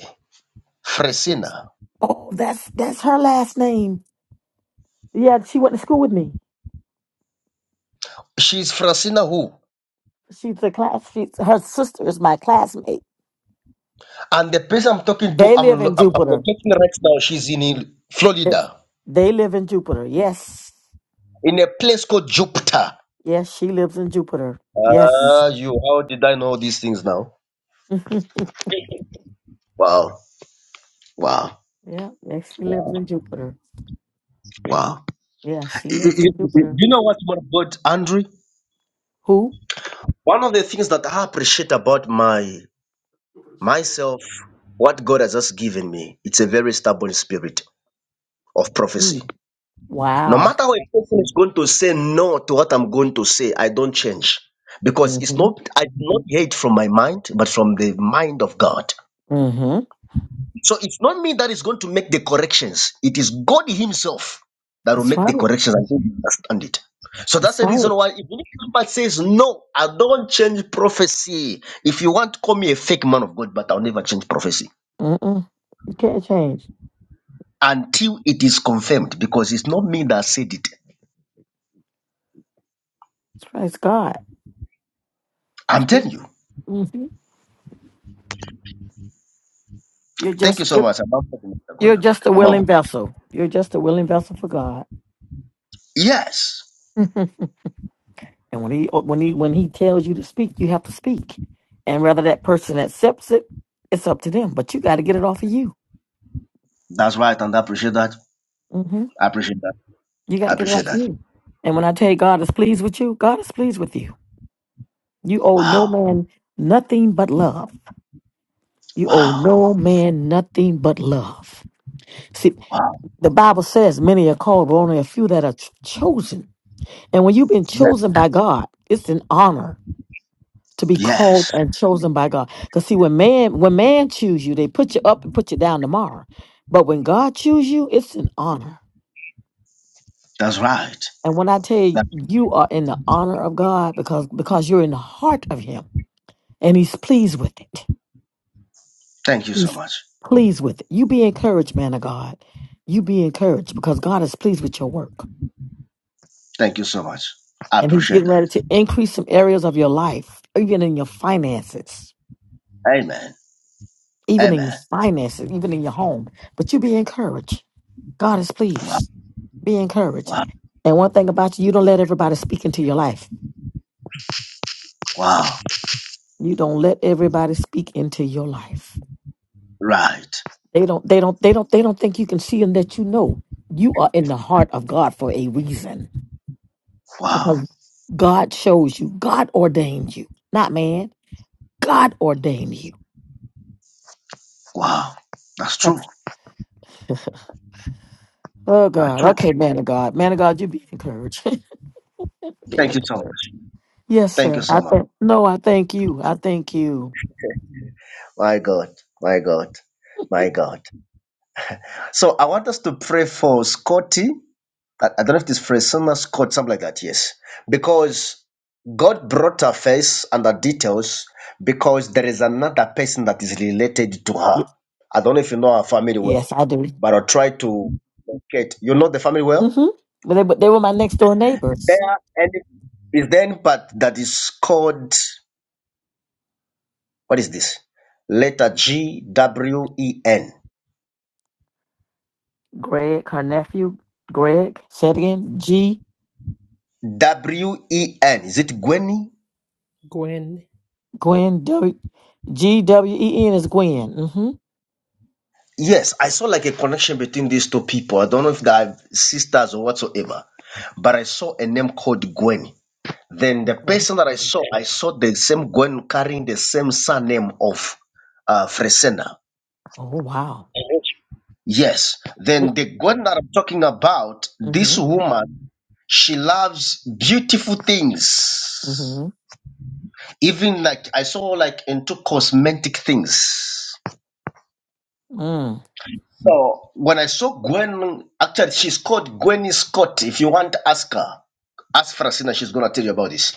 Fresina.
Oh, that's that's her last name. Yeah, she went to school with me.
She's Francina who?
She's a class. She's her sister is my classmate.
And the person I'm talking to,
They live
I'm,
in
lo- I'm I'm
Jupiter.
locating right now, she's in Il-
They,
Florida,
they live in Jupiter. Yes,
in a place called Jupiter.
yes. She lives in Jupiter. Yes.
Ah, you, how did I know these things now? Wow, wow,
Yeah, and she lives in Jupiter.
wow.
Yeah, she
You, you-
lives in
you- you-
Jupiter.
you know what, man, of God, Andrew?
Who?
One of the things that I appreciate about my myself, what God has just given me, it's a very stubborn spirit of prophecy.
Mm.
No
Wow.
matter how a person is going to say no to what I'm going to say, I don't change. Because it's
Mm-hmm.
not, I do not hear it from my mind, but from the mind of God.
Mm-hmm.
So it's not me that is going to make the corrections. It is God Himself that will
That's
make the
right.
corrections and you understand it. So
That's
that's the
right.
reason why even if somebody says no, I don't change prophecy. If you want, call me a fake man of God, but I'll never change prophecy
Mm-mm. You can't change.
until it is confirmed because it's not me that said it.
That's right. It's God. It's
I'm
God.
telling you.
hmm You're
Thank you
just
so much. About
you're
Kunda.
just a
Amamo.
willing vessel. You're just a willing vessel for God.
Yes,
Mhm. and when he when he when he tells you to speak, you have to speak. And whether that person accepts it, it's up to them. But you got to get it off of you.
that's right, and I appreciate that.
hmm
I appreciate that.
You got
I
to get it
appreciate
off of
that.
you. And when I tell you God is pleased with you, God is pleased with you. You owe no
Wow,
man nothing but love. You owe
wow,
no man nothing but love. See,
wow.
the Bible says many are called, but only a few that are ch- chosen. And when you've been
Yeah,
chosen by God, it's an honor to be called
yes,
and chosen by God. Because see, when man when man choose you, they put you up and put you down tomorrow. But when God choose you, it's an honor.
that's right.
And when I tell you
That-
you are in the honor of God because because you're in the heart of Him and He's pleased with it.
Thank you so
He's
much.
pleased with it. You be encouraged, man of God. You be encouraged because God is pleased with your work.
Thank you so much. I
And He's
appreciate
getting
that.
ready to increase some areas of your life, even in your finances,
Amen.
even in your
Amen.
finances, even in your home. But you be encouraged. God is
Wow,
pleased. Be encouraged.
wow,
And one thing about you, you don't let everybody speak into your life.
wow.
You don't let everybody speak into your life.
Right.
They don't they don't they don't they don't think you can see and that you know you are in the heart of God for a reason.
Wow,
Because God chose you. God ordained you. Not man. God ordained you.
wow. That's true.
Oh
That's
God.
true.
Okay, man of God. Man of God, you be encouraged. be
Thank you so much.
encouraged. Yes,
Thank you
sir.
so
I
much.
thank no, I thank you. I thank you.
My God. My God. My God. So I want us to pray for Scotty. I, I don't know if this phrase, Summer Scott, something like that, yes. Because God brought her face and her details because there is another person that is related to her. I don't know if you know her family
Yes,
well,
I do.
but I'll try to locate. You know the family well?
Mm-hmm. But they but they were my next door
There
neighbors.
any is there any part that is called what is this? Letter G W E N.
Greg, her nephew, Greg, say it again. G
W E N. Is it Gwenny?
Gwen,
Gwen W G W E N is Gwen. Mm-hmm.
Yes, I saw like a connection between these two people. I don't know if they are sisters or whatsoever, but I saw a name called Gwen. Then the
Okay.
person that I saw, I saw the same Gwen carrying the same surname of uh, Fresena.
Oh wow.
Yes. Then the Gwen that I'm talking about, this
Mm-hmm.
woman, she loves beautiful things.
Mm-hmm.
Even like I saw like into cosmetic things.
Mm.
So when I saw Gwen, actually she's called Gwenny Scott. If you want to ask her, ask Francina, she's gonna tell you about this.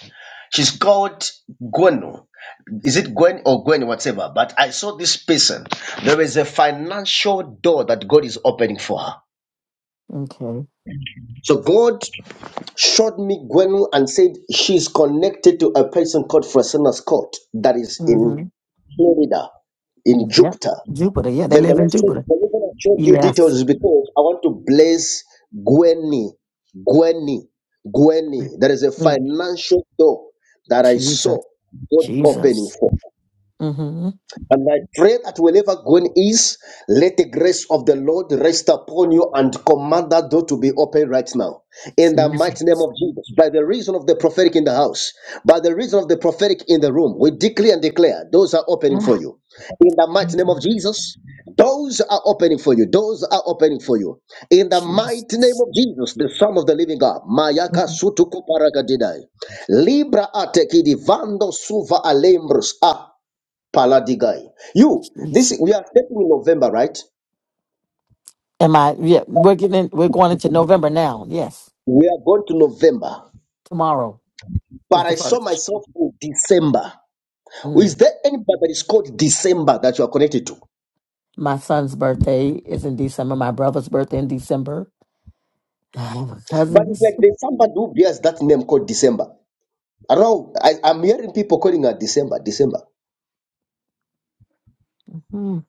She's called Gwen. Is it Gwen or Gwen, whatever? But I saw this person. There is a financial door that God is opening for her.
Okay.
So God showed me Gwen and said she's connected to a person called Francina Scott that is in
Mm-hmm.
Florida, in
Yep.
Jupiter.
Jupiter. Yeah, they
Then the
live
Lord
in
said,
Jupiter.
The reason I showed you details
Yes.
is because I want to bless Gwenny. Gwenny. Gwenny. There is a
Mm.
financial door that I
Jesus.
saw God opening
Jesus.
for.
Mm-hmm.
And I pray that wherever going is, let the grace of the Lord rest upon you and command that door to be open right now. In the mighty name
Jesus.
of Jesus, by the reason of the prophetic in the house, by the reason of the prophetic in the room, we declare and declare those are opening for
Ah,
you. In the mighty
thank
name of
you.
Jesus, doors are opening for you. Doors are opening for you. In the mighty name
Jesus.
of Jesus, the Son of the Living God, Mayaka
Mm,
Sutuku Paragadidai, Libra Atekidi Vando Suva Alembros Ah. Paladigai. You, this
Jesus.
we are stepping in November, right?
Am I yeah, we're getting we're going into November now. Yes.
We are going to November,
Tomorrow is
but
the
I saw
first.
myself in December.
Mm.
Is there anybody that is called December that you are connected to?
My son's birthday is in December. My brother's birthday in December. All my
But it's like
cousins.
there's somebody who bears that name called December. I don't know. I, I'm hearing people calling her December, December.
Mhm.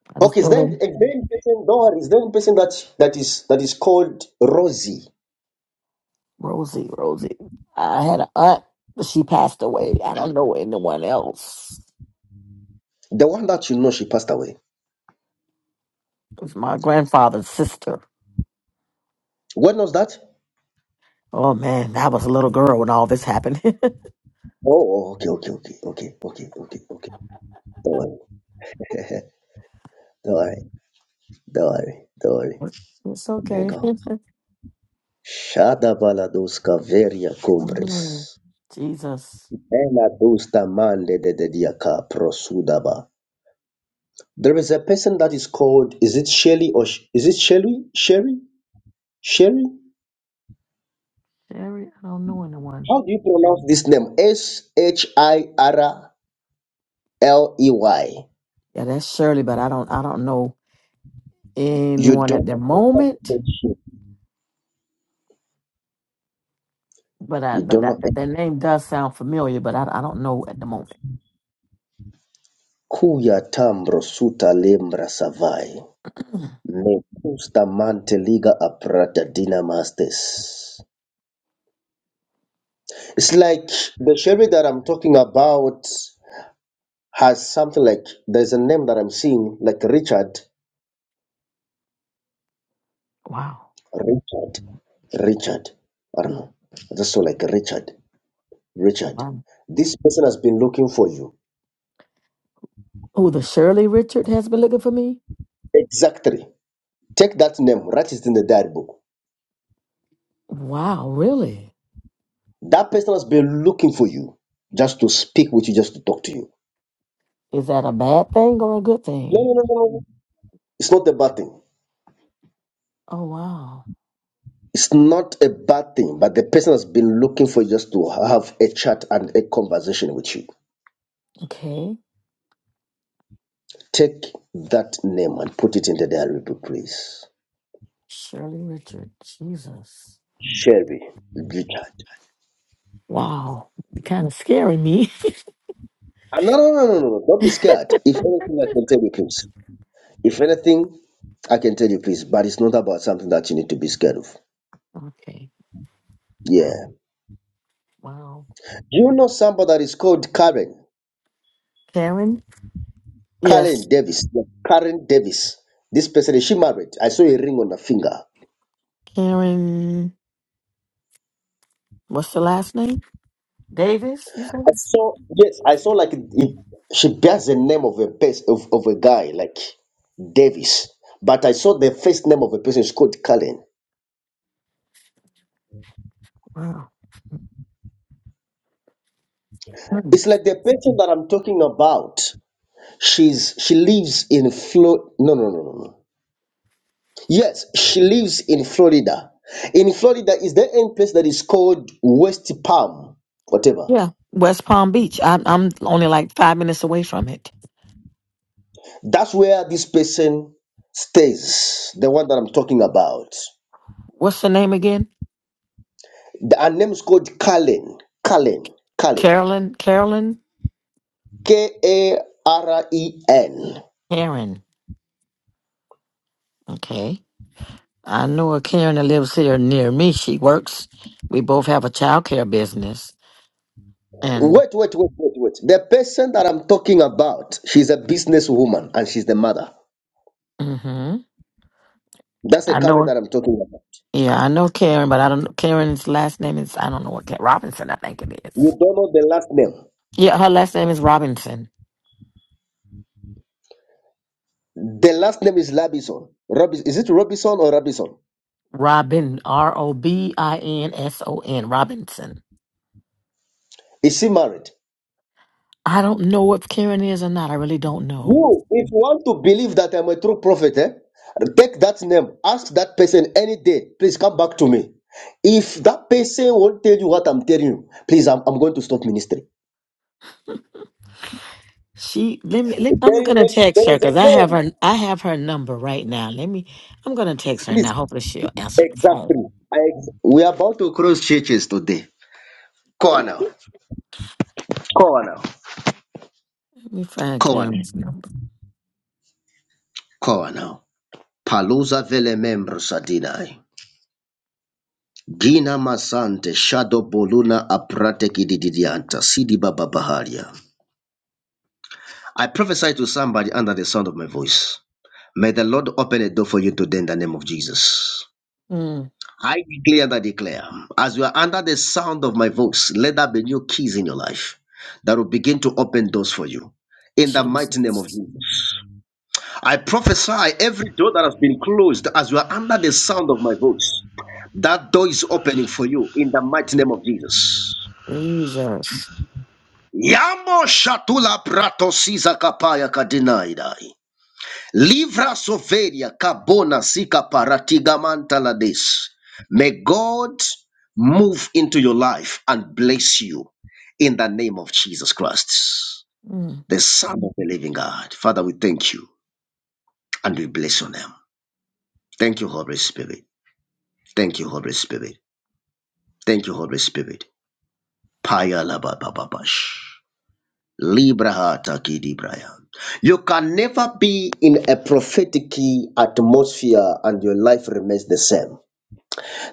I just
Okay, is
know
there, is
them.
there any person, don't worry, is there any person that, that is that is called Rosie?
Rosie, Rosie. I had an aunt, but she passed away. I don't know anyone else.
The one that you know she passed away.
It was my grandfather's sister.
When was that?
Oh man, I was a little girl when all this happened.
Oh, okay, okay, okay, okay, okay, okay, okay. Don't worry. Glory, glory.
it's
My
okay.
Shada baladoska veria cumbres.
Mm. Jesus,
Ela dusta mande de de diaka prosudaba. There is a person that is called, is it Shelly or Sh- is it Shelly? Sherry? Sherry?
Sherry, I don't know anyone.
How do you pronounce this name? S H I R L E Y.
Yeah, that's Shirley, but I don't. I don't know
You
anyone at
don't
the
know what that
moment.
is.
But I,
You
but
don't
that,
know. it.
that, that name does sound familiar, but I, I don't know at the moment.
Kuya tambro suta lembra savai. Me gusta mante liga aprata dinamastes. It's like the Sherry that I'm talking about has something like there's a name that I'm seeing, like Richard.
Wow.
Richard. Richard. I don't know. I just saw like Richard. Richard.
Wow.
This person has been looking for you.
Oh, the Shirley Richard has been looking for me?
Exactly. Take that name, write it in the diary book.
Wow, really?
That person has been looking for you just to speak with you, just to talk to you.
Is that a bad thing or a good
No,
thing?
no, no, no. no. It's not a bad thing.
Oh, wow.
It's not a bad thing, but the person has been looking for you just to have a chat and a conversation with you.
Okay.
Take that name and put it in the diary book, please.
Shirley Richard. Jesus.
Sherry, Richard.
Wow. Kind of scaring me.
And no, no, no, no, no. no. Don't be scared. If anything, I can tell you, please. If anything, I can tell you, please. But it's not about something that you need to be scared of.
okay. Wow.
Yeah.
Wow.
Do you know somebody that is called Karen?
Karen? Yes.
Karen Davis. Yeah, Karen Davis. This person, is she married? I saw a ring on her finger.
Karen. What's the last name? Davis, you said?
I saw yes, I saw like it, she bears the name of a best of, of a guy like Davis, but I saw the first name of a person is called Cullen.
Wow. Hmm.
It's like the person that I'm talking about. She's she lives in Florida. No, no, no, no, no. Yes, she lives in Florida. In Florida, is there any place that is called West Palm, whatever?
Yeah, West Palm Beach. I'm I'm only like five minutes away from it.
That's where this person stays. The one that I'm talking about.
What's the name again?
The, her name's called Cullen. Cullen. Cullen.
Carolyn. Carolyn.
K A R E N.
Karen. Okay. I know a Karen that lives here near me. She works. We both have a childcare business, and
Wait, wait, wait, wait, wait. The person that I'm talking about, she's a businesswoman and she's the mother.
hmm
That's the
I know.
Karen
her-
that I'm talking about.
Yeah, I know Karen, but I don't. know Karen's last name is I don't know what Karen, Robinson. I think it is.
You don't know the last name.
Yeah, her last name is Robinson.
The last name is Labison. Robis- is it Robinson or Robinson?
Robin. R O B I N S O N. Robinson.
Is she married?
I don't know if Karen is or not. I really don't know.
You, if you want to believe that I'm a true prophet, eh, take that name. Ask that person any day. Please come back to me. If that person won't tell you what I'm telling you, please, I'm, I'm going to stop ministry.
She let me. Let, I'm
There is
gonna
a,
text
there
her
is a
because I have
name.
her. I have her number right now. Let me. I'm gonna text her
Please,
now. Hopefully she'll answer the phone.
exactly. I ex- we are about to cross churches today. Koa now. Koa now.
Let me find
Koa now.
Karen's number.
Koa now. Palusa vele membro sadinai. Gina masante shadow boluna aprate kididianta sidi baba baharia. I prophesy to somebody under the sound of my voice. May the Lord open a door for you today in the name of Jesus.
Mm,
I declare and I declare, as you are under the sound of my voice, let there be new keys in your life that will begin to open doors for you. In the mighty name of
Jesus,
Jesus. I prophesy every door that has been closed as you are under the sound of my voice, that door is opening for you in the mighty name of Jesus.
Jesus.
Yamo shatula prato siza kapaya kadinaidai. Livra soveria kabona sika paratigamanta la des. May God move into your life and bless you in the name of Jesus Christ,
Mm.
the Son of the Living God. Father, we thank you and we bless your name. Thank you, Holy Spirit. Thank you, Holy Spirit. Thank you, Holy Spirit. Paya la ba ba ba bash. Libra hata kidi braya. You can never be in a prophetic atmosphere and your life remains the same.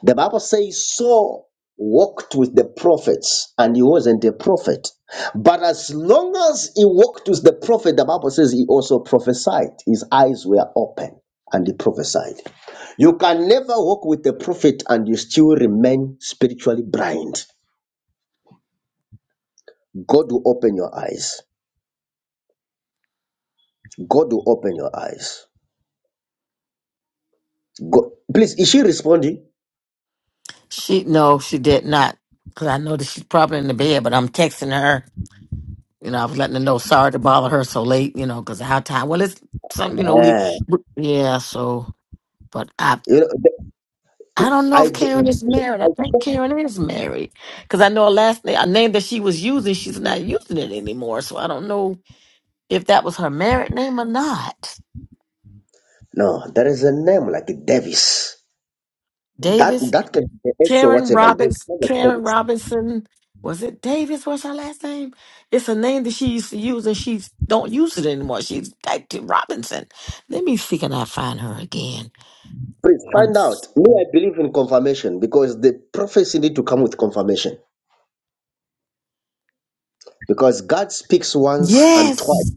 The Bible says Saul walked with the prophets and he wasn't a prophet. But as long as he walked with the prophet, the Bible says he also prophesied. His eyes were open and he prophesied. You can never walk with the prophet and you still remain spiritually blind. God will open your eyes. God will open your eyes. God, please, is she responding?
She no, she did not. Because I know that she's probably in the bed, but I'm texting her. You know, I was letting her know. Sorry to bother her so late. You know, because our time. Well, it's some. You know, we.
Yeah.
we- Yeah. So, but I
You know,
I don't know
I,
if Karen is married.
I,
I think Karen is married because I know a last name, a name that she was using. She's not using it anymore, so I don't know if that was her married name or not.
no, there is a name like Davis. That
Davis,
that can be the X or
Karen
whatever. It doesn't
Robbins,
matter.
Karen Robinson. Was it Davis? What's her last name? It's a name that she used to use, and she don't use it anymore. She's back to Robinson. Let me see can I find her again.
Please
Um,
find out. Me, I believe in confirmation because the prophecy need to come with confirmation. Because God speaks once and twice.
yes,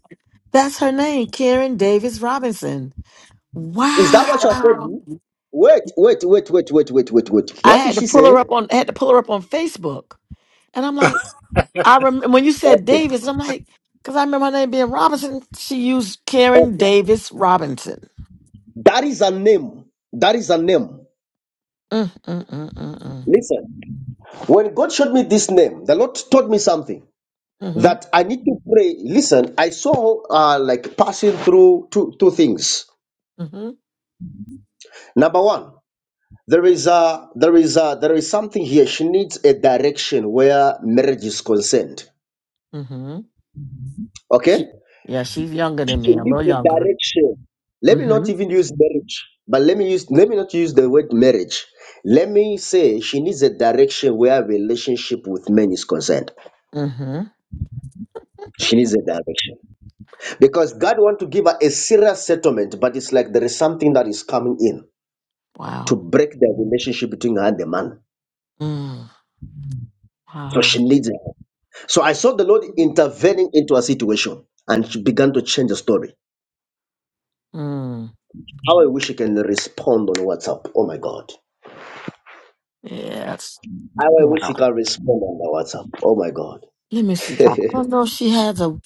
that's her name, Karen Davis Robinson.
Is that what she has told
Wow.
you? Wait, wait, wait, wait, wait, wait, wait, wait.
I
What did
had to
she
pull her
say?
up on I had to pull her up on Facebook. And I'm like, I remember when you said
Okay,
Davis, I'm like, because I remember her name being Robinson. She used Karen
okay.
Davis Robinson.
That is a name. That is a name.
Mm, mm, mm, mm, mm.
Listen, when God showed me this name, the Lord told me something
Mm-hmm.
that I need to pray. Listen, I saw uh, like passing through two two things.
Mm-hmm.
Number one. there is a there is a there is something here she needs a direction where marriage is concerned
Mm-hmm.
okay
She yeah, she's younger than
she
me, a
needs
little
a
younger.
direction let me
Mm-hmm.
not even use marriage but let me use let me not use the word marriage let me say she needs a direction where relationship with men is concerned
Mm-hmm.
she needs a direction because god want to give her a serious settlement but it's like there is something that is coming in to
Wow.
break the relationship between her and the man
Mm.
so
Wow.
she needs a So I saw the Lord intervening into a situation and she began to change the story.
Mm.
How I wish he can respond on WhatsApp. Oh my God.
Yeah,
How I wish
wow.
he can respond on the WhatsApp. Oh my God.
Let me see. I don't know if she has a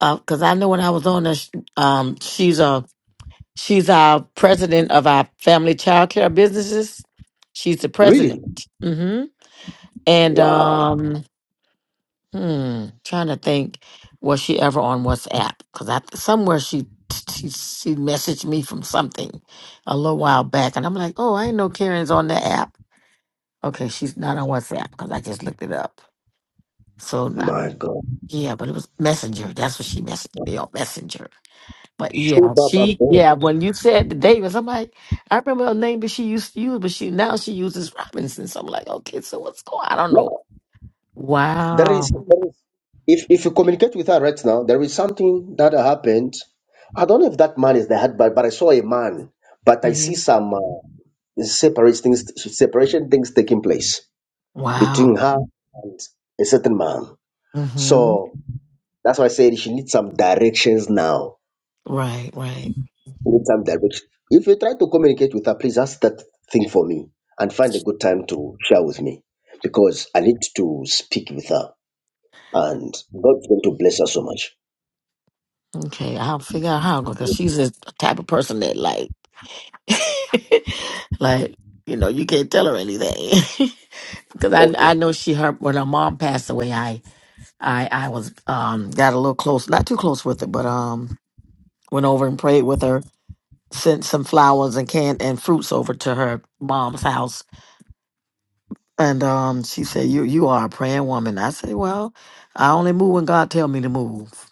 because I know when I was on this, um, she's a She's our president of our family childcare businesses. She's the
really?
president. hmm And
Wow.
um, hmm, trying to think, was she ever on WhatsApp? Because I somewhere she she she messaged me from something a little while back, and I'm like, oh, I ain't know Karen's on the app. Okay, she's not on WhatsApp because I just looked it up. So not
My God.
yeah, but it was Messenger. That's what she messaged me on Messenger. But yeah,
Shubaba
she
boy.
yeah. When you said Davis, I'm like, I remember her name that she used to use, but she now she uses Robinson. So I'm like, okay, so what's going? I don't
Now,
know.
there is,
Wow.
there is if, if you communicate with her right now, there is something that happened. I don't know if that man is the head, but, but I saw a man, but I see
hmm
some uh, separate things, separation things taking place. between
Wow.
her and a certain man.
hmm
So that's why I said she needs some directions now.
Right. Right.
She needs some direction. If you try to communicate with her, please ask that thing for me and find a good time to share with me because I need to speak with her and God's going to bless her so much.
Okay. I'll figure out how because she's a type of person that like, like you know, you can't tell her anything. Because
Okay.
I I know she her when her mom passed away, I I I was um got a little close, not too close with her, but um went over and prayed with her sent some flowers and can and fruits over to her mom's house. And um, she said, "You you are a praying woman." I said, "Well, I only move when God tell me to move."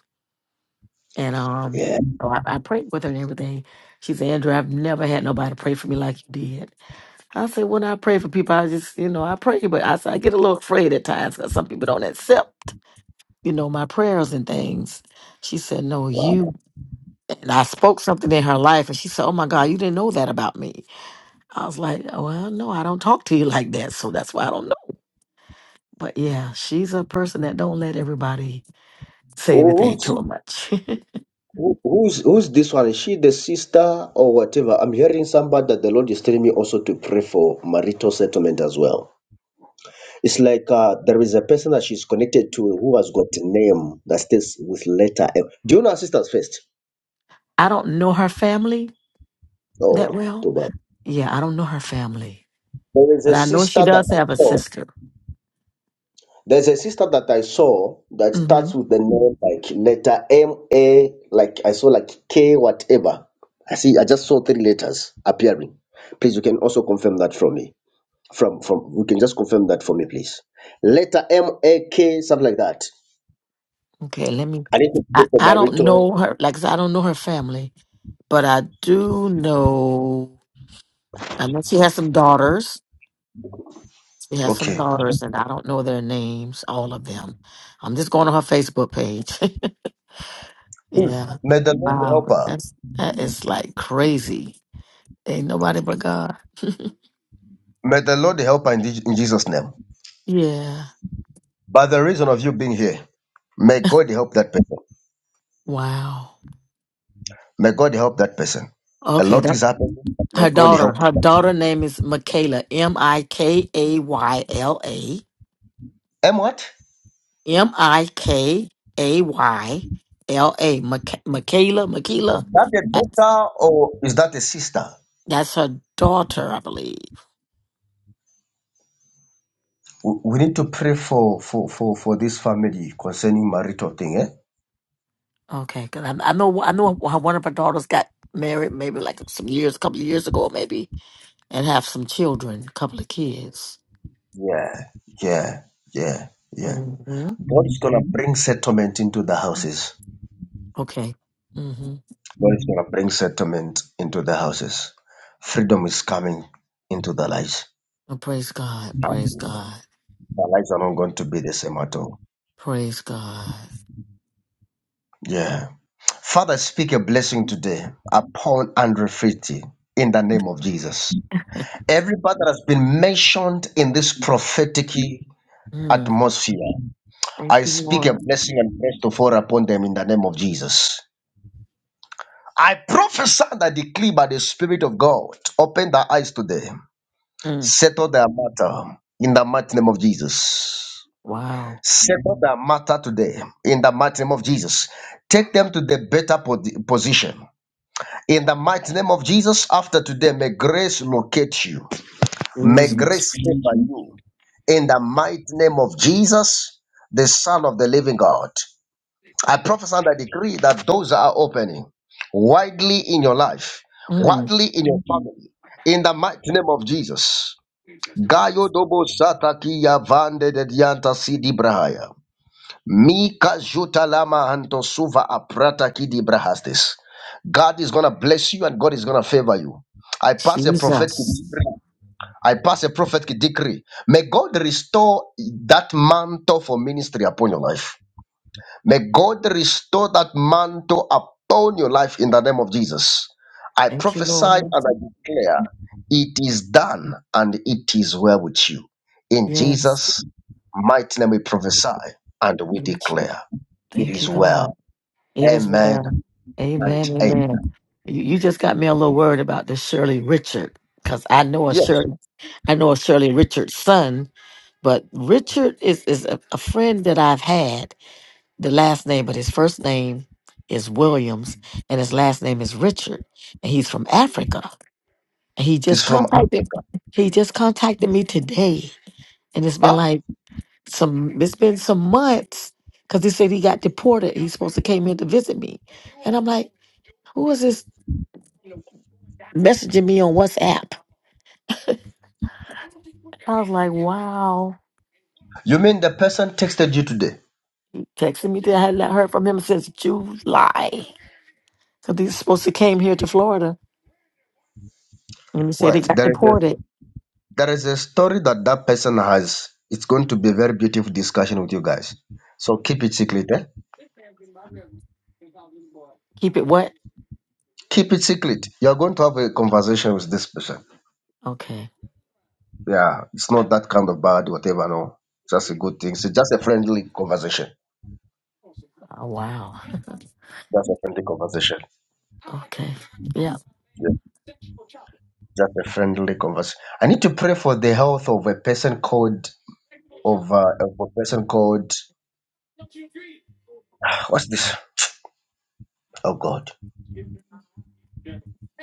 And um,
Yeah.
so I, I prayed with her and everything. She said, "Andrew, I've never had nobody pray for me like you did." I said, "When I pray for people, I just you know I pray, but I said I get a little afraid at times because some people don't accept you know my prayers and things." She said, "No,
Wow.
you." And I spoke something in her life, and she said, "Oh my God, you didn't know that about me." I was like, "Oh, well, no, I don't talk to you like that, so that's why I don't know. But yeah, she's a person that don't let everybody say anything
Who's
to her much.
who- who's who's this one? Is she the sister or whatever? I'm hearing somebody that the Lord is telling me also to pray for marital settlement as well. It's like uh, there is a person that she's connected to who has got a name that starts with letter M. Do you know her sisters first?
I don't know her family that
Oh,
well.
too bad.
Yeah, I don't know her family,
There is
but
a
I know she
sister that
does
I
have a
saw.
sister.
There's a sister that I saw that
Mm-hmm.
starts with the name like letter M A, like I saw like K whatever. I see. I just saw three letters appearing. Please, you can also confirm that from me. From from, you can just confirm that for me, please. Letter M A K, something like that.
Okay, let me.
I need to
I,
go for
I don't
marital.
know her. Like I said, I don't know her family, but I do know. I know she has some daughters. She has some
Okay.
daughters, and I don't know their names, all of them. I'm just going on her Facebook page.
Please,
yeah.
may the Lord
Wow.
help her.
That's that is like crazy. Ain't nobody but God.
May the Lord help her in, Je- in Jesus' name.
Yeah.
By the reason of you being here, may God help that person.
Wow.
May God help that person. A
Okay.
lot
That
is happening. May
her
God
daughter.
help.
Her daughter name is Michaela. M I K A Y L A.
And what?
M I K A Y L A. Michaela, Michaela.
that a
That's
daughter or is that a sister?
that's her daughter, I believe.
We, we need to pray for, for, for, for this family concerning marital thing, eh?
Okay, because I, I know I know how one of her daughters got married, maybe like some years, a couple of years ago, maybe, and have some children, a couple of kids.
Yeah, yeah, yeah, yeah.
hmm
God is gonna bring settlement into the houses.
Okay. Mm-hmm.
God is going to bring settlement into the houses. Freedom is coming into the lives.
Oh, praise God. Praise
Um,
God.
The lives are not going to be the same at all.
Praise God.
Yeah. Father, speak a blessing today upon Andrew Fitty in the name of Jesus. Everybody that has been mentioned in this prophetic
Mm.
atmosphere,
Thank
I
you,
speak a
Lord.
blessing and bless to fall upon them in the name of Jesus. I prophesy that decree by the Spirit of God. Open their eyes today.
Mm.
Settle their matter in the mighty name of Jesus.
Wow.
Settle their matter today in the mighty name of Jesus. Take them to the better po- position. In the mighty name of Jesus, after today, may grace locate you. May grace
Jesus.
favor you. In the mighty name of Jesus, the Son of the living God. I prophesy and I decree that doors are opening widely in your life,
Mm.
widely in your family. In the mighty name of Jesus. Gayo dobo sataki ya vande de dianta sidi brahaya. Mika juta lama anto suva aprata ki di brahastes. God is gonna bless you and God is gonna favor you. I pass a prophetic
Jesus.
decree. I pass a prophetic decree. May God restore that mantle for ministry upon your life. May God restore that mantle upon your life in the name of Jesus. I
Thank you,
prophesy and
Lord.
I declare it is done and it is well with you. In
Yes.
Jesus' mighty name, we prophesy and we
Thank you.
declare it
Thank
is
you, God.
well.
It is
Amen
well.
and
Amen.
amen.
Amen. You, you just got me a little worried about this Shirley Richard because I know a
Yes,
Shirley, I know a Shirley Richard son, but Richard is is a, a friend that I've had. The last name, but his first name is Williams, and his last name is Richard, and he's from Africa. And he just
it's from
contacted
Africa.
he just contacted me today, and it's been
Huh?
like. some it's been some months because he said he got deported. He's supposed to came in to visit me. And I'm like, who is this messaging me on WhatsApp? I was like, wow.
You mean the person texted you today?
Texting me that I had not heard from him since July. Because he's supposed to came here to Florida. And he said he
Wait,
got
there is a,
deported.
there is a story that that person has. It's going to be a very beautiful discussion with you guys. So keep it secret. Eh?
Keep it what?
Keep it secret. You're going to have a conversation with this person.
Okay.
Yeah, it's not that kind of bad, whatever. No, just a good thing. It's just a friendly conversation.
Oh, wow.
Just a friendly conversation.
Okay. Yeah.
Yeah. Just a friendly conversation. I need to pray for the health of a person called of, uh, of a person called what's this? Oh God!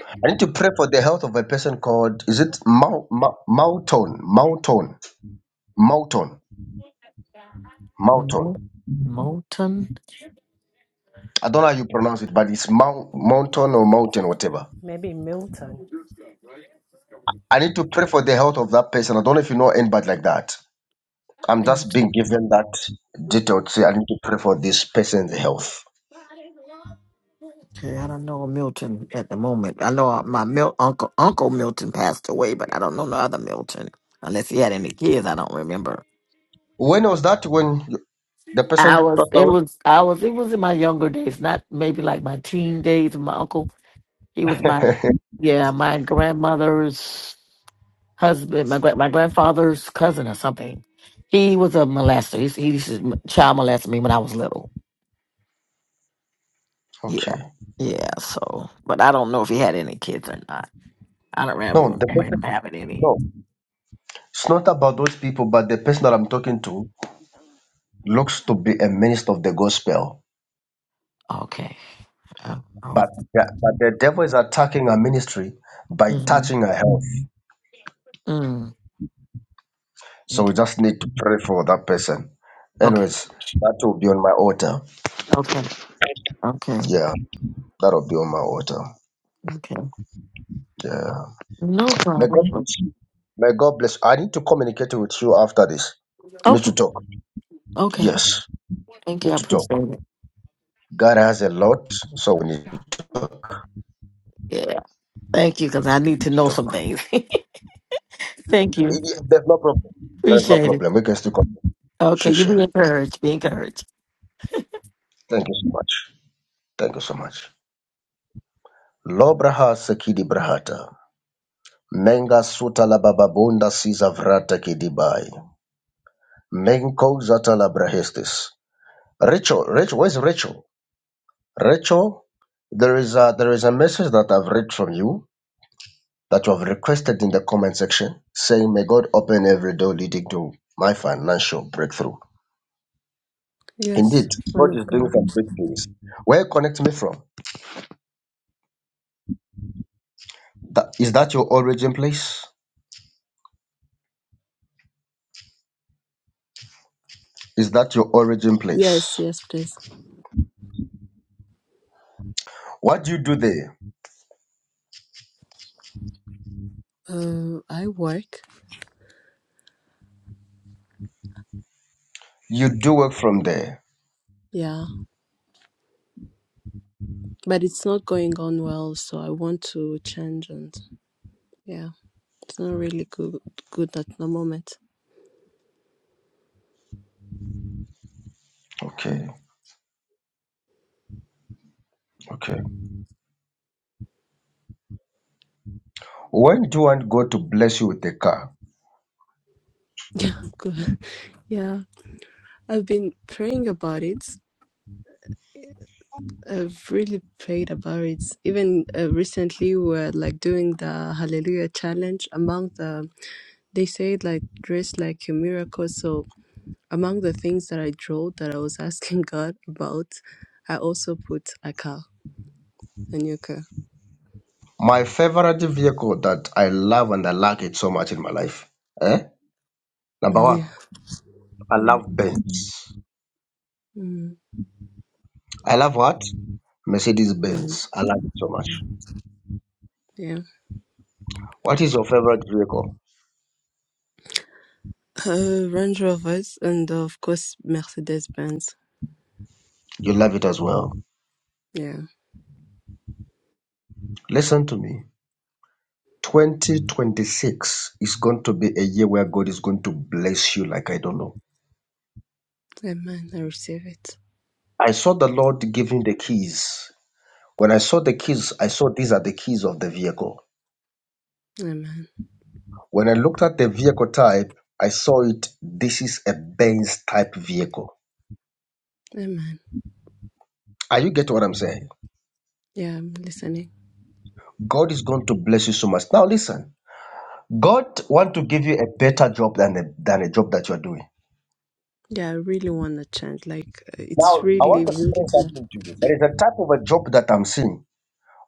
I need to pray for the health of a person called is it Mal, Mal, Malton Malton Malton
Mo-
Malton.
Moulton.
I don't know how you pronounce it, but it's Mount, Mountain or Mountain, whatever.
maybe Milton.
I need to pray for the health of that person. I don't know if you know anybody like that. I'm just being given that detail to say I need to pray for this person's health.
Okay, I don't know Milton at the moment. I know uh, my Mil- uncle Uncle Milton passed away, but I don't know the other Milton unless he had any kids. I don't remember.
When was that when the person
I was
passed
it
away?
was I was it was in my younger days, not maybe like my teen days. with My uncle he was my yeah my grandmother's husband, my gra- my grandfather's cousin or something. He was a molester. He, he used to child molest me when I was little. Yeah,
Okay.
yeah. So, but I don't know if he had any kids or not. I don't
No,
remember,
the
remember him
person,
having any.
no. It's not about those people, but the person that I'm talking to looks to be a minister of the gospel.
Okay. Uh,
But
Oh.
the, but the devil is attacking her ministry by
Mm,
touching her health.
mm.
So we
Okay.
just need to pray for that person. Anyways, that will be on my altar.
Okay. Okay. Okay.
Yeah. That'll be on my altar.
Okay.
Yeah.
No
May God
problem.
bless you. May God bless you. I need to communicate with you after this. We need to
Okay.
talk.
Okay.
Yes,
Thank
we
you. I
need to
appreciate
talk.
it.
God has a lot, so we need to
Yeah. Thank you, because I need to know some
talk.
things. Thank you.
Y- y- There's no problem. There's no
Appreciate it.
problem. We can still come.
Okay. You be
Shisha.
encouraged. Be encouraged.
Thank you so much. Thank you so much. Lobraha sekidi brahata. Menga suta la bababunda siza vrata kidibai. Menko zata la brahistis. Rachel, Rachel, where's Rachel? Rachel, there is a there is a message that I've read from you that you have requested in the comment section, saying, "May God open every door leading to my financial breakthrough." Indeed,
Yes, man
God is
of
doing
God.
some big things. Where you connect me from? That, is that your origin place? Is that your origin
Yes,
place?
yes, please.
What do you do there?
Uh, I work.
You do work from there.
Yeah, but it's not going on well, so I want to change and yeah, it's not really good good at the moment.
Okay, okay. When do you want God to bless you with a car?
Yeah, good. Yeah, I've been praying about it. I've really prayed about it. Even uh, recently, we were like doing the Hallelujah challenge among the. They said like dress like a miracle, so Among the things that I drew that I was asking God about, I also put a car, a new car.
My favorite vehicle that I love and I like it so much in my life. Eh? Number
Mm,
one.
Yeah.
I
mm
love Benz.
mm,
I love what? Mercedes
But,
Benz. I love it so much.
yeah.
What is your favorite vehicle?
Uh, Range Rovers and of course Mercedes Benz.
You love it as well.
Yeah.
Listen to me. 2026 is going to be a year where God is going to bless you like I don't know.
Amen. I receive it.
I saw the Lord giving the keys. When I saw the keys, I saw these are the keys of the vehicle.
Amen.
When I looked at the vehicle type, I saw it. This is a Benz type vehicle.
Amen.
Are you getting what I'm saying?
Yeah, I'm listening.
God is going to bless you so much. Now listen. God want to give you a better job than the, than a job that you're doing.
Yeah, I really want to change. Like, uh, it's
Now, I
really,
want to
really
explain
bad.
something to you. There is a type of a job that I'm seeing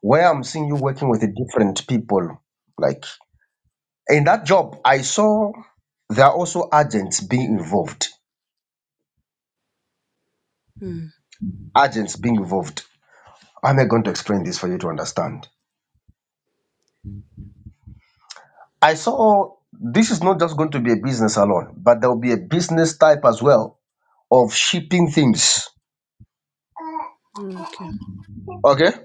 where I'm seeing you working with different people. Like in that job, I saw there are also agents being involved.
Mm.
Agents being involved. How am I going to explain this for you to understand? I saw this is not just going to be a business alone, but there will be a business type as well of shipping things.
Okay.
Okay?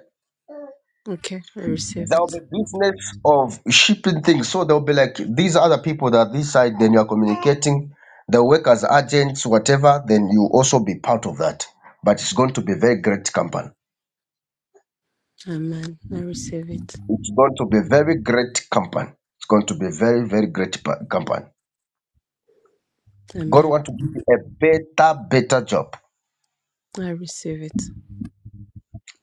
Okay. I receive
There'll
it.
be business of shipping things. So there will be like, these other people that are this side, then you're communicating. They work as agents, whatever, then you also be part of that. But it's going to be very great company.
Amen. I receive it.
It's going to be very great company. It's going to be very, very great pa- company. God
Amen.
want to give you a better, better job.
I receive it.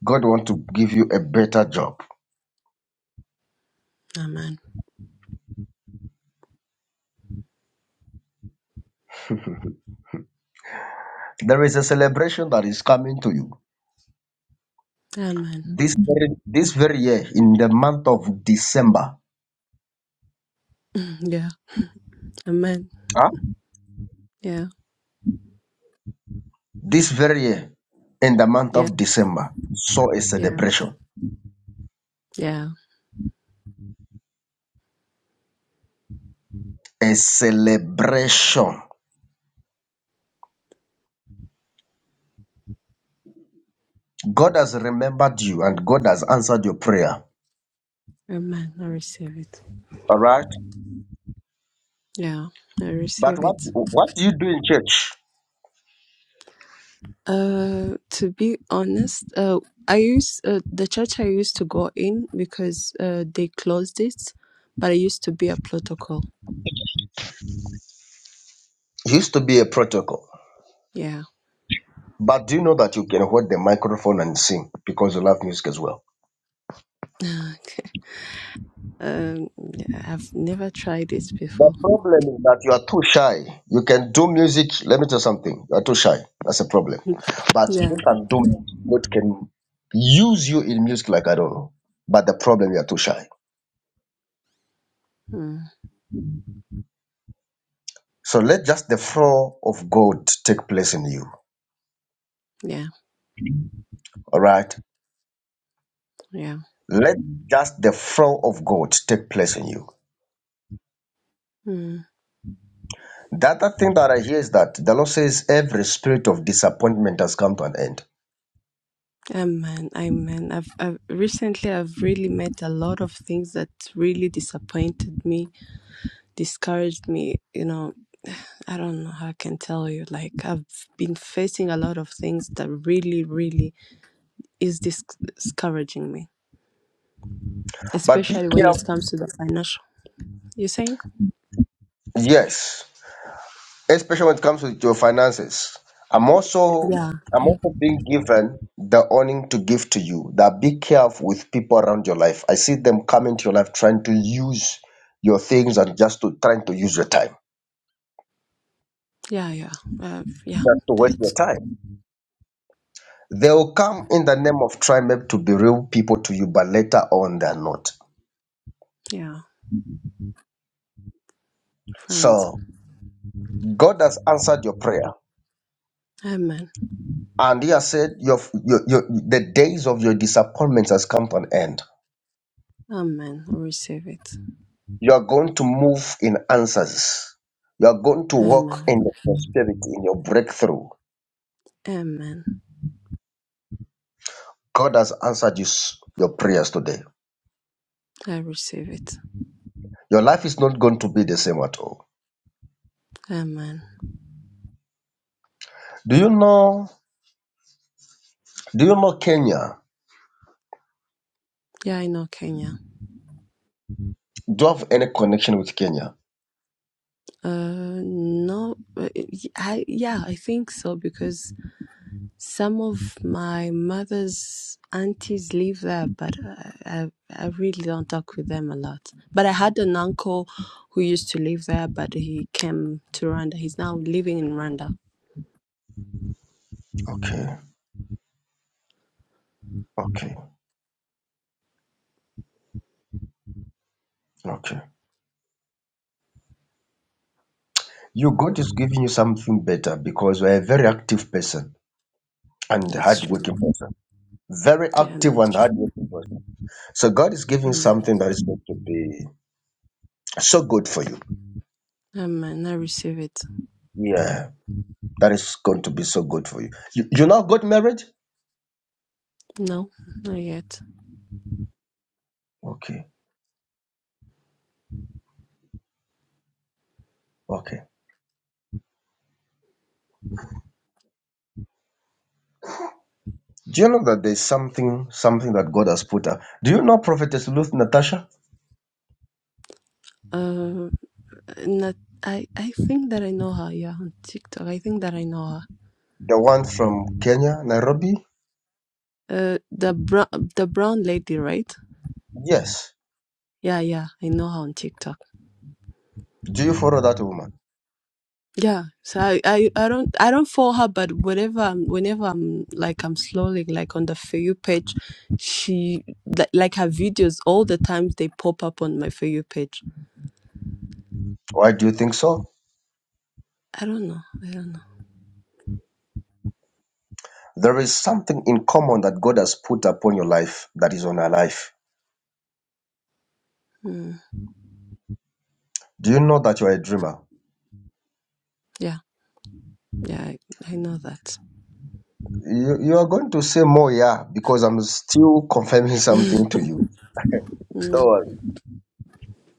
God want to give you a better job.
Amen.
There is a celebration that is coming to you
Amen.
this very, this very year in the month of December.
Mm, Yeah. Amen.
Huh?
Yeah.
This very year, in the month
Yeah.
of December, saw a
Yeah.
celebration.
Yeah.
A celebration. God has remembered you and God has answered your prayer.
Amen. I receive it.
All right.
Yeah. I
But
receive
what
it.
what do you do in church?
Uh, to be honest, uh, I used uh, the church I used to go in because uh they closed it, but I used to be a protocol.
It used to be a protocol.
Yeah.
But do you know that you can hold the microphone and sing because you love music as well?
Okay. Um, yeah, I've never tried it
The
before.
problem is that you are too shy. You can do music. Let me tell you something. You are too shy. That's a problem. But you
Yeah.
can do music. God can use you in music like I don't know. But the problem you are too shy.
Mm,
So let just the flow of God take place in you.
yeah.
All right.
Yeah.
Let just the flow of God take place in you.
Mm.
The other thing that I hear is that the Lord says every spirit of disappointment has come to an end.
Amen. Amen. I've, I've recently I've really met a lot of things that really disappointed me discouraged me. You know, I don't know how I can tell you. Like, I've been facing a lot of things that really, really is dis- discouraging me,
But be
especially when
careful.
it comes to the financial. You saying?
Yes. especially when it comes to your finances. I'm also
Yeah,
I'm also being given the owning to give to you. That be careful with people around your life. I see them coming to your life trying to use your things and just to trying to use your time.
yeah, yeah, uh, yeah.
Just to waste your
That's
time. They will come in the name of trying maybe to be real people to you, but later on they're not.
yeah, friends.
So God has answered your prayer.
Amen.
And he has said your, your, your the days of your disappointments has come to an end.
Amen. I receive it.
You are going to move in answers. You are going to walk
Amen.
in your prosperity, in your breakthrough.
Amen.
God has answered you, s- your prayers today.
I receive it.
Your life is not going to be the same at all.
Amen.
Do you know? Do you know Kenya?
Yeah, I know Kenya.
Do you have any connection with Kenya?
Uh, no, uh, I yeah, I think so because Some of my mother's aunties live there, but I, I I really don't talk with them a lot. But I had an uncle who used to live there, but he came to Rwanda. He's now living in Rwanda.
Okay, okay, okay. You God is giving you something better because you are a very active person and
That's true.
hardworking person. Very
Yeah,
active
that's
and
true.
hardworking person. So God is giving
Mm.
something that is going to be so good for you.
Amen. I receive it.
Yeah. That is going to be so good for you. You, you now got married?
No, not yet.
Okay, okay. Do you know that there's something, something that God has put up? Do you know Prophetess Ruth Natasha,
Uh, not. I I think that I know her. Yeah, on TikTok. I think that I know her.
the one from Kenya, Nairobi?
Uh, the brown the brown lady, right?
Yes.
Yeah, yeah. I know her on TikTok.
Do you follow that woman?
Yeah, so I, I, I don't I don't follow her, but whenever I'm, whenever I'm like I'm scrolling like on the For You page, she like, like her videos all the times they pop up on my For You page.
Why do you think so?
I don't know, I don't know.
There is something in common that God has put upon your life that is on her life.
Mm.
Do you know that you are a dreamer?
Yeah, yeah, I, I know that.
You, you are going to say more, yeah, because I'm still confirming something to you. Don't worry.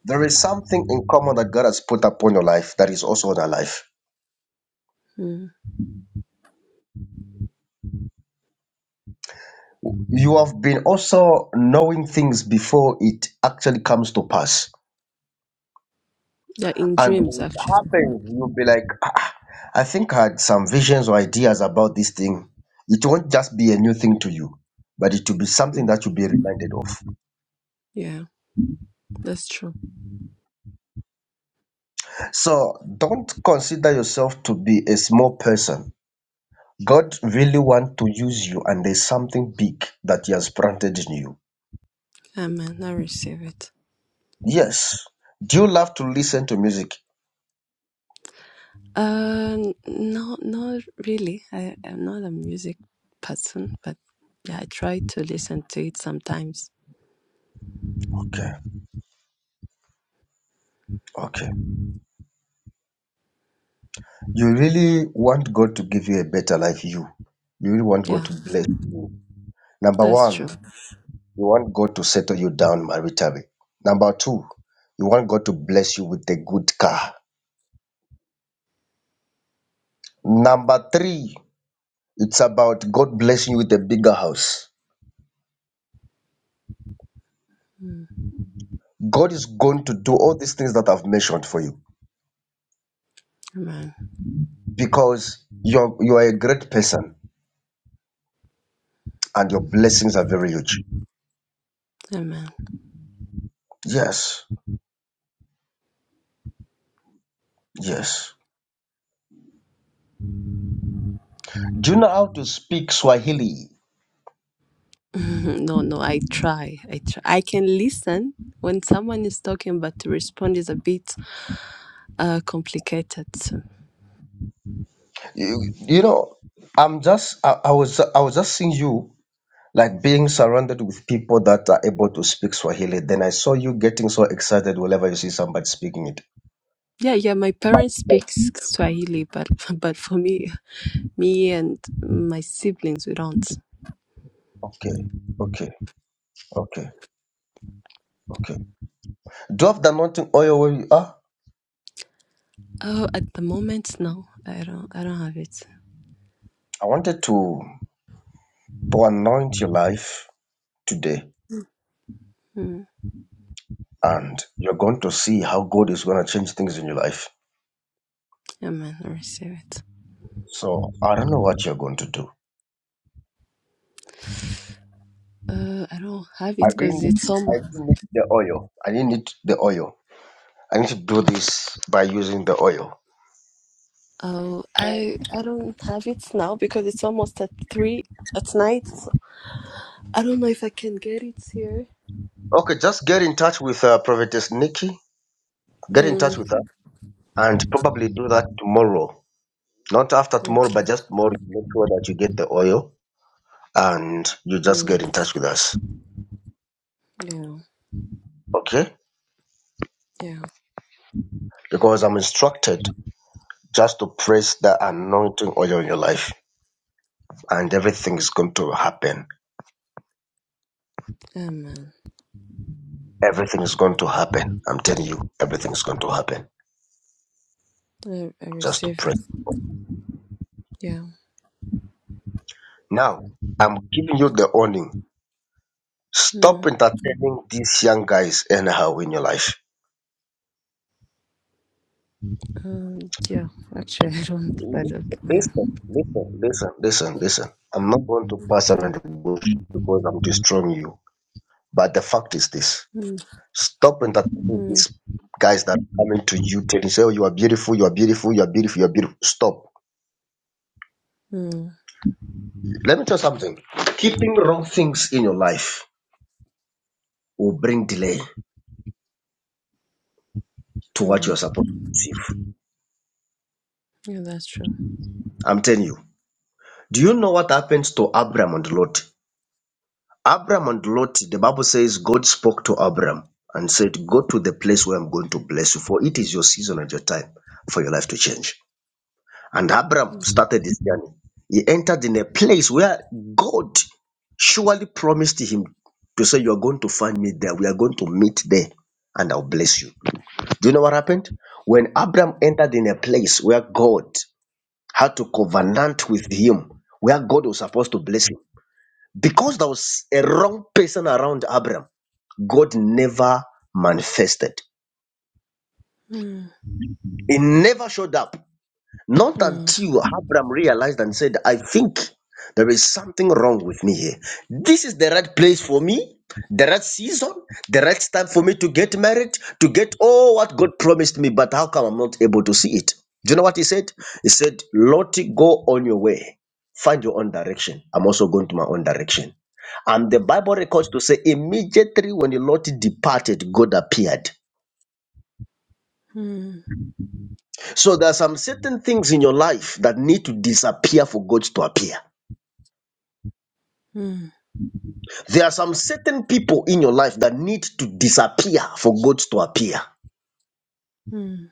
There is something in common that God has put upon your life that is also on our life.
Mm.
You have been also knowing things before it actually comes to pass.
Yeah, in
And
dreams
when it
actually.
happens, you'll be like, ah, ah, I think I had some visions or ideas about this thing. It won't just be a new thing to you, but it will be something
Mm.
that you'll be reminded of.
Yeah, that's true.
So don't consider yourself to be a small person. God really wants to use you, and there's something big that He has planted in you.
Amen. I receive it.
Yes. Do you love to listen to music?
Uh, n- no, not really. I I'm not a music person, but yeah, I try to listen to it sometimes.
Okay. Okay. You really want God to give you a better life, you. You really want
Yeah.
God to bless you. Number
That's true.
one, you want God to settle you down maritally. Number two, you want God to bless you with a good car. Number three, it's about God blessing you with a bigger house.
Mm,
God is going to do all these things that I've mentioned for you
Amen.
because you're you are a great person and your blessings are very huge.
Amen.
Yes. Yes. Do you know how to speak Swahili?
No, no, I try. I try. I can listen when someone is talking, but to respond is a bit uh, complicated. So,
You, you know, I'm just I, I was I was just seeing you like being surrounded with people that are able to speak Swahili. Then I saw you getting so excited whenever you see somebody speaking it.
yeah, yeah. My parents speak Swahili, but but for me, me and my siblings, we don't.
Okay, okay, okay, okay. Drop the anointing oil where you are.
Oh, at the moment, no, I don't. I don't have it.
I wanted to to anoint your life today,
Mm,
and you're going to see how God is going to change things in your life.
amen. I receive it.
So I don't know what you're going to do.
Uh, I don't have it
I
because
didn't need,
it's
I
almost.
didn't need the oil. I didn't need the oil. I need to do this by using the oil.
Oh, I I don't have it now because it's almost at three at night. I don't know if I can get it here.
Okay, just get in touch with uh, Prophetess Nikki. Get in touch
Mm,
with her and probably do that tomorrow. Not after tomorrow,
okay.
but just tomorrow. Make sure that you get the oil and you just get in
Mm,
touch with us.
yeah.
Okay?
Yeah.
Because I'm instructed just to press the anointing oil in your life and everything is going to happen.
Amen.
Everything is going to happen. I'm telling you, everything is going to happen.
I, I
Just to
receive
pray.
it. Yeah.
Now, I'm giving you the warning.
Mm,
Stop entertaining these young guys anyhow in your life.
um, yeah. Actually, I don't. I don't. Yeah.
Listen, listen, listen, listen, listen. I'm not going to pass around the bush because I'm destroying you. But the fact is this
Mm,
stop entertaining
mm,
these guys that are coming to you telling you, say, oh, you are beautiful, you are beautiful, you are beautiful, you are beautiful. Stop.
mm,
Let me tell you something. Keeping wrong things in your life will bring delay to what you
mm.
are supposed to receive.
Yeah, that's true.
I'm telling you. Do you know what happens to Abraham on the Lord? Abram and Lot, the Bible says God spoke to Abram and said, Go to the place where I'm going to bless you, for it is your season and your time for your life to change. And
Mm,
Abram started this journey. He entered in a place where God surely promised him to say, You are going to find me there. We are going to meet there and I'll bless you. Do you know what happened? When Abram entered in a place where God had to covenant with him, where God was supposed to bless him, because there was a wrong person around Abram. God never manifested.
mm,
It never showed up. Not
mm,
until Abraham realized and said, I think there is something wrong with me here. This is the right place for me, the right season, the right time for me to get married, to get all what God promised me, but how come I'm not able to see it? Do you know what he said? He said, Lottie, go on your way. Find your own direction. I'm also going to my own direction. And the Bible records to say, immediately when Lot departed, God appeared
mm,
So there are some certain things in your life that need to disappear for God to appear. There are some certain people in your life that need to disappear for God to appear.
mm,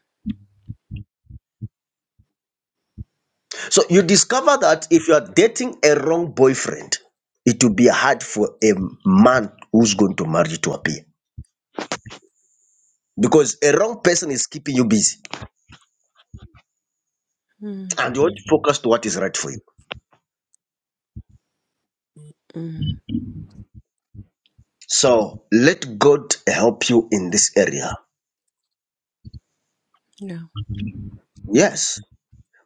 So you discover that if you are dating a wrong boyfriend, it will be hard for a man who's going to marry you to appear because a wrong person is keeping you busy
mm,
and you want to focus to what is right for you.
mm.
So let God help you in this area.
Yeah.
Yes.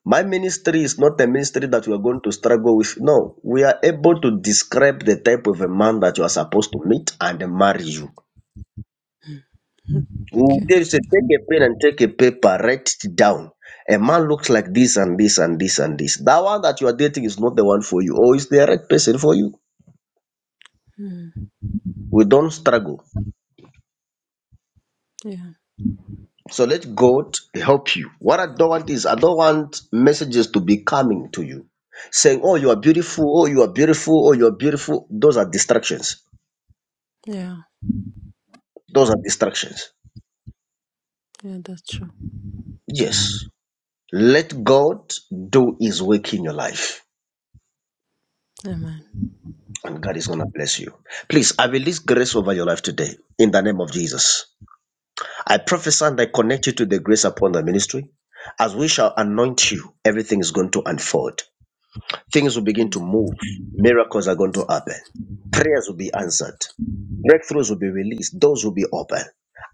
My ministry is not a ministry that you are going to struggle with. No, we are able to describe the type of a man that you are supposed to meet and marry you. We
Okay.
tell you, say, take a pen and take a paper, write it down. A man looks like this and this and this and this. That one that you are dating is not the one for you, or is the right person for you.
Mm,
We don't struggle.
yeah.
So let God help you. What I don't want is I don't want messages to be coming to you saying, Oh, you are beautiful, oh, you are beautiful, oh, you are beautiful. Those are distractions.
Yeah.
Those are distractions.
Yeah, that's true.
Yes. Let God do his work in your life,
Amen.
and God is going to bless you. Please, I release grace over your life today in the name of Jesus. I prophesy and I connect you to the grace upon the ministry. As we shall anoint you, everything is going to unfold. Things will begin to
Mm,
move. Miracles are going to happen. Prayers will be answered. Breakthroughs will be released. Doors will be open.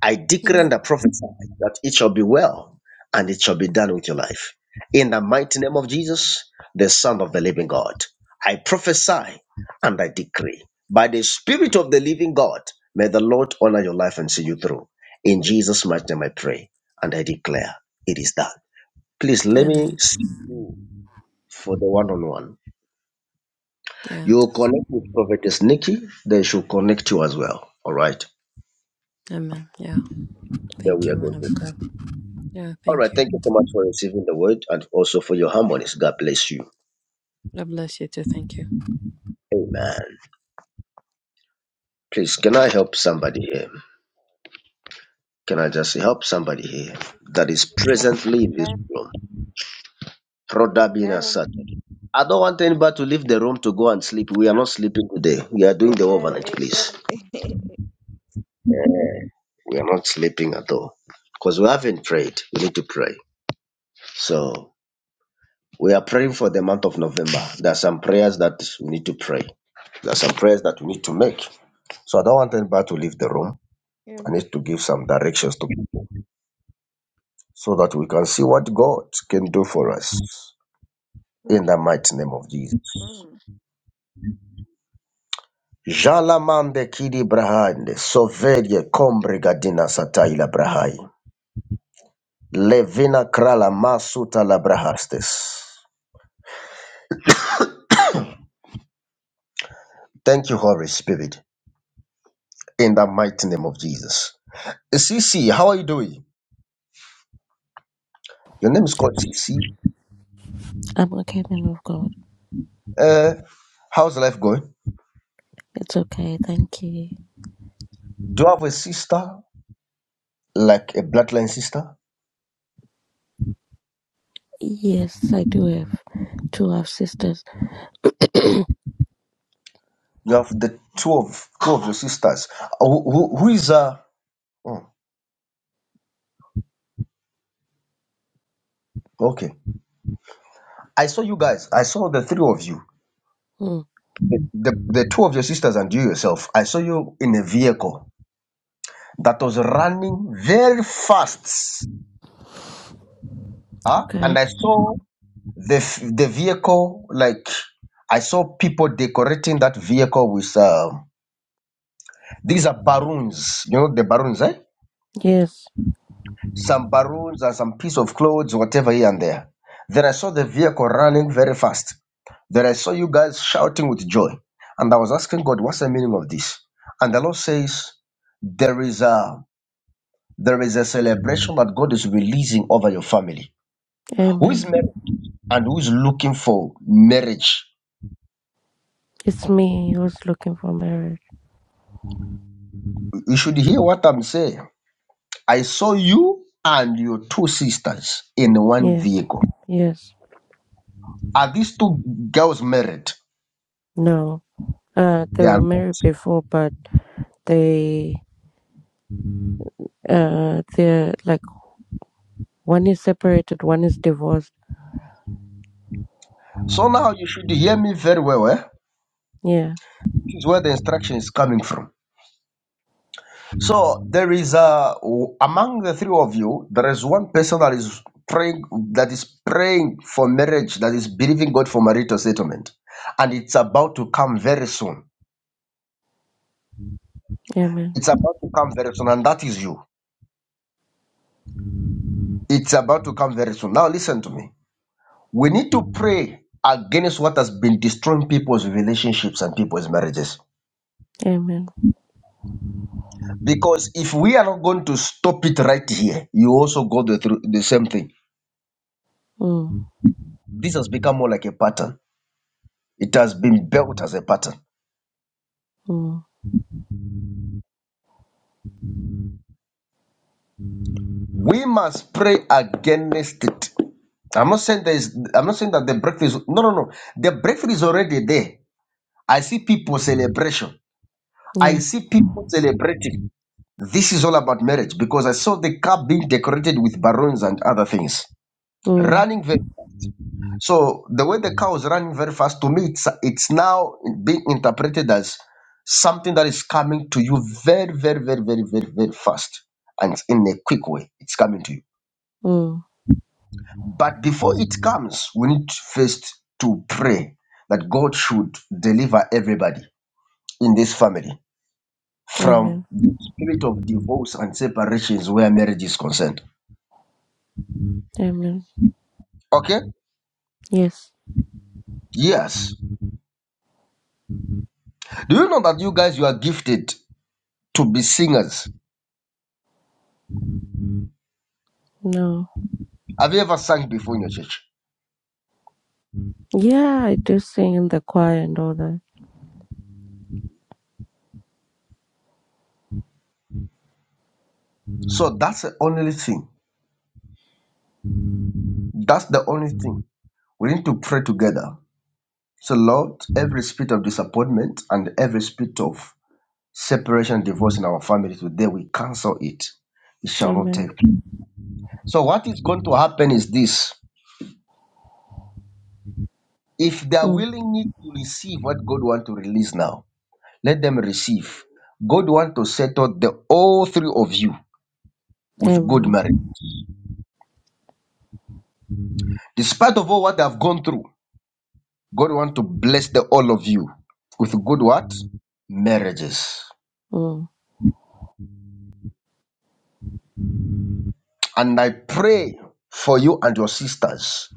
I decree
mm.
and I prophesy that it shall be well and it shall be done with your life. In the mighty name of Jesus, the Son of the living God, I prophesy and I decree by the Spirit of the living God, may the Lord honor your life and see you through. In Jesus' mighty name, I pray and I declare it is done. Please let me
Amen.
see you for the one on one.
Yeah.
You will connect with Prophetess Nikki, then she'll connect you as well. All right.
Amen. Yeah.
There
Thank
we are
you, man
going.
of
to-
God. Yeah.
All right.
Thank you.
Thank you so much for receiving the word and also for your harmonies. God bless you.
God bless you too. Thank you.
Amen. Please, can I help somebody here? Can I just help somebody here that is presently in this
Amen.
room? Rhoda being
Amen. Amen. Amen.
asserted. I don't want anybody to leave the room to go and sleep. We are not sleeping today. We are
Amen. Mm.
doing the
Amen.
overnight, please. We are not sleeping at all because we haven't prayed. We need to pray. So We are praying for the month of November. There are some prayers that we need to pray. There are some prayers that we need to make. So I don't want anybody to leave the room. I need to give some directions to people so that we can see what God can do for us in the mighty name of Jesus. Jalamande kidi brahande sovelye kombre gadina sataila brahai levina krala masuta la brahastes. Thank you, Holy Spirit, in the mighty name of Jesus. C C, how are you doing? Your name is called CC.
I'm okay, man of God.
Uh, how's life going?
It's okay, thank you.
Do you have a sister, like a bloodline sister?
Yes, I do have two half sisters.
You have the two of two of your sisters. Uh, Who, who, who is uh? oh, okay. I saw you guys. I saw the three of you,
Hmm.
the, the the two of your sisters and you yourself. I saw you in a vehicle that was running very fast. Huh? And
Okay.
I saw the f- the vehicle like I saw people decorating that vehicle with um These are baroons. You know the baroons, eh?
Yes.
Some baroons and some piece of clothes, whatever here and there. Then I saw the vehicle running very fast. Then I saw you guys shouting with joy. And I was asking God, what's the meaning of this? And the Lord says, there is a there is a celebration that God is releasing over your family. Who
Amen.
is married and who is looking for marriage?
It's me who's looking for marriage.
You should hear what I'm saying. I saw you and your two sisters in one
Yes.
vehicle.
Yes.
Are these two girls married?
No. Uh they
They are
were married
not.
before but they uh they're like one is separated, one is divorced.
So now you should hear me very well. Eh?
Yeah.
This is where the instruction is coming from. So there is a among the three of you, there is one person that is praying that is praying for marriage, that is believing God for marital settlement, and it's about to come very soon.
Amen.
It's about to come very soon, and that is you. It's about to come very soon. Now listen to me. We need to pray against what has been destroying people's relationships and people's marriages.
Amen.
Because if we are not going to stop it right here, you also go the, through the same thing.
Mm.
This has become more like a pattern. It has been built as a pattern.
Mm.
We must pray against it. I'm not saying there is. I'm not saying that the breakthrough is. No, no, no. The breakthrough is already there. I see people celebration. I
Yeah.
see people celebrating. This is all about marriage because I saw the car being decorated with balloons and other things.
Mm.
Running the So the way the car was running very fast, to me, it's it's now being interpreted as something that is coming to you very, very, very, very, very, very fast, and it's in a quick way. It's coming to you.
Mm.
But before it Mm. comes, we need first to pray that God should deliver everybody in this family from
Amen.
the spirit of divorce and separations where marriage is concerned.
Amen.
Okay?
Yes.
Yes. Do you know that you guys you are gifted to be singers?
No.
Have you ever sung before in your church?
Yeah, I do sing in the choir and all that.
So that's the only thing. That's the only thing. We need to pray together. So, Lord, every spirit of disappointment and every spirit of separation, divorce in our family today, we cancel it. It shall not
Amen.
take place. So, what is going to happen is this if they are
Mm.
willing to receive what God wants to release now, let them receive. God wants to settle the all three of you with good
Amen.
marriage, despite of all what they have gone through. God want to bless the all of you with good what? Marriages.
Mm.
And I pray for you and your sisters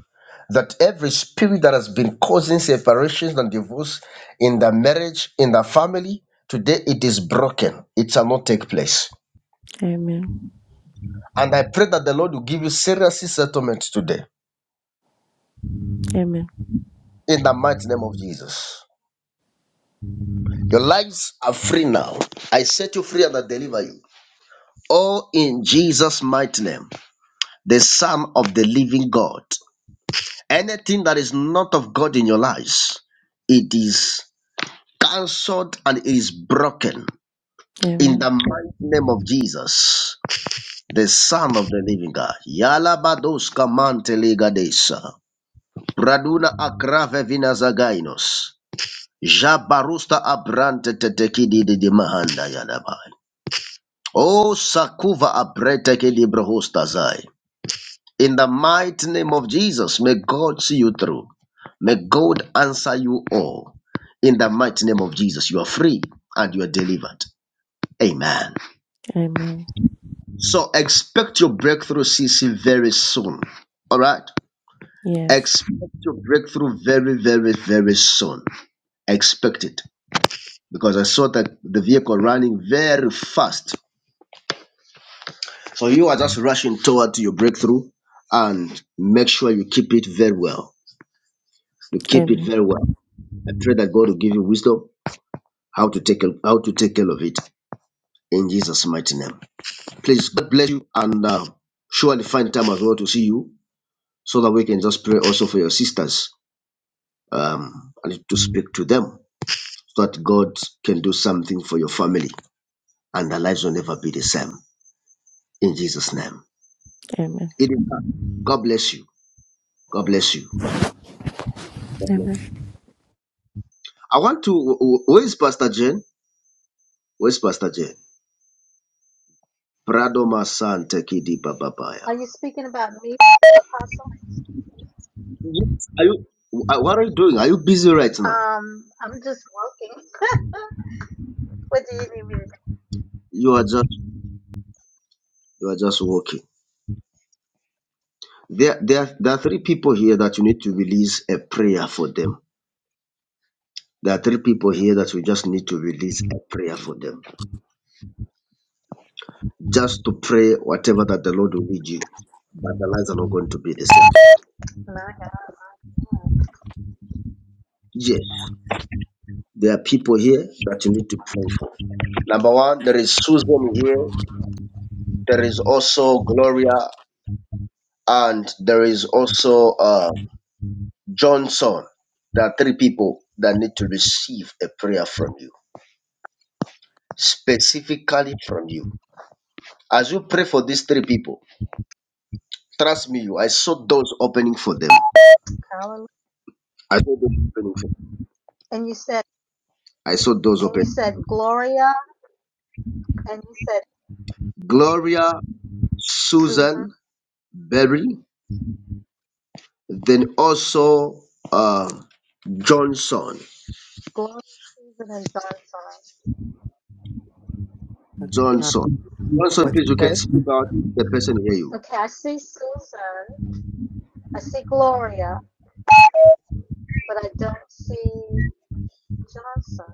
that every spirit that has been causing separations and divorce in the marriage, in the family, today it is broken. It shall not take place.
Amen.
And I pray that the Lord will give you serious settlement today
Amen.
in the mighty name of Jesus. Your lives are free now. I set you free and I deliver you. All in Jesus' mighty name, the Son of the living God. Anything that is not of God in your lives, it is cancelled and it is broken in
Amen.
the mighty name of Jesus, the Son of the Living God. Yalabadoska manteligadesa, praduna akrave vina zagainos, jabarusta abrante tetekidi de mahanda yalabai. O sakuva abrete kidi brohosta zai. In the mighty name of Jesus, may God see you through. May God answer you all. In the mighty name of Jesus, you are free and you are delivered. Amen.
Amen.
So expect your breakthrough, CC, very soon. All right?
Yes.
Expect your breakthrough very, very, very soon. Expect it. Because I saw that the vehicle running very fast. So you are just rushing toward your breakthrough and make sure you keep it very well. You keep it
Amen.
very well I pray that God will give you wisdom how to take how to take care of it in Jesus' mighty name. Please, God bless you and uh, surely find time as well to see you so that we can just pray also for your sisters um, and to speak to them so that God can do something for your family and their lives will never be the same in Jesus' name.
Amen.
Idinka, God bless you. God bless you.
Amen.
I want to. wh- wh- Where is Pastor Jane? Where's Pastor Jane? Prado Masante Kidi Bababaya.
Are you speaking about me, Apostle?
Yes. Are you? wh- What are you doing? Are you busy right now?
Um, I'm just working. what do you need me to
You are just you are just working. There, there, are- there are three people here that you need to release a prayer for them. There are three people here that we just need to release a prayer for them, just to pray whatever that the Lord will lead you. But the lives are not going to be the same.
do? My God.
Yes, there are people here that you need to pray for. Number one, there is Susan here. There is also Gloria, and there is also uh, Johnson, there are three people that need to receive a prayer from you, specifically from you. As you pray for these three people, trust me, you. I saw doors opening for them.
Hallelujah.
I saw doors opening. For them.
And you said,
I saw doors
and you
opening.
said Gloria, and you said
Gloria,
Susan.
Susan Berry, then also uh, Johnson.
Gloria, Susan, and Johnson.
Uh,
Johnson. Johnson,
what
please, you
you
can
say?
speak out. The person hear you.
Okay, I see Susan. I see Gloria, but I don't see Johnson.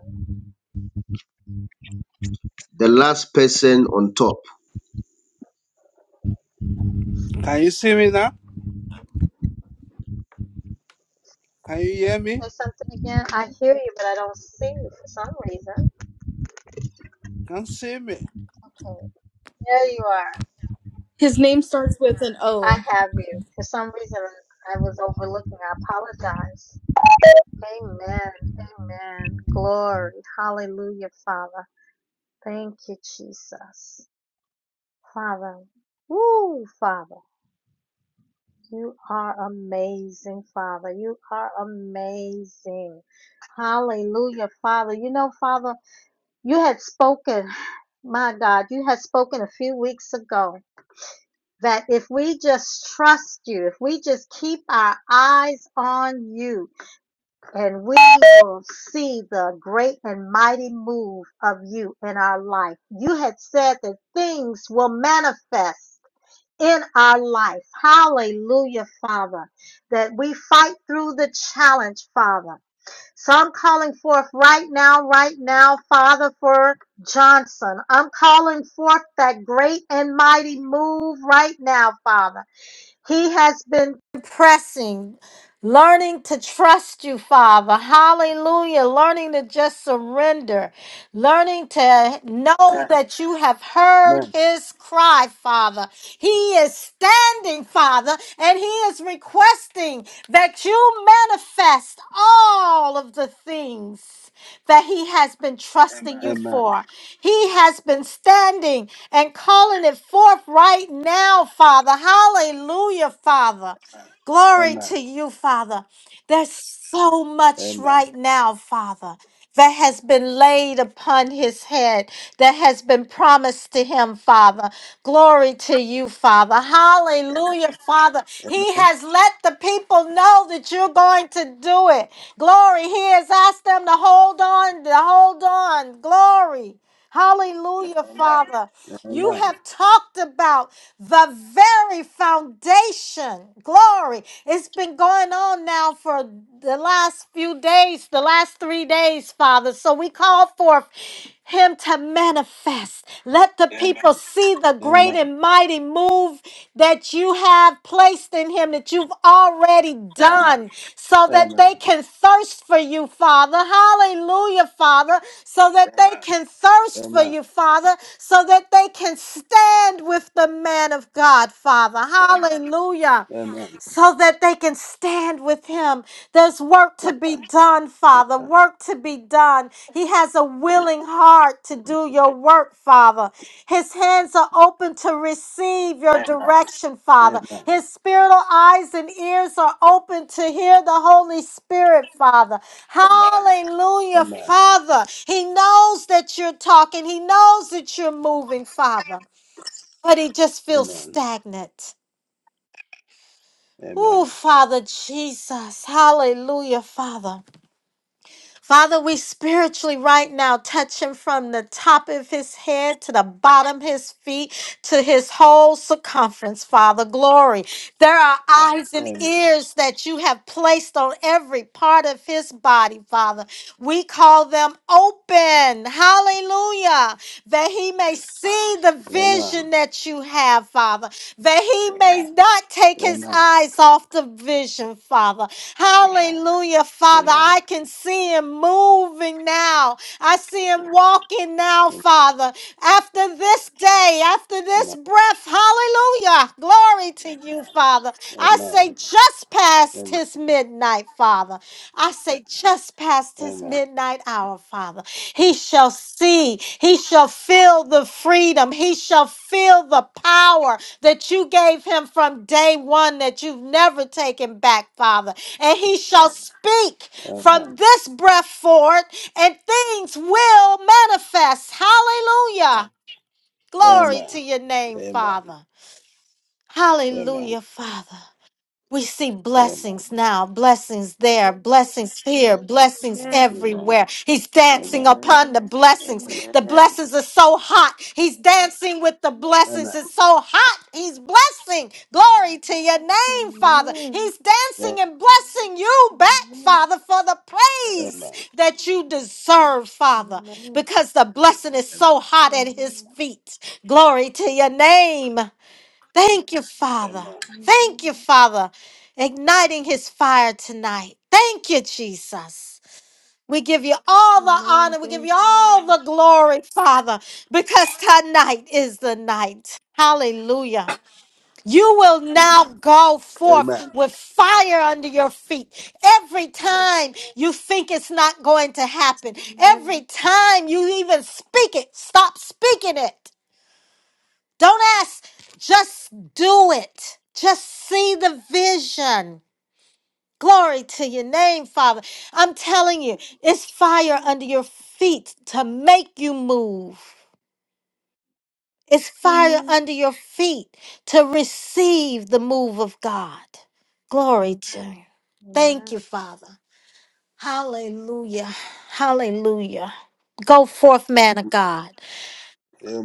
The last person on top.
Can you see me now? Can you hear me?
Say something again. I hear you, but I don't see you for some reason.
Can you see me?
Okay, there you are.
His name starts with an
I
O.
have you. For some reason, I was overlooking. I apologize. Amen. Amen. Glory. Hallelujah, Father. Thank you, Jesus. Father. Woo, Father. You are amazing, Father. You are amazing. Hallelujah, Father. You know, Father, you had spoken, my God, you had spoken a few weeks ago that if we just trust you, if we just keep our eyes on you, and we will see the great and mighty move of you in our life. You had said that things will manifest in our life. Hallelujah, Father. That we fight through the challenge, Father. So I'm calling forth right now, right now, Father, for Johnson. I'm calling forth that great and mighty move right now, Father. He has been pressing, learning to trust you, Father. Hallelujah. Learning to just surrender, learning to know that you have heard
Amen.
his cry, Father. He is standing, Father, and he is requesting that you manifest all of the things that He has been trusting you
Amen.
for. He has been standing and calling it forth right now, Father. Hallelujah, Father. Glory
Amen.
to you, Father. There's so much
Amen.
right now, Father that has been laid upon his head, that has been promised to him, Father. Glory to you, Father. Hallelujah, Father. He
Amen.
has let the people know that you're going to do it. Glory. He has asked them to hold on, to hold on. Glory. Hallelujah, Father. You
Amen.
have talked about the very foundation. Glory. It's been going on now for the last few days, the last three days, Father. So we call forth him to manifest. Let the people see the great
Amen.
great and mighty move that you have placed in him that you've already done so
Amen.
that
Amen.
they can thirst for you, Father. Hallelujah, Father. So that they can thirst for
Amen.
you, Father. So that they can stand with the man of God, Father. Hallelujah
Amen.
so that they can stand with him. There's work to be done, Father, work to be done. He has a willing heart to do your work, Father. His hands are open to receive your direction,
Amen.
Father. His spiritual eyes and ears are open to hear the Holy Spirit, Father. Hallelujah,
Amen.
Father. He knows that you're talking, He knows that you're moving, Father, but He just
Amen.
feels
Amen.
stagnant.
Amen. Amen.
Oh,
Amen.
Father Jesus. Hallelujah, Father. Father, we spiritually right now touch him from the top of his head to the bottom of his feet to his whole circumference, Father. Glory. There are eyes and
Amen.
ears that you have placed on every part of his body, Father. We call them open. Hallelujah. That he may see the
Amen. Amen. Amen. Amen.
vision that you have, Father, that he may not take his
Amen.
eyes off the vision, Father. Hallelujah, Father. I can see him moving now. I see him walking now, Father. After this day, after this breath, hallelujah. Glory to you, Father. I say just past his midnight, Father. I say just past his midnight hour, Father. He shall see, he shall feel the freedom, he shall feel the power that you gave him from day one that you've never taken back, Father. And he shall speak
Amen. Amen. Amen. Amen. Amen.
from this breath forward, and things will manifest. Hallelujah. Glory
Amen.
to your name, Father. Hallelujah, Father. We see blessings now, blessings there, blessings here, blessings everywhere. He's
Amen.
dancing upon the blessings. The blessings are so hot. He's dancing with the blessings. It's so hot. He's blessing. Glory to your
Amen.
name, Father.
Amen.
He's dancing and blessing you back,
Amen. Amen.
Father, for the praise
Amen.
that you deserve, Father,
Amen.
because the blessing is
Amen.
so hot at his
Amen.
feet. Glory to your name. Thank you, Father.
Amen.
Thank you,
Amen.
Father, igniting his fire tonight. Thank you, Jesus. We give you all the
Amen.
honor. We give
Thank
you
you.
all
Lord.
the glory, Father, because tonight is the night. Hallelujah. You will now go forth
Amen.
with fire under your feet. Every time you think it's not going to happen, every
Amen.
time you even speak it, stop speaking it. Don't ask. Just do it. Just see the vision. Glory to your name, Father. I'm telling you, it's fire
Amen.
under your feet to make you move. It's fire
Amen.
under your feet to receive the move of God. Glory to you. Thank
Amen.
you, Father. Hallelujah. Hallelujah. Go forth, man of God.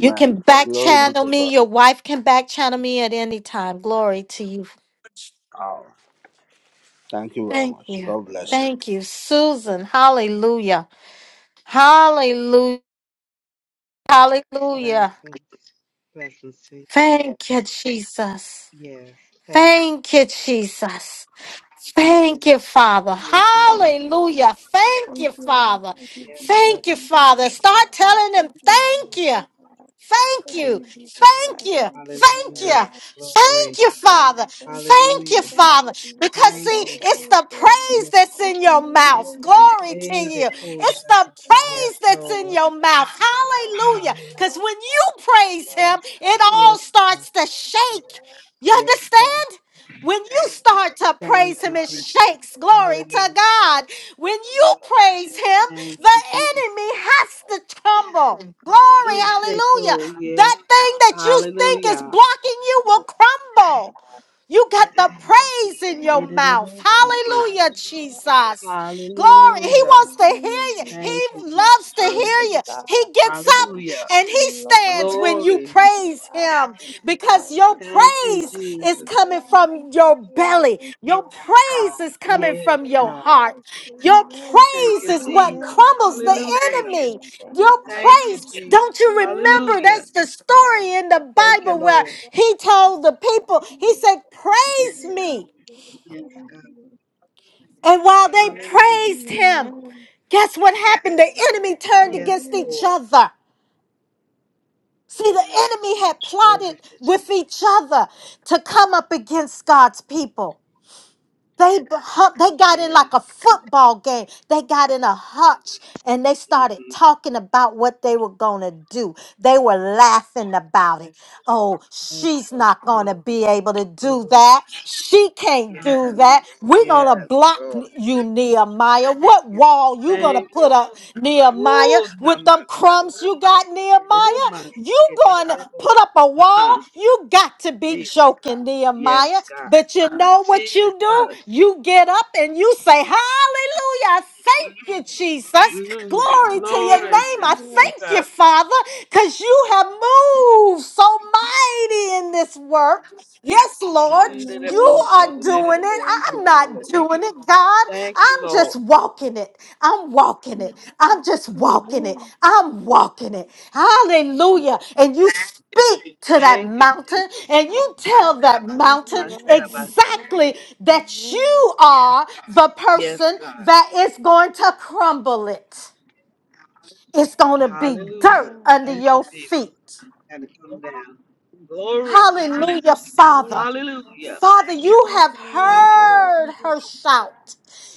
You can back
Glory be
channel
to
me.
God.
Your wife can back channel me at any time. Glory to you,
Oh, thank you very
Thank
much.
Thank
you.
God
you,
bless you.
Lord.
Thank you, Susan. Hallelujah. Hallelujah. Hallelujah.
Blessings. Blessings to you.
Thank you, Jesus.
Yes. Thank you.
Thank you, Jesus. Thank you, Father.
Thank you, Jesus.
Hallelujah. Thank you, Father.
Thank you,
Yes,
Jesus.
God.
Thank you,
Thank
Father.
you,
Start
Father.
telling them
Thank
Thank
you,
you,
thank
Jesus.
Lord.
you.
Lord.
Thank
Thank
Yes.
you.
you, Jesus
Thank
Christ.
you.
Thank you,
Thank
Father,
Hallelujah.
you.
Lord. Thank
Thank
Glory.
you,
you,
Father.
God. Thank you,
Thank
Hallelujah.
Father.
you,
Thank you,
Father.
Jesus
Because
Christ.
Thank
see,
Thank
you.
you,
it's
Holy
the
Ghost. Thank you, Lord.
praise
Yes.
that's
Thank
in
you,
your mouth.
Lord.
Glory to
Hey, the
you.
cool
It's the
shepherd.
Thank you,
Yes,
praise
Father
that's
God.
in
Lord.
Thank you,
your mouth.
Jesus Christ. Thank
Hallelujah.
you,
Hallelujah.
Because when
Lord.
you
Thank you,
praise
Father
him,
God.
it
Thank
all
Yes,
you.
God.
starts to
Thank you,
shake.
Lord,
You
Yes, God.
understand? When you start to
for the
praise
Thank
him,
you,
it
Jesus.
shakes
messages.
glory
Thank
to
Hallelujah.
you,
God.
Lord.
When you
I
praise him,
thank you,
Thank
the
you,
Jesus.
Jesus.
enemy has to crumble. Glory,
Yes, they
hallelujah.
cool. Yes.
That thing that you think is
Hallelujah.
blocking you will crumble. You got the praise in your
Yes,
It is a
mouth.
blessing.
yes,
Hallelujah,
yes.
Jesus. Glory. He
Hallelujah.
wants to hear
Hallelujah,
you.
Jesus.
Thank you,
He
Jesus.
loves to
Glory
hear
to
you. He
God.
gets up
Thank
Hallelujah.
and
you,
he
Lord.
stands when you
Glory.
Thank you,
praise
God.
him
Thank you,
because
Lord.
your
Thank you,
Thank you,
praise
Jesus.
is
Jesus.
coming
Amen.
from
Thank
your
you, Lord.
belly.
Thank you,
Your
God. Thank
praise
you,
is coming
Yes,
from your
Jesus
God.
heart.
Christ.
Your
Amen.
Thank
praise
you,
is what
Jesus.
Amen.
crumbles the
Amen.
Hallelujah.
enemy.
Amen. Thank
Your
you.
Thank you,
praise,
Thank
Jesus.
you,
don't you
Lord.
remember?
Hallelujah.
That's the story in the
Thank you,
Bible
Amen,
where
Lord.
Lord.
he
Thank
told the
you, God.
people, he said,
Thank
Praise
you.
me.
Thank you.
Yes,
Thank
God.
you.
And while they
Hallelujah.
praised him,
Amen.
guess what happened? The enemy turned
Yes,
against
Hallelujah.
each
Lord.
other. See, the enemy had plotted
Glory to
with
Jesus.
each other to come up against God's people. They, b- hu- they got in
Yes,
like a
Lord.
football game. They got in a hutch and they started
Mm-hmm.
talking about what they were going to do. They were laughing about it. Oh,
Thank
she's
you, Lord.
not going to be able to do
Glory.
that. She can't do that.
Hallelujah.
We're going to
Yes,
block
Lord.
you, Nehemiah. What wall you going
Thank
to
you.
put
Jesus.
up, Nehemiah,
Oh,
with them crumbs?
namasata.
problems you got,
Oh,
Nehemiah. You gonna put up a wall?
masikete.
You got to be joking,
Yes,
Nehemiah.
God.
But you know what
Jesus.
you do? You get up and you say, Hallelujah. I Thank you, Jesus.
Mm,
Glory to your
glory
name.
to
I thank
Yes.
Jesus.
you, Father, because you have moved so mighty in this work. Yes, Lord. You
Hundredable,
Amen.
are doing
Amen.
it.
Thank
hundredable.
I'm
you,
not
Lord.
doing it, God.
Thank you,
I'm just
Lord.
walking it. I'm walking it. I'm just walking it.
Amen.
I'm walking it. Hallelujah. And you speak to that
Thank you,
mountain
Jesus.
and you tell that
Thank you,
mountain
Lord. Thank
Hundredable.
you, Jesus.
exactly that
Amen.
you are the
Yes,
person
God.
that is going to crumble it. It's going to be
Hallelujah.
dirt
Amen.
under
Thank you,
your
Jesus.
feet.
And to come down. Glory to
Hallelujah,
Jesus.
Glory
Father.
to God.
Hallelujah.
Father,
Thank
you
you,
have
to Lord
Thank you,
God,
Lord.
heard
Jesus
her shout.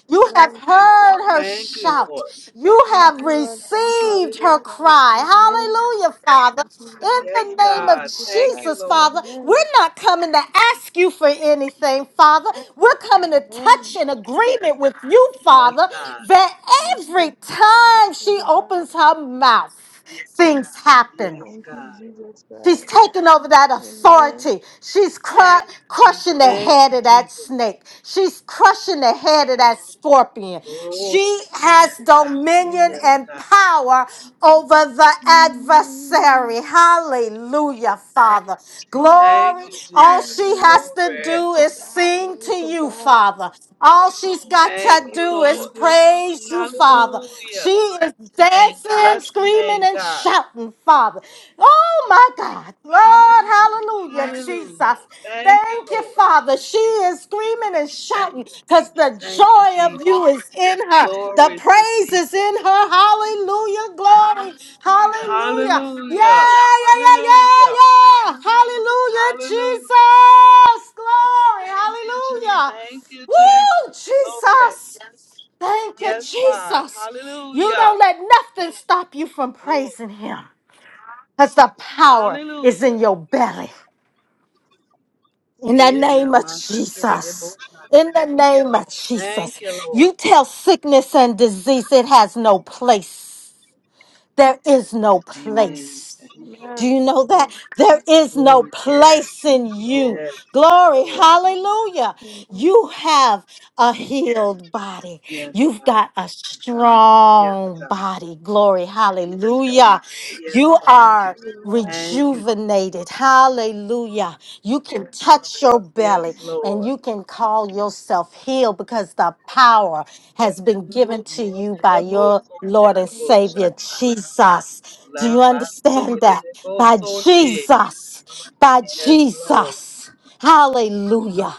You have
Christ.
heard her
Thank you,
shout.
Lord.
You
Thank
have
you, Lord. Thank you,
received
Jesus
her
Hallelujah.
Christ.
cry.
Amen.
Hallelujah, Father.
Thank you, Lord.
In
Yes,
the
Thank
name
you,
of
God.
Jesus
Thank
Christ.
you,
Jesus,
Lord.
Father,
Amen.
we're not coming to ask you for anything, Father. We're coming to
Amen.
touch in agreement with you,
Yes,
Father,
God.
that every
Yes,
time she
Father God.
opens her mouth, things happen.
Yes,
Thank you,
God.
Jesus
She's
Christ.
taking over that
Amen.
authority. She's cru- crushing the
Thank
head
you,
of that
Jesus.
snake. She's crushing the head of that scorpion.
Glory,
She has dominion
yes,
Amen.
and
God.
power over the
Amen.
adversary. Hallelujah, Father.
Thank
Glory.
you,
All
Jesus.
she
Amen.
has to
Glory.
do is sing
Glory
to
to
you,
God.
Father. All she's got
Thank
to
Glory
you,
to
do is
Lord.
Jesus.
praise
Thank
you,
you,
Father.
Lord.
Hallelujah.
She is dancing dancing,
Bless your
screaming,
name,
and
God.
shouting, Father. Oh my God. Lord, hallelujah,
Hallelujah.
Jesus.
Thank you,
Thank you,
Lord.
Father. She is screaming and shouting because the
Thank you,
joy of you
Jesus.
is in her. The
Glory to
praise is
Jesus.
in her. Hallelujah, glory. Hallelujah. Yeah,
Hallelujah.
yeah, yeah, yeah,
Hallelujah.
yeah. Hallelujah,
Hallelujah.
Jesus. Glory. Hallelujah.
Thank you, Jesus.
Woo,
Glory.
Jesus. Thank you,
Yes, God.
Jesus. You
Hallelujah.
don't let nothing stop you from
Lord.
praising Him because the power is in
Hallelujah.
your belly. In the
Eh,
name of
namaste, kere de
Jesus.
bosha.
In the name of Jesus.
Thank you, Lord.
You tell sickness and disease it has no place. There is no
Amen.
place.
Thank you,
Do
Amen.
you know
Jesus.
that? There is no
Glory to
Amen.
place in
you.
you.
Yes,
Glory.
Lord.
Hallelujah. You have a healed body.
Yes,
You've
God.
got a
Yes,
strong
God.
body. Glory. Hallelujah.
Yes,
You
God.
are
Hallelujah.
Thank you.
rejuvenated. Hallelujah. Yeah, you can touch your belly
Yes,
and
Lord.
you can call yourself healed because the power has been given to you by
Merciful
your
Sunday,
Lord and
merciful
Savior
Amen.
Shatta.
Jesus. Do you
Lambasti,
understand that?
merciful
By
Sunday.
Jesus, by
Yes, Lord.
Jesus. Hallelujah.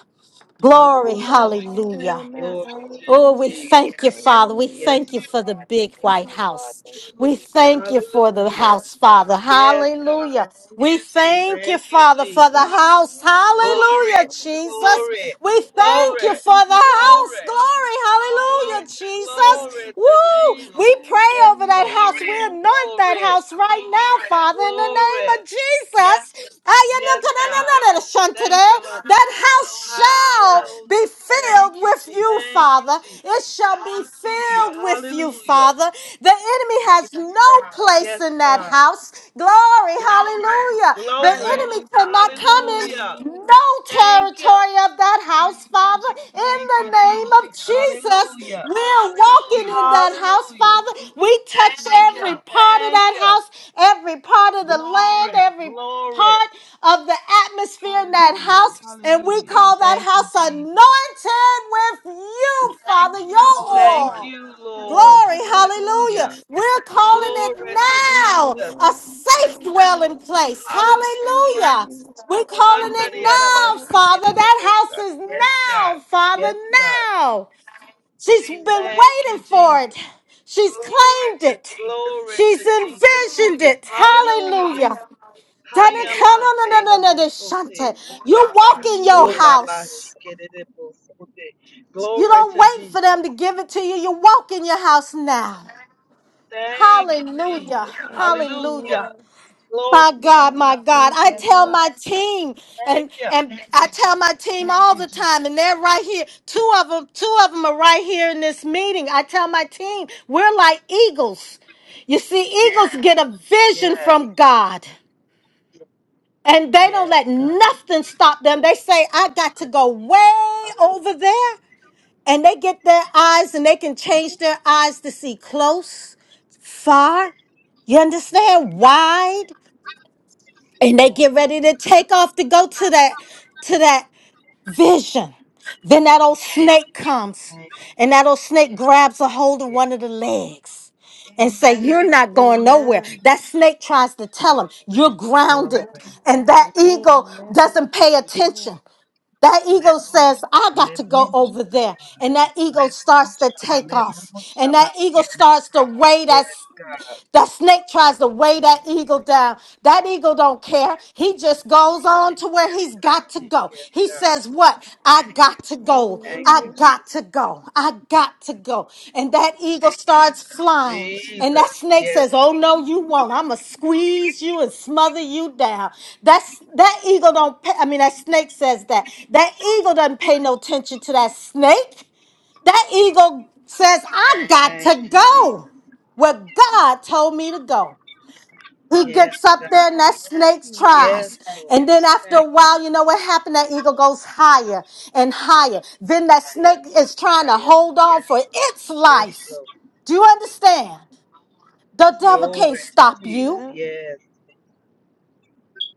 Glory,
Hallelujah.
hallelujah.
Amen.
Glory to
Oh, we
Hallelujah.
Jesus.
thank you, Father. We
Hallelujah.
Yes.
thank you for
Amen.
the big
Thank
white
you, Lord.
house.
Thank you,
We
Jesus.
thank you for the
Hallelujah.
house, Father.
Yes.
Hallelujah. We thank you,
Thank you,
Father, for
Jesus.
the house.
Thank
Glory.
you,
Hallelujah,
Lord. Thank you,
Jesus.
Father.
Glory.
We
Thank
thank
you,
you
Glory.
for the
Jesus
house.
Glory.
Christ.
Glory. Hallelujah,
Glo-
Amen.
Jesus.
Glory to
Woo! We
Jesus.
pray
Yes,
over that
Lord.
house. We
Amen.
anoint that
Glory.
house right now, Father, in the name
Glory.
of Jesus.
Yes, God. Thank you, Lord.
That house shall be
Hallelujah.
filled with you,
Thank you,
Father.
Jesus.
It shall be filled with you,
Hallelujah.
Father. The enemy has no place
Yes,
in that
God.
house. Glory, hallelujah. The
Glory.
enemy
Amen.
cannot come in
Hallelujah.
Amen.
no
Thank you.
territory of that house, Father. In
Thank
the
you,
name of
Jesus.
Jesus,
Hallelujah.
we're
Oh,
walking in that
Jesus.
house,
Hallelujah.
Father. We touch every part of
Thank
that
you.
house, every part of the land, every
Glory.
part of the atmosphere in that house, and we
Hallelujah.
call that
Thank you,
house
Jesus.
anointed with you, Father, your
Thank
oil.
you,
Yes,
Lord.
Glory,
Lord, thank
hallelujah.
Hallelujah.
you.
We're calling it
Glory to
Thank you,
now
Jesus.
a
Lord.
safe
Thank
dwelling
you.
place.
Hallelujah.
Thank you,
Hallelujah.
Jesus
We're
Christ.
calling
Thank
it
you,
now,
Lord.
Father. That house
Mandariyarabasikererebosa.
is now, Father,
Yes, God.
now. She's been
Thank you,
waiting for it.
Jesus.
She's claimed it.
Glory
She's
to Jesus.
envisioned it.
Hallelujah.
Hallelujah.
Hayamandererebosote.
Tanakana-na-na-na-na-shante. You walk in your
Amen.
house.
Olabashikererebosote.
You
Glory
don't
to
wait for them
Jesus.
to give it to you. You walk in your house now.
Thank you,
Hallelujah.
Jesus.
I thank you,
Hallelujah.
Hallelujah.
Lord.
Glory
My
to
God, my
Jesus.
God.
Thank
I
you,
Yes,
tell
Lord.
God.
my team
Thank
and
you.
and I tell my team
Thank
all
you,
the
Jesus.
time and they're right here. Two of them, two of them are right here in this meeting. I tell my team, we're like eagles. You see, eagles get a vision
Yes.
from God. And they don't
Yes,
let
God.
nothing stop them. They say, I got to go way
Um,
over there. And they get their eyes and they can
thank
change their
you, Jesus.
eyes to see close, far, you
Yes.
understand? Wide. And they get
Yes.
ready to take off to go to that to that vision. Then that old snake comes
Thank
and that old snake grabs a hold of
you.
one of the legs and say you're not going nowhere
Amen.
that snake tries to tell him you're grounded
Glory.
and that
Amen.
eagle doesn't pay
Amen.
attention that eagle says i got to go
Amen. Mhm.
over there and that
Lebo-shaka-saka.
eagle starts to take off and that eagle
Lebo-shabaria.
starts to weigh
Yes,
that that snake tries to weigh that eagle down. That eagle don't care. He just goes on to where he's got to
yes,
go.
yes,
He
God.
says, What? I got to go.
Thank you,
I
Hallelujah.
got
Jesus.
to go. I got to go. And that eagle starts flying. And that
Jesus.
snake
Yes,
says, Oh
Lord.
no, you won't. I'ma squeeze you and smother you down. That's that eagle don't pay. I mean, that snake says that. That eagle doesn't pay no attention to that snake. That eagle says, I got
Thank
to
you,
go
Jesus.
where God told me to go. He
Yes,
gets up there
God.
and that snake
Yes,
Amen.
tries. And
Lord.
then after
Thank
a
you,
while, you know
Jesus.
what happened? That eagle goes higher and higher. Then that snake is trying
I
to
am.
hold on for its
Yes,
life.
Lord.
Do you understand? The devil can't
Glory to
stop you.
Jesus.
Amen.
Yes.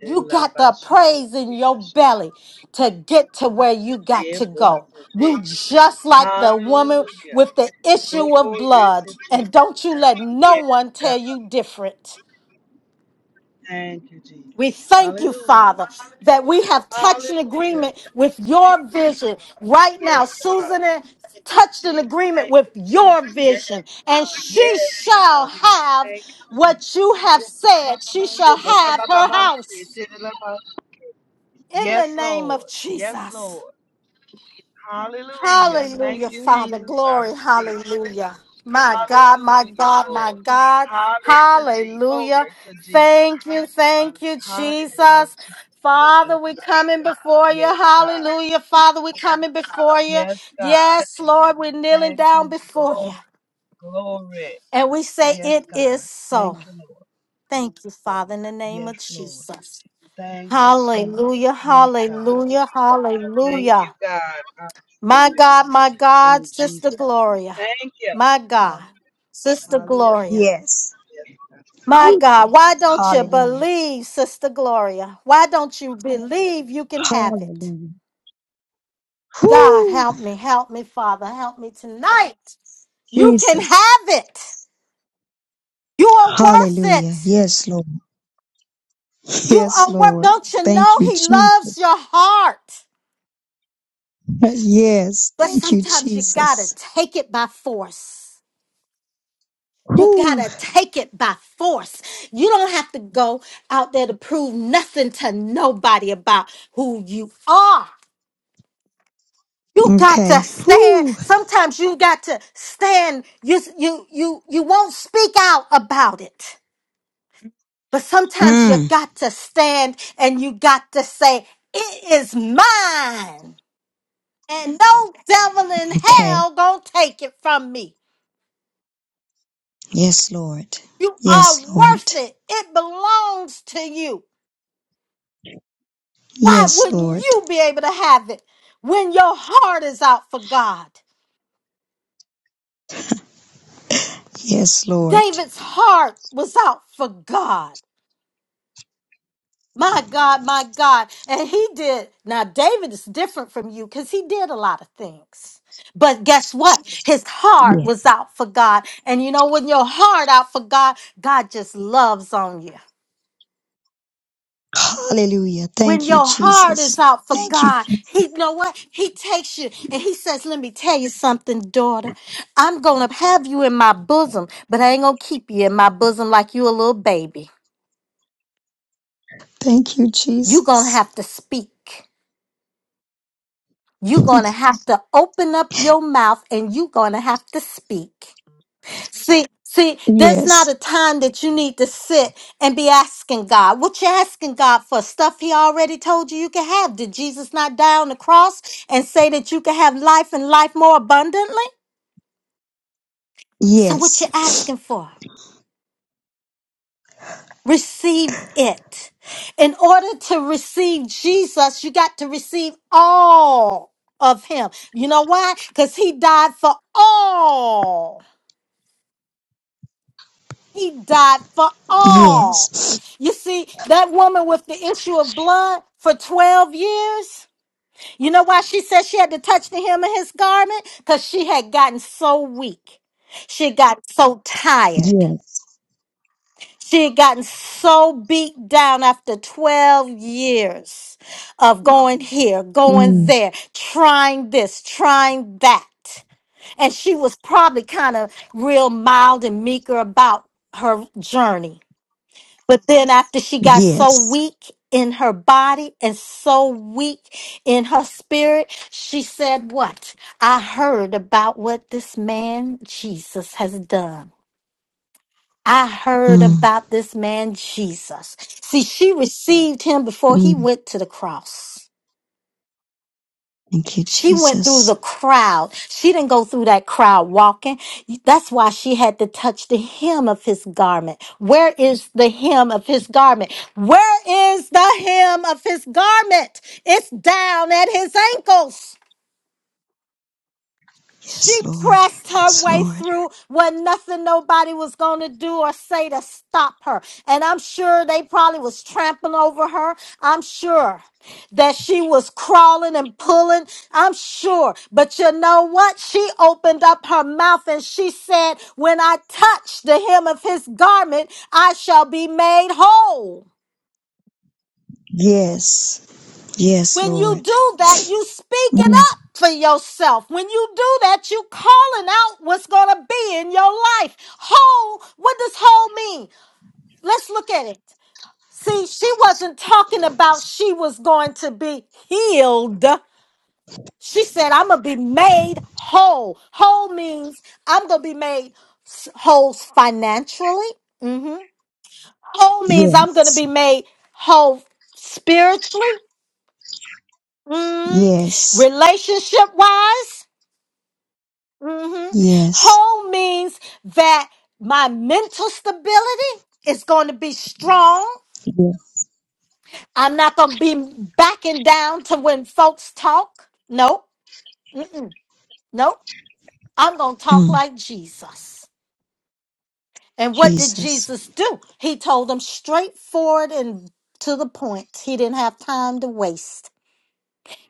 You got the praise in your
Elabashike-kobasha.
belly to get to where you got to go.
Yebosunde.
You just like the woman
Hallelujah.
with the issue of
Glory
blood.
to
And
Jesus.
don't you let no
Yes,
one
God.
tell you different.
Thank you, Jesus.
We thank you,
Hallelujah.
Father, that we have touched an
Hallelujah.
agreement with
Thank you.
your vision. Right now,
Yes, God.
Susan and- touched an agreement
Thank
with
you,
your
Jesus.
vision, and
Yes,
she shall
God.
have
Thank you, Jesus.
what you have said. She shall
Yeah, ba, ba,
have
ba, ba,
her
ba,
house.
say, da, da, da, ba.
In the
Yes,
name of
Lord. Yes,
Jesus.
Lord. Hallelujah. Thank
Hallelujah,
you,
Father.
Hallelujah.
Jesus. I
Glory.
receive it.
Hallelujah. My God, my
Hallelujah,
God, my
Lord.
God.
Hallelujah.
Hallelujah.
Glory to Jesus.
Thank you. Thank you,
Hallelujah.
Jesus. Father, we're coming before you.
Yes, God.
Hallelujah. Father, we're coming before you.
Yes, God.
Yes, Lord, we're kneeling
Thank you,
down
Jesus.
before you.
Glory.
And we say,
Yes,
It is
God.
so.
Thank you, Lord.
Thank you, Father, in the name
Yes,
of
Lord.
Jesus.
Thank you, Jesus.
Hallelujah.
Yes, God.
Hallelujah.
Thank you,
Hallelujah.
God. I receive
My God, my
it
God,
in
Sister
Jesus.
Gloria.
Thank you.
My God, Sister
Hallelujah.
Gloria.
Yes.
Yes, God.
My
Woo,
God,
Jesus.
why don't you
Amen.
Hallelujah.
believe, Sister Gloria? Why don't you believe you can have it?
Hallelujah.
God,
Whoo,
help me, help me, Father, help me tonight. You can
Jesus.
have it. You are worth
Hallelujah.
it.
Yes, Lord.
You
Yes,
are worth.
Lord.
Don't you know
Thank you,
He loves
Jesus.
your heart?
Yes.
But
Thank you,
sometimes you gotta
Jesus.
take it by force. You
Whoo.
gotta take it by force. You don't have to go out there to prove nothing to nobody about who you are. You got to
Okay.
stand.
Whoo.
Sometimes you got to stand. You you you you won't speak out about it. But sometimes you
Mm.
got to stand and you got to say, it is mine. And no devil in
Okay.
hell gonna take it from me.
Yes, Lord.
You are
Yes,
worth
Lord.
it. It belongs to you. Why
Yes,
wouldn't
Lord.
you be able to have it when your heart is out for God?
Yes, Lord.
David's heart was out for God. My God, my God. And he did. Now, David is different from you because he did a lot of things. But guess what? His heart
Yes.
was out for God. And you know, when your heart out for God, God just loves on you.
Hallelujah.
When
Thank you,
your heart
Jesus.
is out for
Thank you,
God,
Jesus.
He you know what? He takes you and He says, Let me tell you something, daughter. I'm gonna have you in my bosom, but I ain't gonna keep you in my bosom like you a little baby.
Thank you,
You're gonna
Jesus.
have to speak. You're gonna have to open up your mouth and you're gonna have to speak. See, see, there's not
Yes.
a time that you need to sit and be asking God. What you asking God for? Stuff He already told you you can have. Did Jesus not die on the cross and say that you can have life and life more abundantly? So, what you
Yes.
asking for? Receive it. In order to receive Jesus, you got to receive all of Him. You know why? Because He died for all. He died for all.
Yes.
You see, that woman with the issue of blood for 12 years, you know why she said she had to touch the hem of his garment? Because she had gotten so weak. She got so tired.
Yes.
She had gotten so beat down after 12 years of going here, going
Mm.
there, trying this, trying that. And she was probably kind of real mild and meeker about her journey. But then after she got so
Yes.
weak in her body and so weak in her spirit, she said, What? I heard about what this man Jesus has done. I heard
Mm.
about this man Jesus. See, she received him before he
Mm.
went to the cross.
Thank you,
She went through the
Jesus.
crowd. She didn't go through that crowd walking. That's why she had to touch the hem of his garment. Where is the hem of his garment? Where is the hem of his garment? It's down at his ankles. She
Yes, Lord.
pressed her
Yes,
way
Lord.
through when nothing nobody was going to do or say to stop her. And I'm sure they probably was trampling over her. I'm sure that she was crawling and pulling. I'm sure. But you know what? She opened up her mouth and she said, When I touch the hem of his garment, I shall be made whole.
Yes. Yes,
When you
Lord.
do that, you speaking
Mm.
up for yourself. When you do that, you calling out what's going to be in your life. Whole, what does whole mean? Let's look at it. See, she wasn't talking about she was going to be healed. She said, I'm going to be made whole. Whole means I'm going to be made s- whole financially. hmm Whole means I'm going to be
Yes.
made whole spiritually. Mm,
Yes.
relationship wise, hmm
Yes.
whole means that my mental stability is going to be strong.
Yes.
I'm not going to be backing down to when folks talk. Nope. Mm-mm. Nope. I'm going to talk
Mm.
like Jesus. And what did
Jesus.
Jesus do? He told them straightforward and to the point. He didn't have time to waste.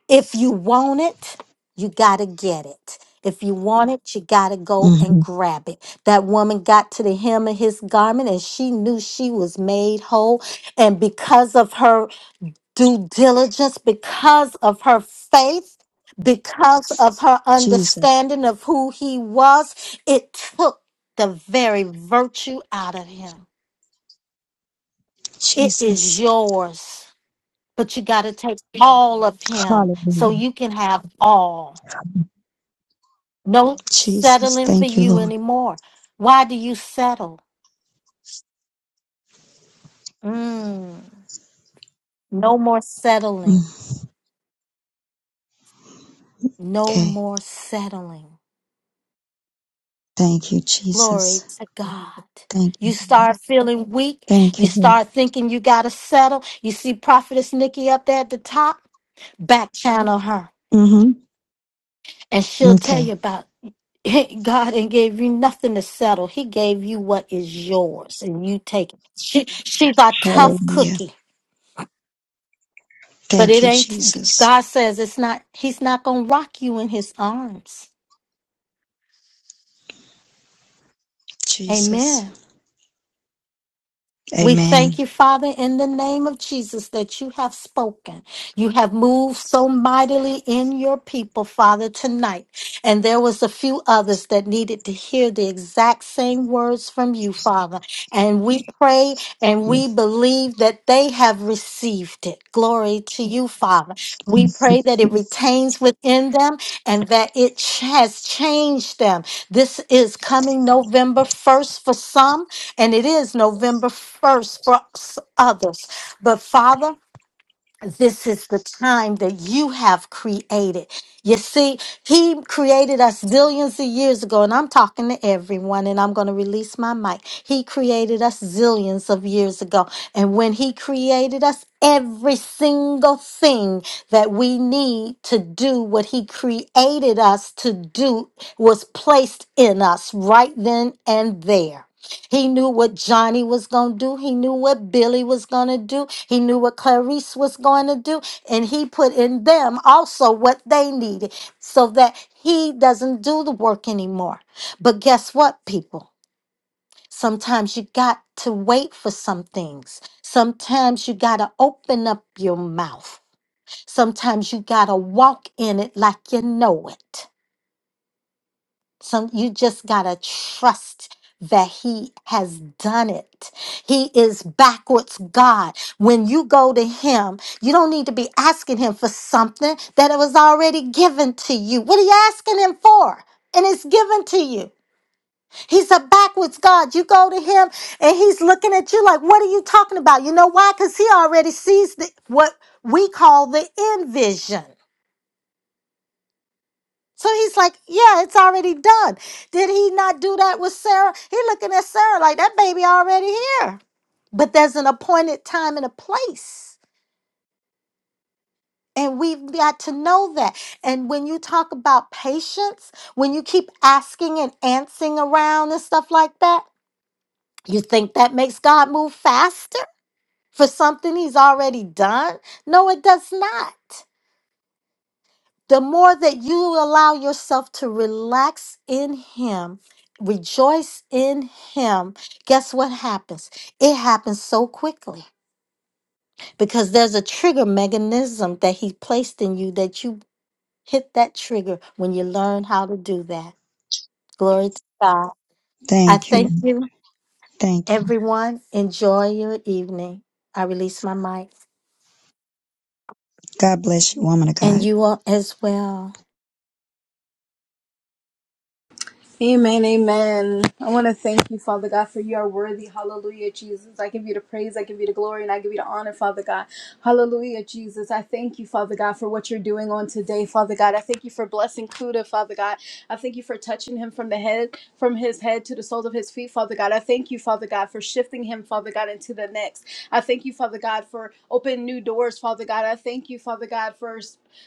If you want it, you got to get it. If you want it, you got to go and
hmm
grab it. That woman got to the hem of his garment and she knew she was made whole. And because of her due diligence, because of her faith, because of her
Jesus.
understanding of who he was, it took the very virtue out of him. It is
Jesus.
yours, but you got to take all of him so
Hallelujah.
you can have all. No
Jesus.
settling for
Thank you,
you
Lord.
anymore. Why do you settle? Mm. No more settling.
Mm.
No
Okay.
more settling.
Thank you,
Glory
Jesus.
to God.
Thank
You
you.
start feeling weak.
Thank
You
you, Lord.
start thinking you got to settle. You see Prophetess Nikki up there at the top. Back channel her,
hmm
and she'll tell
Okay.
you about it. God and gave you nothing to settle. He gave you what is yours, and you take it. She, she's a tough
Hallelujah.
cookie. But
Thank
it
you,
ain't,
Jesus.
God says it's not, He's not going to rock you in His arms.
Jesus.
Amen. We thank
Amen.
you, Father, in the name of Jesus, that you have spoken. You have moved so mightily in your people, Father, tonight. And there was a few others that needed to hear the exact same words from you, Father. And we pray and we
Yes.
believe that they have received it. Glory to you, Father. We pray
yes,
that it
yes.
retains within them and that it ch- has changed them. This is coming November 1st for some, and it is November 1st for s- others. But Father, this is the time that you have created. You see, he created us zillions of years ago, and I'm talking to everyone, and I'm going to release my mic. He created us zillions of years ago, and when he created us, every single thing that we need to do what he created us to do was placed in us right then and there. He knew what Johnny was going to do. He knew what Billy was going to do. He knew what Clarice was going to do. And he put in them also what they needed so that he doesn't do the work anymore. But guess what, people? Sometimes you got to wait for some things. Sometimes you got to open up your mouth. Sometimes you got to walk in it like you know it. Some you just gotta trust that he has done it. He is backwards God. When you go to him, you don't need to be asking him for something that it was already given to you. What are you asking him for? And it's given to you. He's a backwards God. You go to him and he's looking at you like, what are you talking about? You know why? Because he already sees the, what we call the envision. So he's like, yeah, it's already done. Did he not do that with Sarah? He looking at Sarah like that baby already here. But there's an appointed time and a place. And we've got to know that. And when you talk about patience, when you keep asking and answering around and stuff like that, you think that makes God move faster for something he's already done? No, it does not. the more that you allow yourself to relax in Him, rejoice in Him, guess what happens? It happens so quickly because there's a trigger mechanism that He placed in you that you hit that trigger when you learn how to do that. Glory to God. I
Thank you.
thank you,
Thank you.
everyone. Enjoy your evening. I release my mic
God bless you, woman of God.
and you all as well.
Amen, amen. I want to thank you, Father God, for you are worthy. Hallelujah, Jesus. I give you the praise, I give you the glory, and I give you the honor, Father God. Hallelujah, Jesus. I thank you, Father God, for what you're doing on today, Father God. I thank you for blessing Kuda, Father God. I thank you for touching him from the head, from his head to the soles of his feet, Father God. I thank you, Father God, for shifting him, Father God, into the next. I thank you, Father God, for opening new doors, Father God. I thank you, Father God, for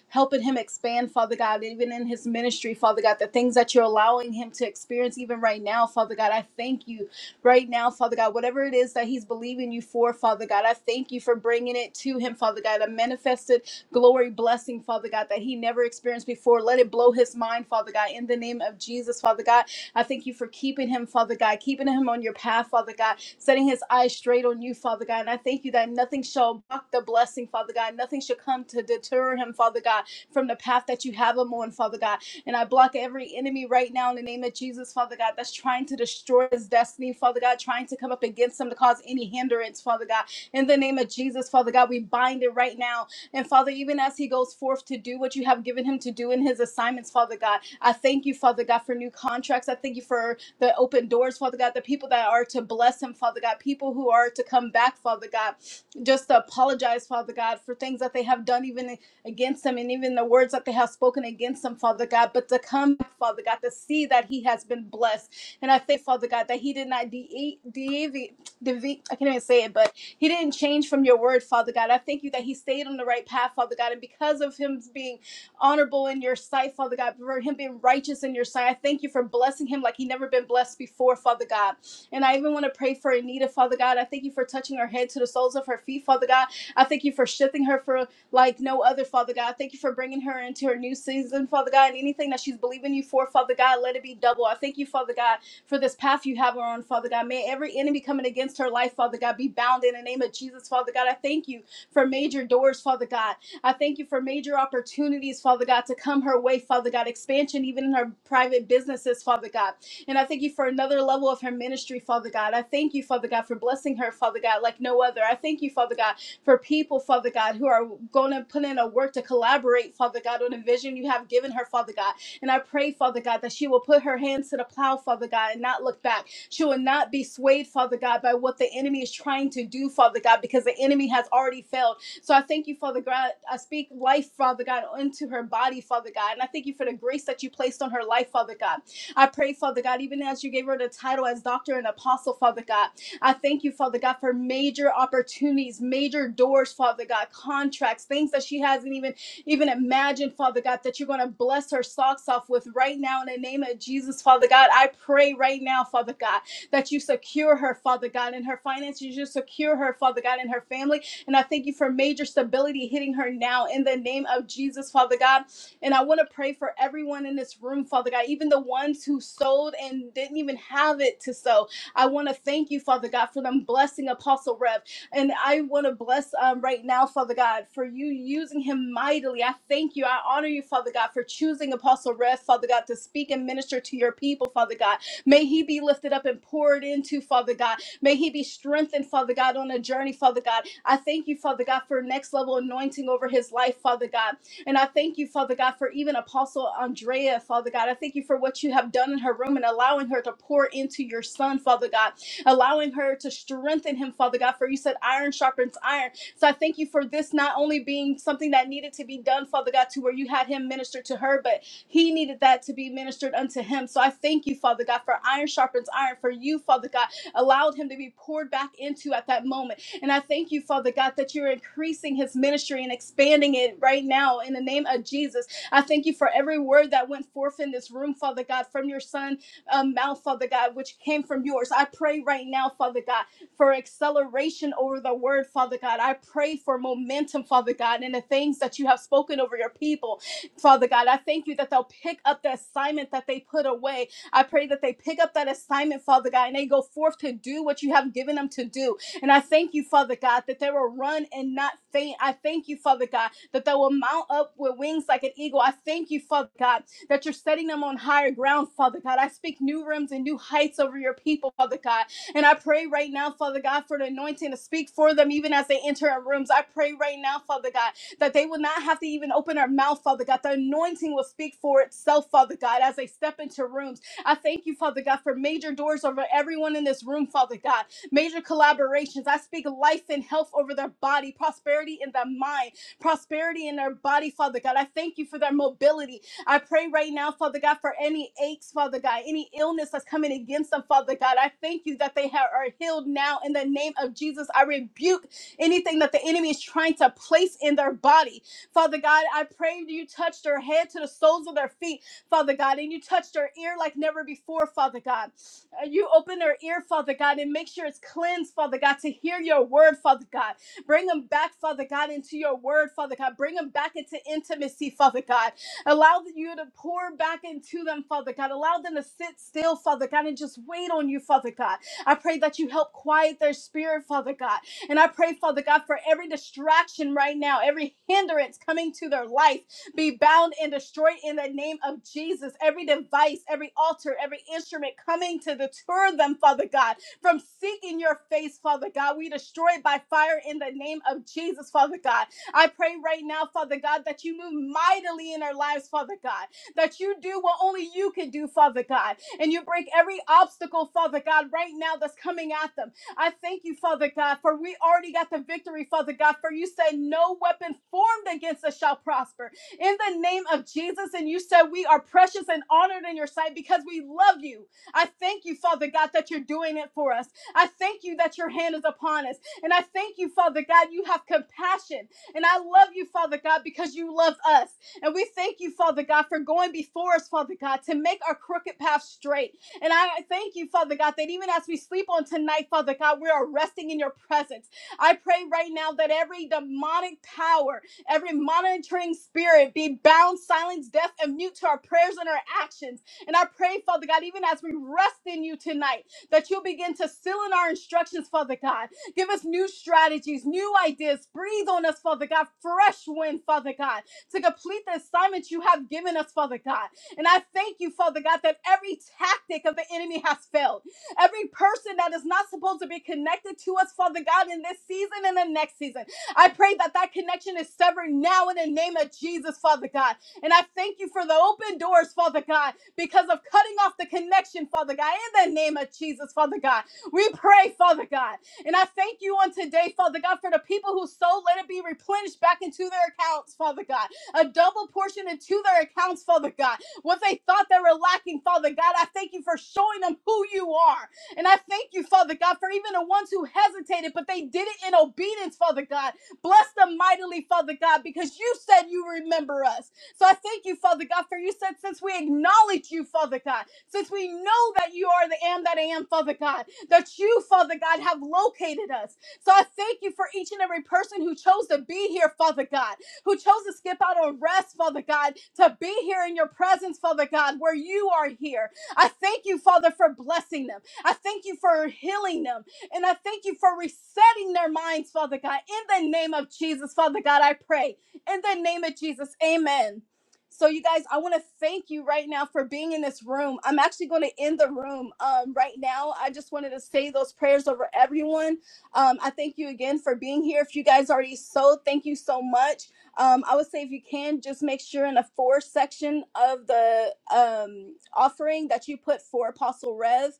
helping him expand, Father God, even in his ministry, Father God, the things that you're allowing him to experience even right now, Father God. I thank you right now, Father God, whatever it is that he's believing you for, Father God, I thank you for bringing it to him, Father God, a manifested glory blessing, Father God, that he never experienced before. Let it blow his mind, Father God, in the name of Jesus, Father God. I thank you for keeping him, Father God, keeping him on your path, Father God setting his eyes straight on you, Father God. And I thank you that nothing shall block the blessing, Father God. Nothing shall come to deter him, Father God, from the path that you have him on, Father God. And I block every enemy right now in the name of Jesus, Father God, that's trying to destroy his destiny, Father God, trying to come up against him to cause any hindrance, Father God. In the name of Jesus, Father God, we bind it right now. And Father, even as he goes forth to do what you have given him to do in his assignments, Father God, I thank you, Father God, for new contracts. I thank you for the open doors, Father God, the people that are to bless him, Father God, people who are to come back, Father God, just to apologize, Father God, for things that they have done even against him and even the words that they have spoken against him, Father God, but to come, Father God, to see that he has been blessed. And I thank Father God that he did not de- deviate, deviate, I can't even say it, but he didn't change from your word, Father God. I thank you that he stayed on the right path, Father God, and because of him being honorable in your sight, Father God, for him being righteous in your sight. I thank you for blessing him like he never been blessed before, Father God. And I even want to pray for Anita, Father God. I thank you for touching her head to the soles of her feet, Father God. I thank you for shifting her for like no other, Father God. I Thank you for bringing her into her new season, Father God. And anything that she's believing you for, Father God, let it be double. I thank you, Father God, for this path you have her on, Father God. May every enemy coming against her life, Father God, be bound in the name of Jesus, Father God. I thank you for major doors, Father God. I thank you for major opportunities, Father God, to come her way, Father God, expansion even in her private businesses, Father God. And I thank you for another level of her ministry, Father God. I thank you, Father God, for blessing her, Father God, like no other. I thank you, Father God, for people, Father God, who are going to put in a work to collaborate, Father God, on a vision you have given her, Father God. And I pray, Father God, that she will put her hands to the plow, Father God, and not look back. She will not be swayed, Father God, by what the enemy is trying to do, Father God, because the enemy has already failed. So I thank you, Father God. I speak life, Father God, into her body, Father God. And I thank you for the grace that you placed on her life, Father God. I pray, Father God, even as you gave her the title as doctor and apostle, Father God. I thank you, Father God, for major opportunities, major doors, Father God, contracts, things that she hasn't even even imagine, Father God, that you're going to bless her socks off with right now in the name of Jesus, Father God. I pray right now, Father God, that you secure her, Father God, in her finances. You secure her, Father God, in her family and I thank you for major stability hitting her now in the name of Jesus, Father God. And I want to pray for everyone in this room, Father God, even the ones who sold and didn't even have it to sow. I want to thank you, Father God, for them blessing Apostle Rev. And I want to bless um, right now, Father God, for you using him mightily. I thank you. I honor you, Father God, for choosing Apostle Rev, Father God, to speak and minister to your people, Father God. May he be lifted up and poured into, Father God. May he be strengthened, Father God, on a journey, Father God. I thank you, Father God, for next level anointing over his life, Father God. And I thank you, Father God, for even Apostle Andrea, Father God. I thank you for what you have done in her room and allowing her to pour into your son, Father God, allowing her to strengthen him, Father God. For you said iron sharpens iron. So I thank you for this not only being something that needed to be done, Father God, to where you had him minister to her, but he needed that to be ministered unto him. So I thank you, Father God, for iron sharpens iron, for you, Father God, allowed him to be poured back into at that moment and I thank you, Father God, that you're increasing his ministry and expanding it right now in the name of Jesus. I thank you for every word that went forth in this room, Father God, from your son um, mouth, Father God, which came from yours. I pray right now, Father God, for acceleration over the word, Father God. I pray for momentum, Father God, in the things that you have spoken over your people, Father God. I thank you that they'll pick up the assignment that they put away. I pray that they pick up that assignment, Father God, and they go forth to do what you have given them to do. And I thank you, Father God, that they will run and not faint. I thank you, Father God, that they will mount up with wings like an eagle. I thank you, Father God, that you're setting them on higher ground, Father God. I speak new rims and new heights over your people, Father God. And I pray right now, Father God, for the anointing to speak for them even as they enter our rooms. I pray right now, Father God, that they will not have to even open their mouth, Father God. The anointing will speak for itself, Father God, as they step into rooms. I thank you, Father God, for major doors over everyone in this room, Father God major collaborations. I speak life and health over their body, prosperity in their mind, prosperity in their body, Father God. I thank you for their mobility. I pray right now, Father God, for any aches, Father God, any illness that's coming against them, Father God. I thank you that they ha- are healed now in the name of Jesus. I rebuke anything that the enemy is trying to place in their body. Father God, I pray you touch their head to the soles of their feet, Father God, and you touch their ear like never before, Father God. Uh, You open their ear, Father God, and make sure it's cleansed, Father God, to hear your word, Father God. Bring them back, Father God, into your word, Father God. Bring them back into intimacy, Father God. Allow you to pour back into them, Father God. Allow them to sit still, Father God, and just wait on you, Father God. I pray that you help quiet their spirit, Father God. And I pray, Father God, for every distraction right now, every hindrance coming to their life be bound and destroyed in the name of Jesus. Every device, every altar, every instrument coming to deter them, Father God, from seeking your face, Father God, we destroy it by fire in the name of Jesus, Father God. I pray right now, Father God, that you move mightily in our lives, Father God, that you do what only you can do, Father God, and you break every obstacle, Father God, right now that's coming at them. I thank you, Father God, for we already got the victory, Father God, for you said, No weapon formed against us shall prosper in the name of Jesus. And you said we are precious and honored in your sight because we love you. I thank you, Father God, that you're doing it for us. I thank you that your hand is upon us. And I thank you, Father God, you have compassion. And I love you, Father God, because you love us. And we thank you, Father God, for going before us, Father God, to make our crooked path straight. And I thank you, Father God, that even as we sleep on tonight, Father God, we are resting in your presence. I pray right now that every demonic power Every monitoring spirit be bound, silenced, deaf, and mute to our prayers and our actions. And I pray, Father God, even as we rest in you tonight, that you'll begin to seal in our instructions, Father God. Give us new strategies, new ideas. Breathe on us, Father God, fresh wind, Father God, to complete the assignment you have given us, Father God. And I thank you, Father God, that every tactic of the enemy has failed. Every person that is not supposed to be connected to us, Father God, in this season and the next season. I pray that that connection is severed now in the name of Jesus, Father God. And I thank you for the open doors, Father God, because of cutting off the connection, Father God, in the name of Jesus, Father God. We pray, Father God. And I thank you on today, Father God, for the people who sold, let it be replenished back into their accounts, Father God. A double portion into their accounts, Father God. What they thought they were lacking, Father God, I thank you for showing them who you are. And I thank you, Father God, for even the ones who hesitated, but they did it in obedience, Father God Bless them mightily, Father God, because you said you remember us. So I thank you, Father God, for you said since we acknowledge you, Father God, since we know that you are the am that I am, Father God, that you, Father God, have located us. So I thank you for each and every person who chose to be here, Father God, who chose to skip out on rest, Father God, to be here in your presence, Father God, where you are here. I thank you, Father, for blessing them. I thank you for healing them. And I thank you for resetting their minds, Father God. In the name of Jesus, Father God, I pray. In the name of Jesus, amen. So, you guys, I want to thank you right now for being in this room. I'm actually going to end the room um, right now. I just wanted to say those prayers over everyone. Um, I thank you again for being here. If you guys already sold, thank you so much. Um, I would say if you can, just make sure in the for section of the um, offering that you put for Apostle Rev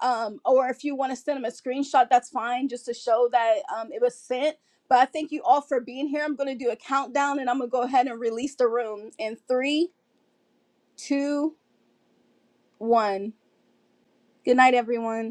um, or if you want to send them a screenshot, that's fine, just to show that um, it was sent. But I thank you all for being here. I'm going to do a countdown, and I'm going to go ahead and release the room in three, two, one. Good night, everyone.